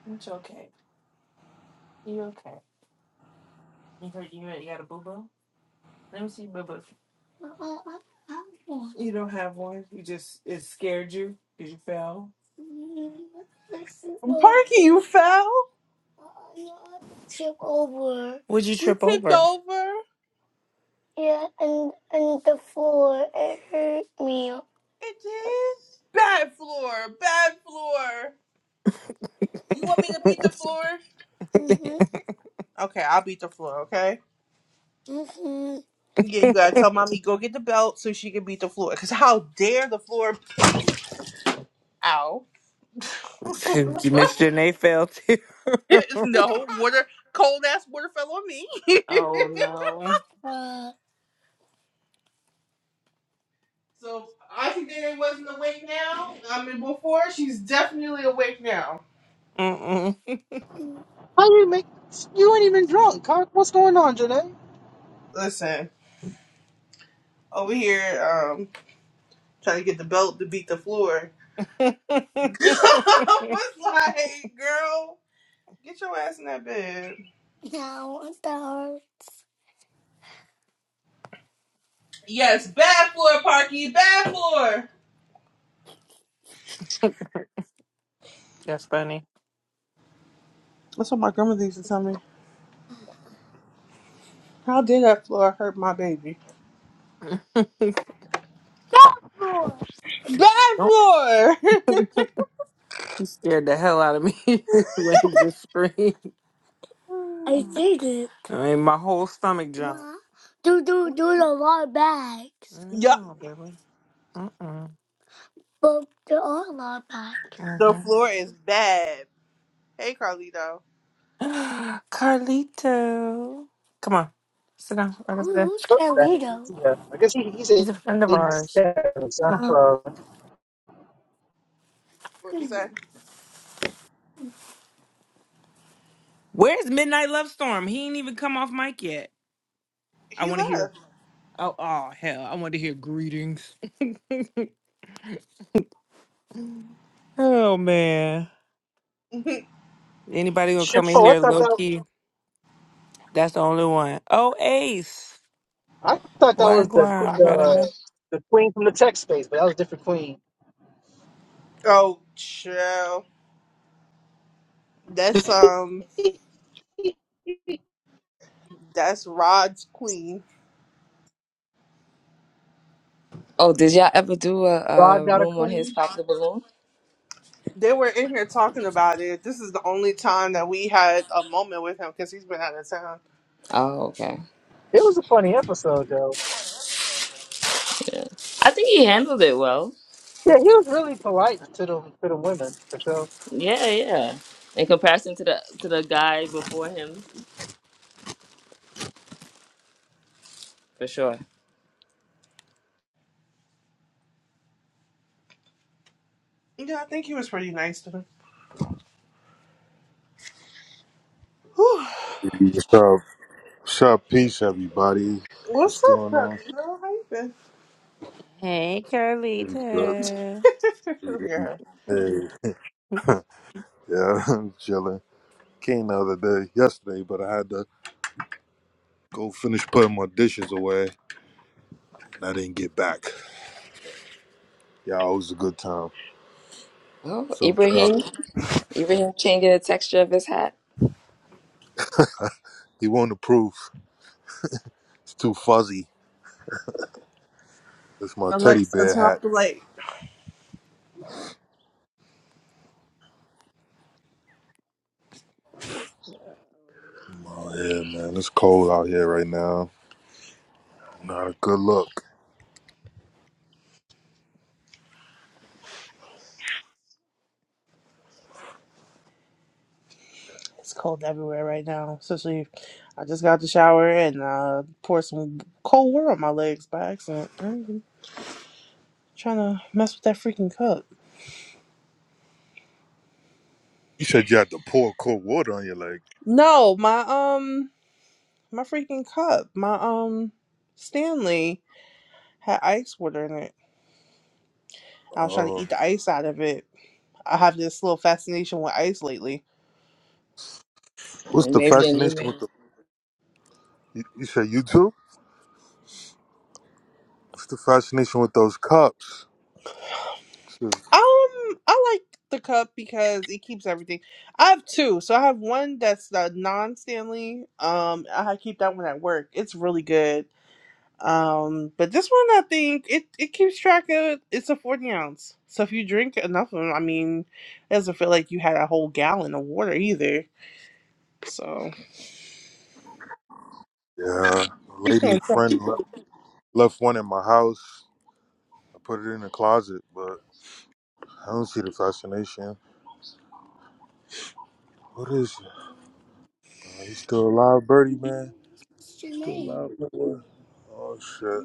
It's okay. You okay? You heard you, you got a boo boo? Let me see boo boo. You don't have one. You just it scared you because you fell. Parky, you fell. Would you You trip tipped over? over. It did. Bad floor. Bad floor. You want me to beat the floor? Okay, I'll beat the floor, okay? Yeah, you gotta tell mommy go get the belt so she can beat the floor. Cause how dare the floor ow. you missed your name fell too. no, water cold ass water fell on me. oh no. So Auntie Danny wasn't awake now. I mean before, she's definitely awake now. Mm-mm. How you make? You ain't even drunk, Cock. What's going on, Janae? Listen, over here, um, trying to get the belt to beat the floor. I was like, girl, get your ass in that bed. Yes, bad floor, Parky, bad floor. That's funny. That's what my grandmother used to tell me. How did that floor hurt my baby? Bad Nope. floor. He scared the hell out of me when he just screamed. I mean, my whole stomach jumped. Ma, Do do do the lot bags. yup, No, baby. Mm-mm. But there are a lot of bags. the floor is bad. Hey, Carlito. Mhm. Carlito. Come on. Sit down right over there. Who's Carlito? Okay, Yeah, I guess he, he said He's a friend of he ours. said it was up, Come on. uh, What you say? Where's Midnight Love Storm? He ain't even come off mic yet. I He want to hear. left. Oh, oh, hell. I want to hear greetings. oh, man. Anybody gonna Shit, come in oh, I here thought low that key? That's the only one. Oh, Ace. I thought that Why was the Guam, brother? the the queen from the tech space, but that was a different queen. oh, chill. That's um, that's Rod's queen. Oh, did y'all ever do a, Rod a got a room on his queen. Pop the Balloon? They were in here talking about it. This is the only time that we had a moment with him because he's been out of town. Oh, okay. It was a funny episode though. I think he handled it well. Yeah, he was really polite to the to the women for sure. Yeah, yeah. In comparison to the to the guy before him, for sure. Yeah, I think he was pretty nice to him. Whew. What's up? What's up? Peace, everybody. What's What's up, going on? Carlino? How you been? Hey, Pretty Carlita. Good. yeah. Hey, yeah, I'm chilling. Came the other day, yesterday, but I had to go finish putting my dishes away, and I didn't get back. Yeah, it was a good time. Oh, So, uh, Ibrahim, Ibrahim changing the texture of his hat. he won't approve. It's too fuzzy. It's my teddy Alexa, bear turn hat. off the light. Oh, yeah, man. It's cold out here right now. Not a good look. It's cold everywhere right now, especially I just got out the shower and uh, poured some cold water on my legs by accident. I ain't even trying to mess with that freaking cup. You said you had to pour cold water on your leg. No, my um, my freaking cup, my um, Stanley had ice water in it. I was trying to Oh, eat the ice out of it. I have this little fascination with ice lately. what's the Maybe an fascination email. with the? You, you said you too? What's the fascination with those cups? Um, I like the cup because it keeps everything. I have two, so I have one that's the non-Stanley. Um, I keep that one at work. It's really good. Um, but this one, I think it it keeps track of. It's a forty ounce, so if you drink enough of them, I mean, it doesn't feel like you had a whole gallon of water either. So Yeah, a keep lady going. friend le- left one in my house. I put it in the closet, but I don't see the fascination. What is it? Uh, you still alive, Birdie, man? You still alive, Birdie? Oh, shit.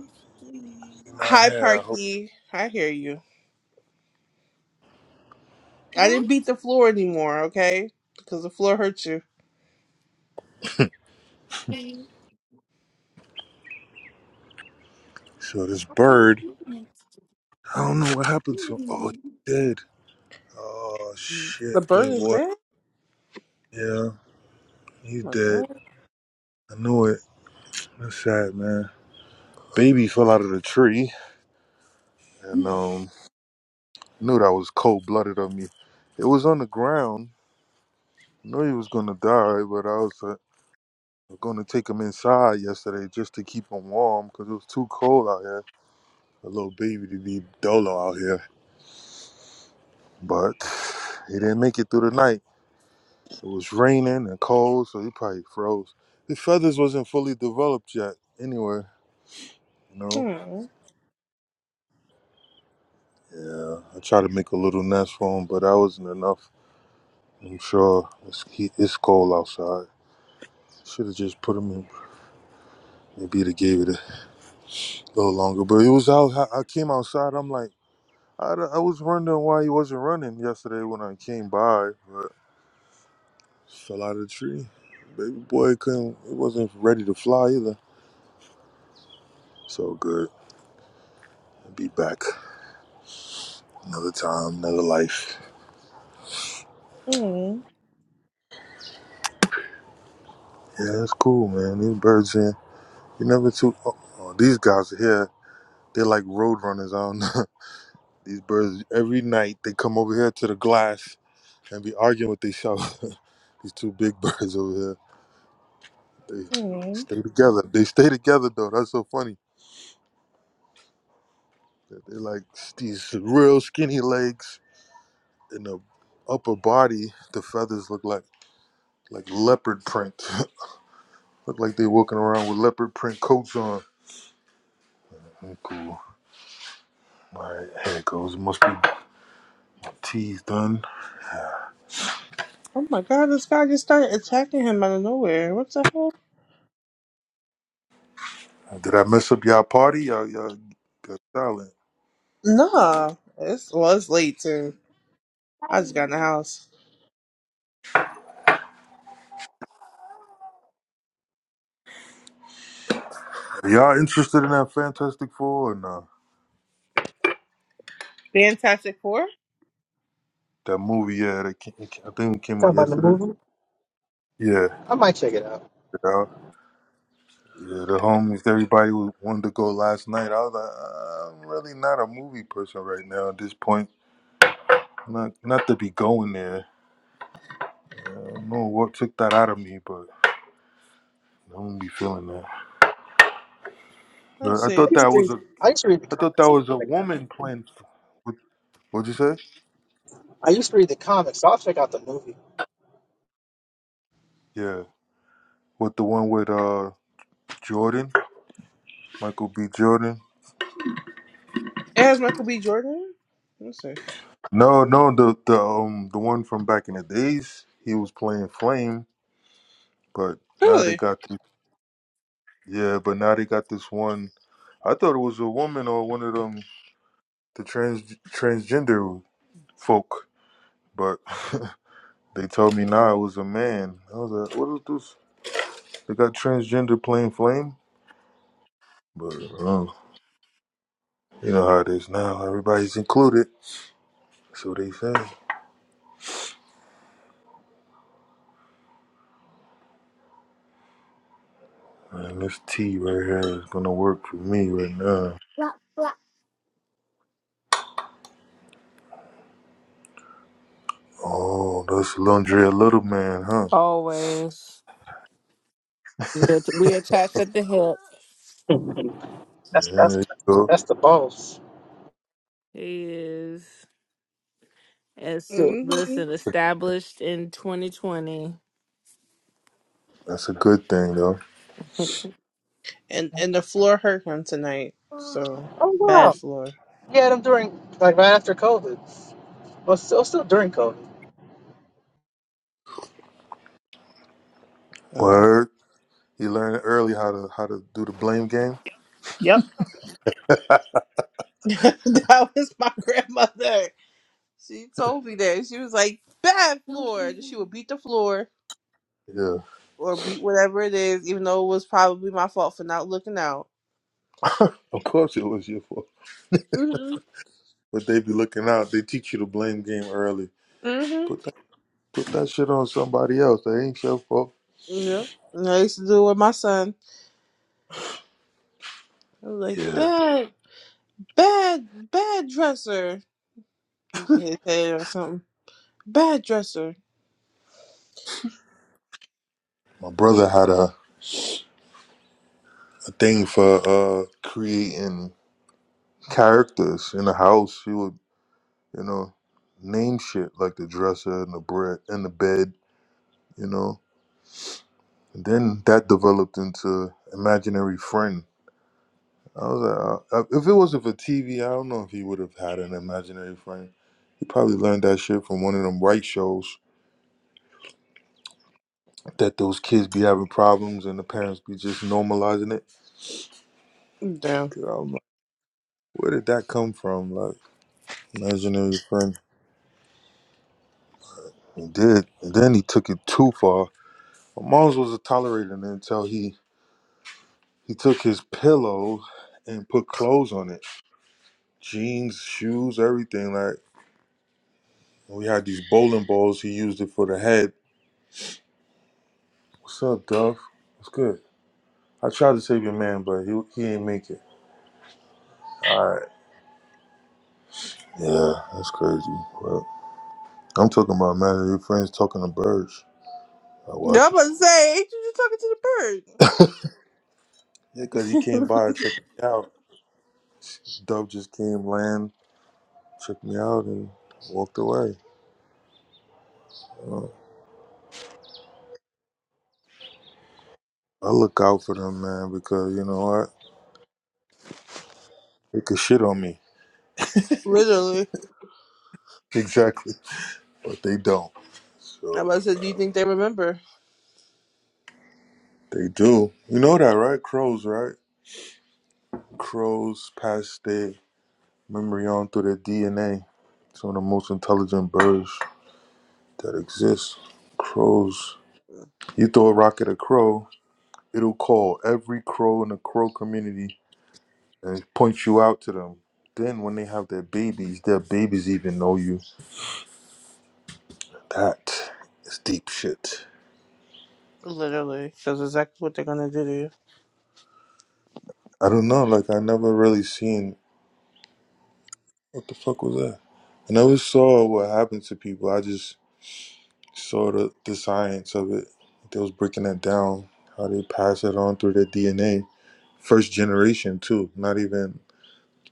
He's not Hi, here. I hope. Parky. I hear you. I didn't beat the floor anymore, okay? Because the floor hurt you. So this bird, I don't know what happened to him. Oh, he's dead. Oh, The shit, bird is Playboy. there. Yeah, Oh he's my dead. god. I knew it. That's sad, man. Baby fell out of the tree, and um, Knew that was cold blooded of me. It was on the ground. Knew he was gonna die, but I was uh, gonna take him inside yesterday just to keep him warm because it was too cold out here. A little baby to be dolo out here, but he didn't make it through the night. It was raining and cold, so he probably froze. His feathers wasn't fully developed yet. Anyway, you know. Hmm. Yeah, I tried to make a little nest for him, but that wasn't enough. I'm sure it's, he- it's cold outside. Should have just put him in. Maybe they gave it. a. A little longer. But it was out. I I came outside. I'm like, I, d- I was wondering why he wasn't running yesterday when I came by. But fell out of the tree. Baby boy couldn't. He wasn't ready to fly either. So good. Be back another time, another life. Mm, Yeah, it's cool, man. These birds here. You never too. Oh, oh, these guys here. They're like road runners. I don't know. These birds every night they come over here to the glass and be arguing with themselves. These two big birds over here. They mm. stay together. They stay together though. That's so funny. That They like s- these real skinny legs and the upper body. The feathers look like like leopard print. look like they walking around with leopard print coats on. Mm, Cool. All right, here it goes. Must be teas done. Oh my god, this guy just started attacking him out of nowhere. What the hell? Did I mess up y'all party? Y'all y'all got silent. Nah. It's well it's late too. I just got in the house. Are y'all interested in that Fantastic Four or nah? Fantastic Four? That movie, yeah, that came, I think it came Talking out about the yesterday. movie, Yeah, I might check it out. Yeah, the homies, everybody who wanted to go last night. I was like, "Uh, I'm really not a movie person right now at this point. Not not to be going there. I don't know what took that out of me, but I don't be feeling that. Let's But I see. I thought used that to was read It's- a I used to read the I thought that comics. was a Like that. woman playing. What, what'd you say? I used to read the comics, so I'll check out the movie. Yeah, with the one with uh Jordan, Michael B. Jordan. It has Michael B. Jordan? Let's see. No, no, the the um the one from back in the days. He was playing Flame, but now they Really? got these. Yeah, but now they got this one. I thought it was a woman or one of them the trans transgender folk, but they told me now it was a man. I was like, what is this? They got transgender plain flame, but uh, you know how it is now. Everybody's included, so they say. Man, this T right here is gonna work for me right now. Oh, that's Lundrea Little Man, huh? Always. We we attached at the hip. Yeah, That's that's there you go. that's the boss. He is. As, hmm listen, established in 2020. That's a good thing though. And and the floor hurt him tonight. So Oh wow, bad floor. yeah, them during like right after COVID, but still still during COVID. Uh, Word. You learned early how to how to do the blame game. yep. that was my grandmother. She told me that. She was like, bad floor. She would beat the floor. Yeah, or beat whatever it is, even though it was probably my fault for not looking out. of course it was your fault. Mhm. But they be looking out. They teach you the blame game early. Mhm. Put that put that shit on somebody else. That ain't your fault. Yeah. And I used to do it with my son. I was like, Yeah, bad, bad, bad dresser. He said his head or something. Bad dresser. my brother had a, a thing for uh creating characters in the house. He would you know name shit like the dresser and the bread and the bed. You know, and then that developed into imaginary friend. I was like, uh, uh, if it wasn't for TV, I don't know if he would have had an imaginary friend. He probably learned that shit from one of them right shows that those kids be having problems and the parents be just normalizing it. Damn. 'Cause I'm like, where did that come from? Like, imaginary friend. He did. And then he took it too far. My mom's was tolerating it until he, he took his pillow and put clothes on it jeans, shoes, everything. Like, we had these bowling balls. He used it for the head. What's up, Duff? What's good? I tried to save your man, but he he ain't make it. All right. Yeah, that's crazy. But I'm talking about man, your friends talking to birds. I Yeah, watch I'm it. about to say, ain't you just talking Yeah, cause he to the came bird? by and checked me out. Dub just came, land, checked me out, and walked away. Uh, I look out for them, man, because you know what? They could shit on me. Literally. Exactly. But they don't. I'm So about to say, do you think they remember? They do. You know that, right? Crows, right? Crows pass their memory on through their DNA. some of the most intelligent birds. that exists. Crows, you throw a rock at a crow, it'll call every crow in the crow community and point you out to them. Then when they have their babies, their babies even know you. That is deep shit. Literally. Because that's exactly what they're going to do to you. I don't know, like I never really seen what the fuck was that? I never saw what happened to people. I just saw the, the science of it. They was breaking that down, how they pass it on through their DNA. First generation too, not even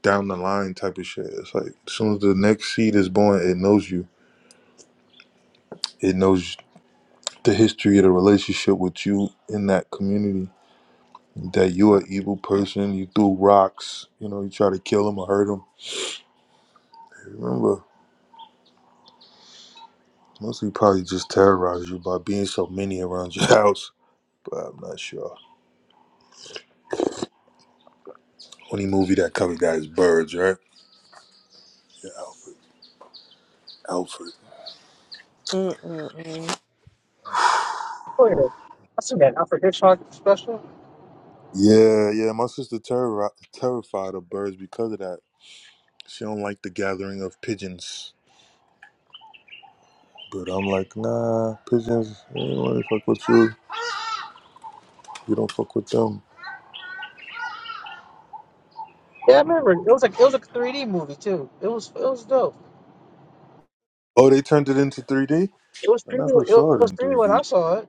down the line type of shit. It's like as soon as the next seed is born, it knows you. It knows the history of the relationship with you in that community. That you're an evil person. You threw rocks. You know, you try to kill them or hurt them. Remember, mostly probably just terrorized you by being so many around your house. But I'm not sure. Only movie that covered that is Birds, right? Yeah, Alfred. Alfred. Mm-mm-mm. Oh yeah, I seen that Alfred Hitchcock special. Yeah, yeah. My sister terror- terrified of birds because of that. She don't like the gathering of pigeons But I'm like, nah, pigeons, they don't really fuck with you. You don't fuck with them. Yeah, I remember. It was like it was a 3D movie too. It was it was dope. Oh, they turned it into 3D? It was I 3D. never It saw it was in 3D when 3D. I saw it.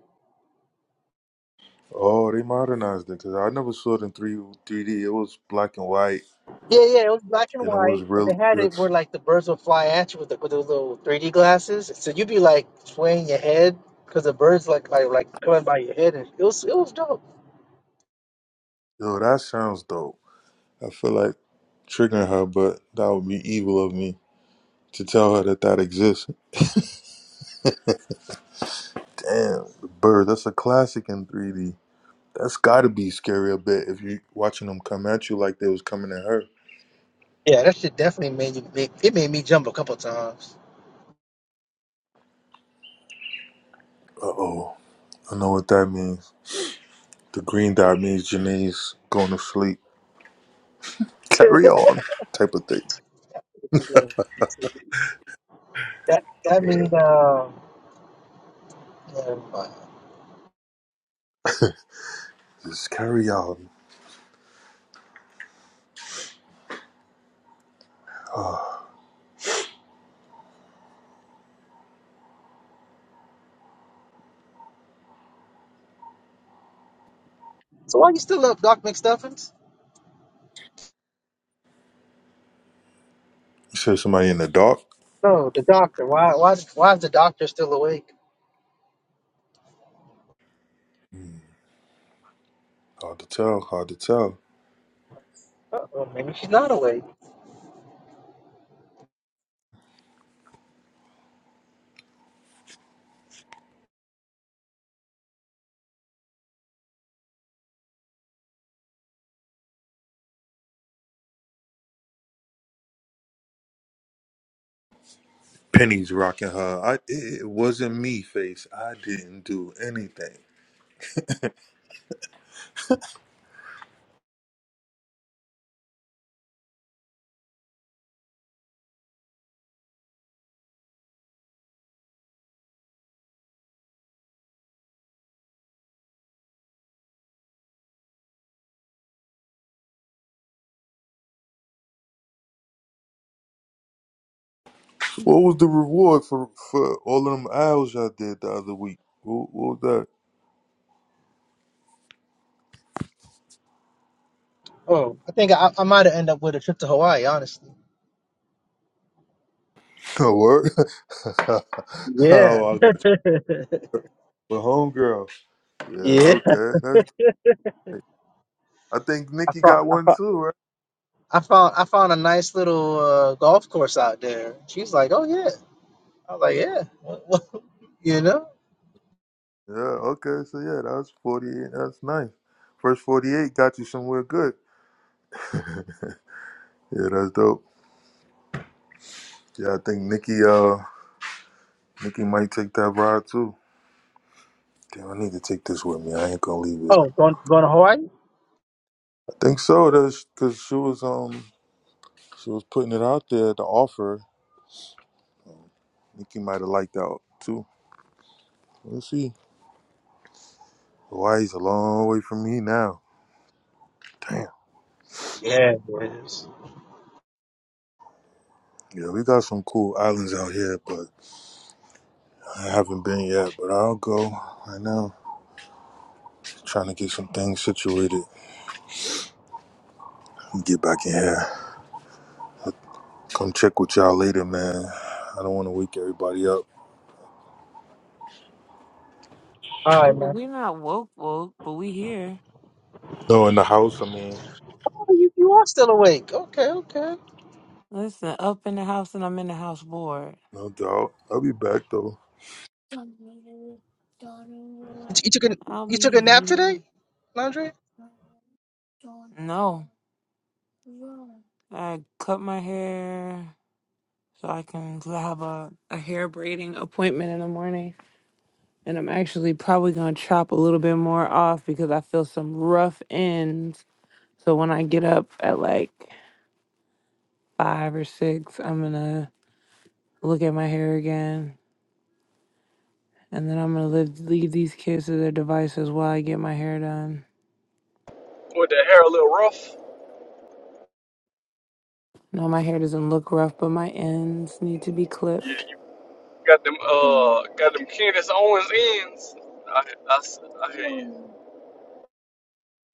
Oh, they modernized it because I never saw it in 3, 3D. It was black and white Yeah, yeah. It was black and and it was white, but they really had good. it where like the birds would fly at you with the, with those little 3D glasses. So you'd be like swaying your head because the birds like like like coming by your head, and it was it was dope. Yo, that sounds dope. I feel like triggering her, but that would be evil of me to tell her that that exists. Damn, the bird, that's a classic in 3D. That's gotta be scary a bit if you watching them come at you like they was coming at her. Yeah, that shit definitely made you. It, it made me jump a couple times. Uh oh, I know what that means. The green dot means Janae's going to sleep. Carry that on, type of thing. that Yeah, mean uh. yeah, never mind. just carry on. Ah, So why you still up, Doc McStuffins? you said somebody in the dark? No, the doctor. Why why why is the doctor still awake? Hard to tell, hard to tell. Oh, maybe she's not awake. Penny's rocking her. I, it, it wasn't me, face. I didn't do anything. What was the reward for, for all of them hours I did the other week? What, what was that? Oh, I think I, I might have ended up with a trip to Hawaii, honestly. No work? Yeah. oh, I got you. The homegirl. Yeah, yeah. okay. That's, I think I Nikki found got I one found too, right? I found, I found a nice little uh, golf course out there. She's like, "Oh yeah," I was like, "Yeah," What- what- you know. Yeah, okay, so yeah, that was 48. That's nice. First 48 got you somewhere good. Yeah, that's dope. Yeah, I think Nikki uh Nikki might take that ride too. Damn, I need to take this with me. I ain't gonna leave it. Oh, going going to Hawaii? I think so. That's cause she was um she was putting it out there, to offer. Nikki might have liked that too. We'll see. Hawaii's a long way from me now. Damn. Yeah, it is. Yeah, we got some cool islands out here, but I haven't been yet. But I'll go right now. Trying to get some things situated. Get back in here. Come check with y'all later, man. I don't want to wake everybody up. All right, man. We're not woke, woke, but we here. No, in the house, I mean. Oh, you, you are still awake. Okay, okay. Listen, up in the house and I'm in the house bored. No doubt. I'll be back, though. You, t- you took a I'll you took be a nap today, here. Landry? I No, I cut my hair so I can have a, a hair braiding appointment in the morning. And I'm actually probably going to chop a little bit more off because I feel some rough ends. So when I get up at like five or six, I'm going to look at my hair again. And then I'm going to leave, leave these kids to their devices while I get my hair done. With the hair a little rough. No, my hair doesn't look rough, but my ends need to be Yeah, clipped. you got them uh got them Candace Owens ends. I I, s- I hear you.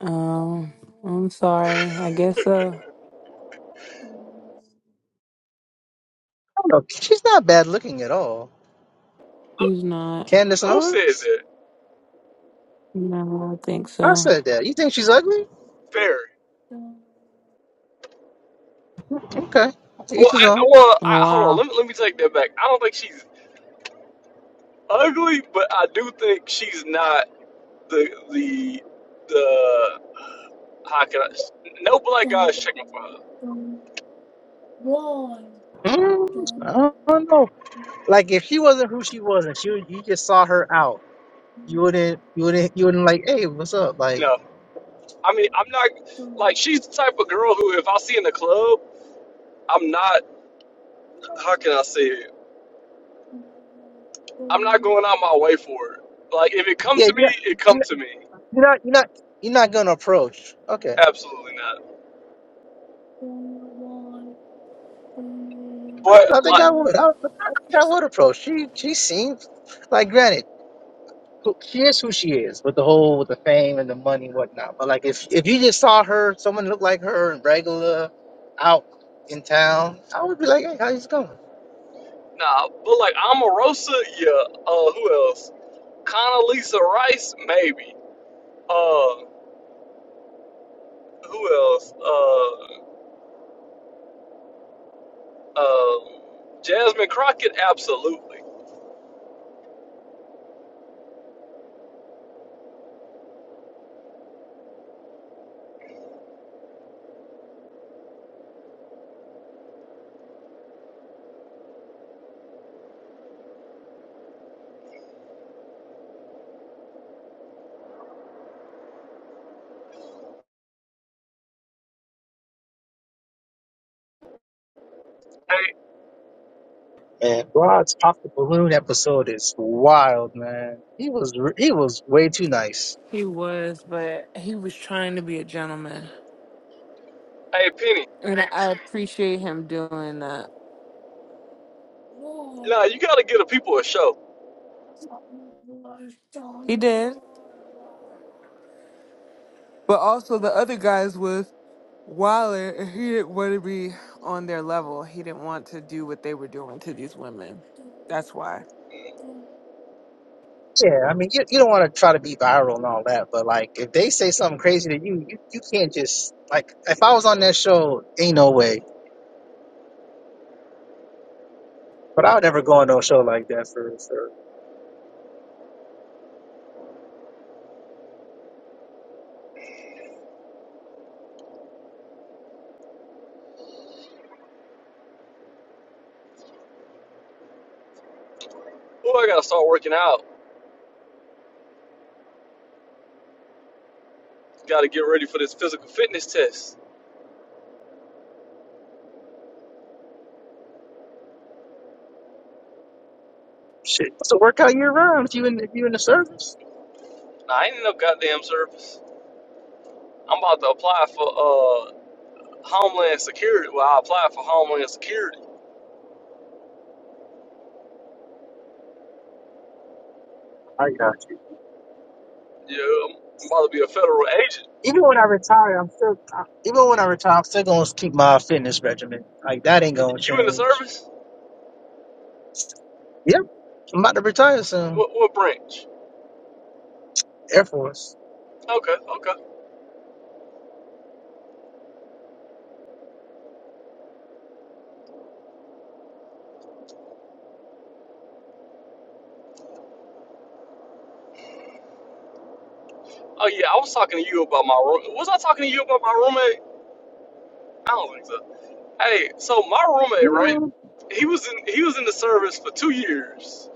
Um, I'm sorry. I guess so. don't know. She's not bad looking at all. She's not. Candace Who said Owens? that? No, I don't think I so. said that. You think she's ugly? Fairy. Okay, each Well, his I, own. I- well, Oh, I, hold on. wow. Let me let me take that back. I don't think she's ugly, but I do think she's not the the the. how can I? No black guy is checking for her. Mm, I don't know. Like if she wasn't who she was, and she was- you just saw her out, you wouldn't, you wouldn't, you wouldn't like, hey, what's up? Like, No, I mean I'm not like she's the type of girl who if I see in the club, I'm not. How can I say it? I'm not going out my way for it. Like if it come yeah, to you're me, not, it you're come not, to me. you're not, you're not, you're not gonna approach. Okay, Absolutely not. I, But don't know, I think like I would. I, I think I would approach. She, she seems like, granted, who, she is who she is with the whole, with the fame and the money and whatnot. But like, if if you just saw her, someone looked like her and regular, out in town, I would be like, hey, how's it going? nah, but like Omarosa, yeah. Uh, who else? Condoleezza Rice, maybe. Uh, who else? Uh, uh, Jasmine Crockett, absolutely. Hey, Man, Rod's pop the balloon episode is wild, man. He was he was way too nice. He was, but he was trying to be a gentleman. hey, Penny. And I appreciate him doing that. Nah, you gotta give the people a show. He did. But also the other guys was Wilder and he didn't want to be on their level. He didn't want to do what they were doing to these women. That's why. Yeah, I mean, you, you don't want to try to be viral and all that, but like, if they say something crazy to you, you, you can't just like. If I was on that show, ain't no way. But I would never go on no show like that for for Who I gotta start working out? Got to get ready for this physical fitness test. shit. So work out year round if you in if you in the service. Now, I ain't in no goddamn service. I'm about to apply for uh Homeland Security. Well, I applied for Homeland Security. I got you. Yeah, I'm about to be a federal agent. Even when I retire, I'm still I- even when I retire, I'm still gonna keep my fitness regimen. Like that ain't gonna You in the change. service? Yep, I'm about to retire soon. What, what branch? Air Force. Okay, okay. Oh, yeah, I was talking to you about my room. Was I talking to you about my roommate? I don't think so. Hey, so my roommate, right? Mm, He was in he was in the service for two years,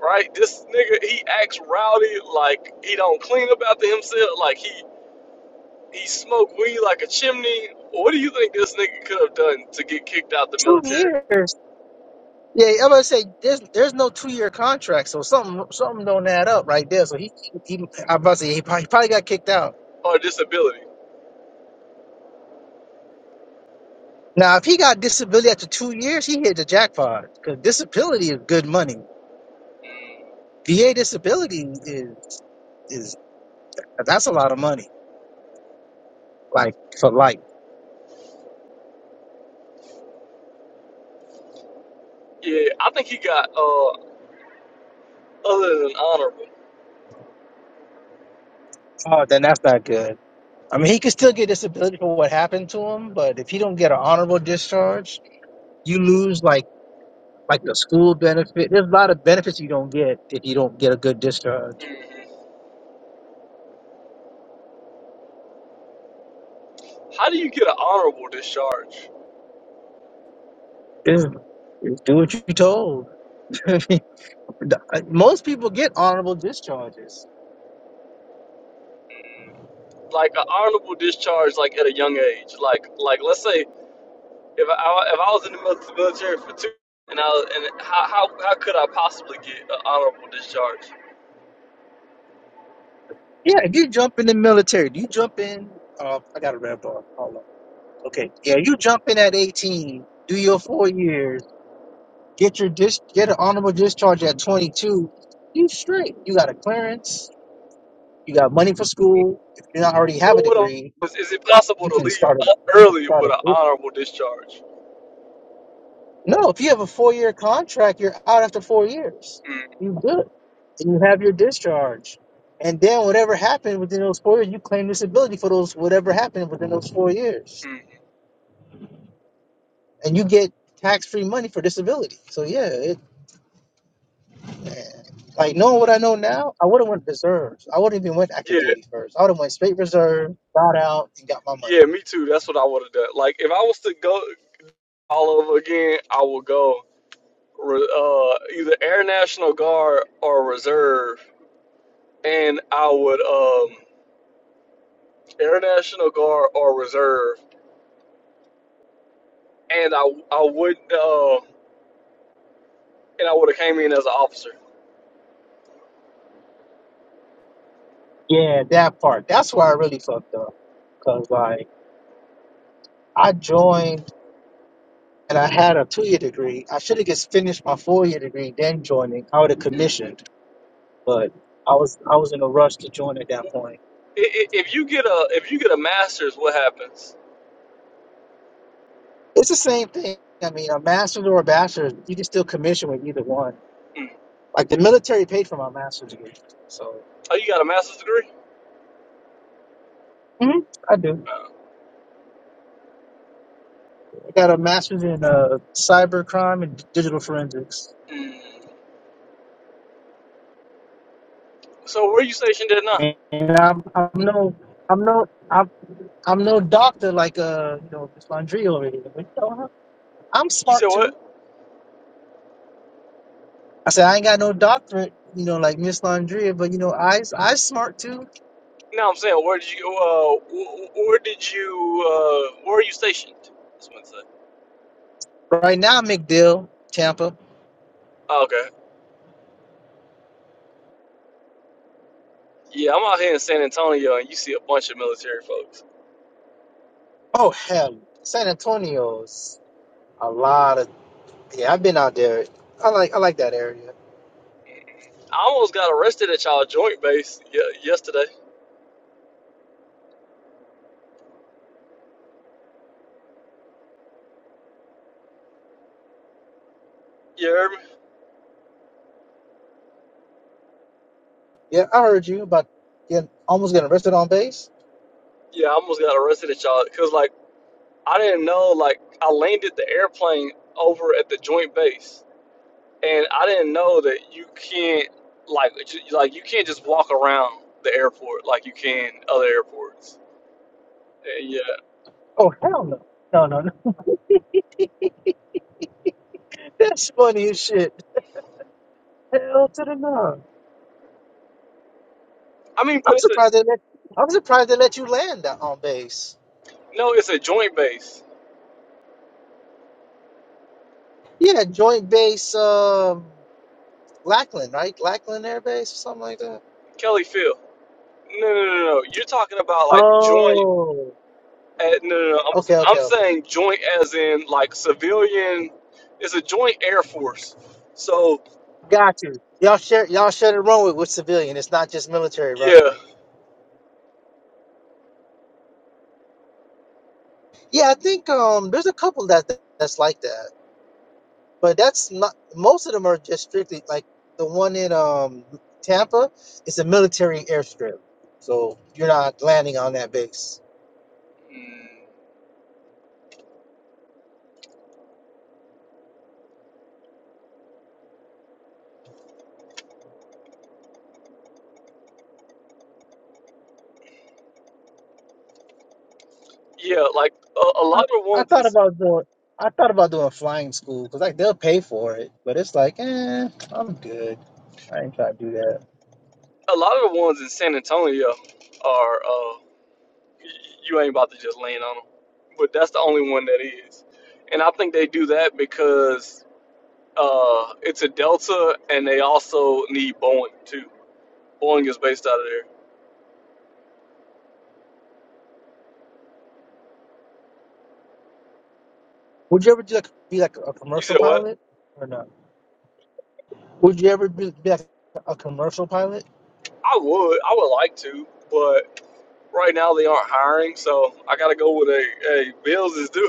right? This nigga, he acts rowdy, like he don't clean up after himself, like he He smoked weed like a chimney. What do you think this nigga could have done to get kicked out the Two military years. Yeah, I'm gonna say there's there's no two year contract, so something something don't add up right there. So he, he I'm about to say he probably, he probably got kicked out. or disability? Now, if he got disability after two years, he hit the jackpot because disability is good money. VA disability is is that's a lot of money, like for life. Yeah, I think he got uh other than honorable. Oh, then that's not good. I mean, he could still get disability for what happened to him, but if he don't get an honorable discharge, you lose like. like the school benefit. There's a lot of benefits you don't get if you don't get a good discharge. hmm How do you get an honorable discharge? Just do what you're told. I mean, the- uh, Most people get honorable discharges. Like an honorable discharge, like at a young age. Like like let's say if I if I was in the mil- military for two and I was, and how how how could I possibly get an honorable discharge? Yeah, if you jump in the military, do you jump in? Uh, I got a red bar. Hold on. Okay. Yeah, you jump in at 18, do your four years, get your dis- get an honorable discharge at 22. You straight. You got a clearance. You got money for school. If you don't already have a But what I'm- degree, is, is it possible you to can leave start a you can early start a with an business honorable discharge? No, if you have a four year contract, you're out after four years. mm You good. And you have your discharge. And then whatever happened within those four years, you claim disability for those whatever happened within those four years. mm. And you get tax free money for disability. So yeah, it man, like knowing what I know now, I would have went reserves. I would have even went active duty first. I would have went straight reserve, got out, and got my money. Yeah, me too. That's what I would have done. Like, if I was to go all over again, I would go re- uh, either Air National Guard or Reserve, and I would um, Air National Guard or Reserve, and I I would uh, and I would have came in as an officer. Yeah, that part. That's where I really fucked up. Cause like I joined and I had a two year degree. I should have just finished my four year degree, then joining. I would have commissioned, but I was I was in a rush to join at that point. I- i- If you get a if you get a master's, what happens? It's the same thing. I mean, a master's or a bachelor's, you can still commission with either one. Mm. Like the military paid for my master's degree, so Oh, you got a master's degree? Mhm, I do. Uh, I got a master's in uh, cyber crime and digital forensics, mm. So where you stationed at now? and I'm I'm no I'm no I'm I'm no doctor like uh you know this Landry over here, but you know I'm You said smart what? too. I said I ain't got no doctorate, you know, like Miss Landria, but you know, I I smart too. No, I'm saying, where did you, uh, wh- wh- where did you, uh, where are you stationed? That's what I'm saying. Right now, McDill, Tampa. Oh, okay. Yeah, I'm out here in San Antonio, and you see a bunch of military folks. Oh hell, San Antonio's a lot of yeah. I've been out there. I like I like that area. I almost got arrested at y'all joint base ye- yesterday. You heard me? Yeah, I heard you about getting almost getting arrested on base. Yeah, I almost got arrested at y'all because, like, I didn't know. Like, I landed the airplane over at the joint base, and I didn't know that you can't, like, ju- like you can't just walk around the airport like you can other airports. And yeah, Oh hell no, no no no. That's funny as shit. Hell to the no. I mean, but I'm it's a surprised they let I'm surprised they let you land that on base. No, it's a joint base. Yeah, joint base um Lackland, right? Lackland Air Base or something like that. Kelly Field. No, no, no, no. You're talking about like joint. Oh. At, no, no, no. I'm, Okay, okay, I'm okay. saying joint as in like civilian. It's a joint air force. So Got you. Y'all share y'all share the runway with civilian. It's not just military yeah, runway. Yeah, I think um there's a couple that that's like that. but that's not most of them are just strictly like the one in um Tampa is a military airstrip, so you're not landing on that base. Mm, yeah. Like a, a I, lot of the I ones, in, thought about doing I thought about doing flying school because like they'll pay for it, but it's like eh, I'm good. I ain't trying to do that. a lot of the ones in San Antonio are. Uh, y- you ain't about to just land on them, but that's the only one that is. And I think they do that because uh, it's a Delta, and they also need Boeing too. Boeing is based out of there. Would you ever do like be like a You commercial said what? pilot or not? Would you ever be, be like a commercial pilot? I would. I would like to, but right now they aren't hiring, so I gotta go with a. Hey, bills is due.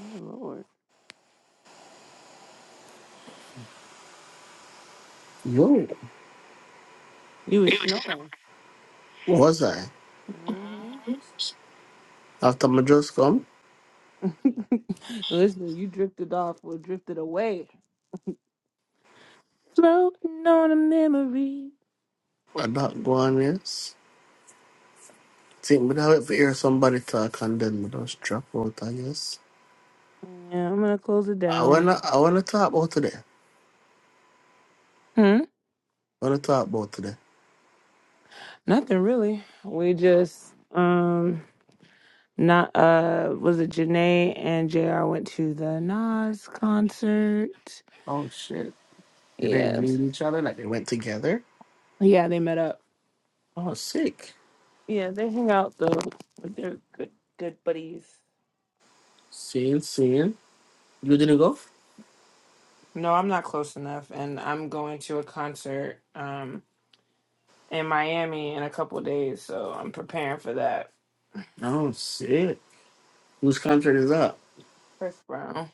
Oh Lord. Yo, You were snoring. was I? hmm After my just come, Listen, you drifted off or drifted away. Floating on a memory. I not go on, yes. Think me I wait for hear somebody talk and then me just drop out, I guess. Yeah, I'm gonna close it I down. wanna I wanna talk about today. I Hmm? wanna talk about today. Nothing really. We just um Not uh was it Janae and JR went to the Nas concert. Oh shit. Did they Yeah. meet each other? Like they went together? Yeah, they met up. Oh sick. Yeah, they hang out though. Like, They're good good buddies. Seeing, seeing. You didn't go? No, I'm not close enough and I'm going to a concert um in Miami in a couple days, so I'm preparing for that. Oh shit. Whose contract is that? Chris Brown.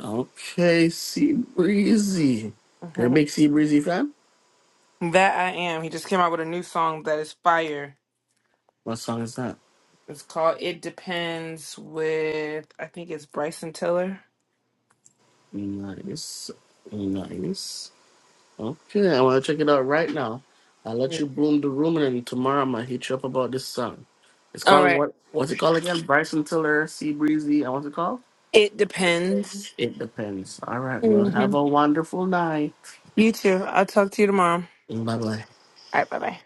Okay, Sea Breezy. You're a big Sea Breezy fan? that I am. He just came out with a new song that is fire. What song is that? It's called It Depends with I think it's Bryson Tiller. Nice. Nice. Okay, I want to check it out right now. I'll let you bloom the room, and then tomorrow I'm gonna hit you up about this song. It's All calling right. what? What's it called again? Bryson Tiller, Sea Breezy, and what's it called? It depends. It depends. All right. Well, hmm have a wonderful night. You too. I'll talk to you tomorrow. All Bye bye. right. Bye bye.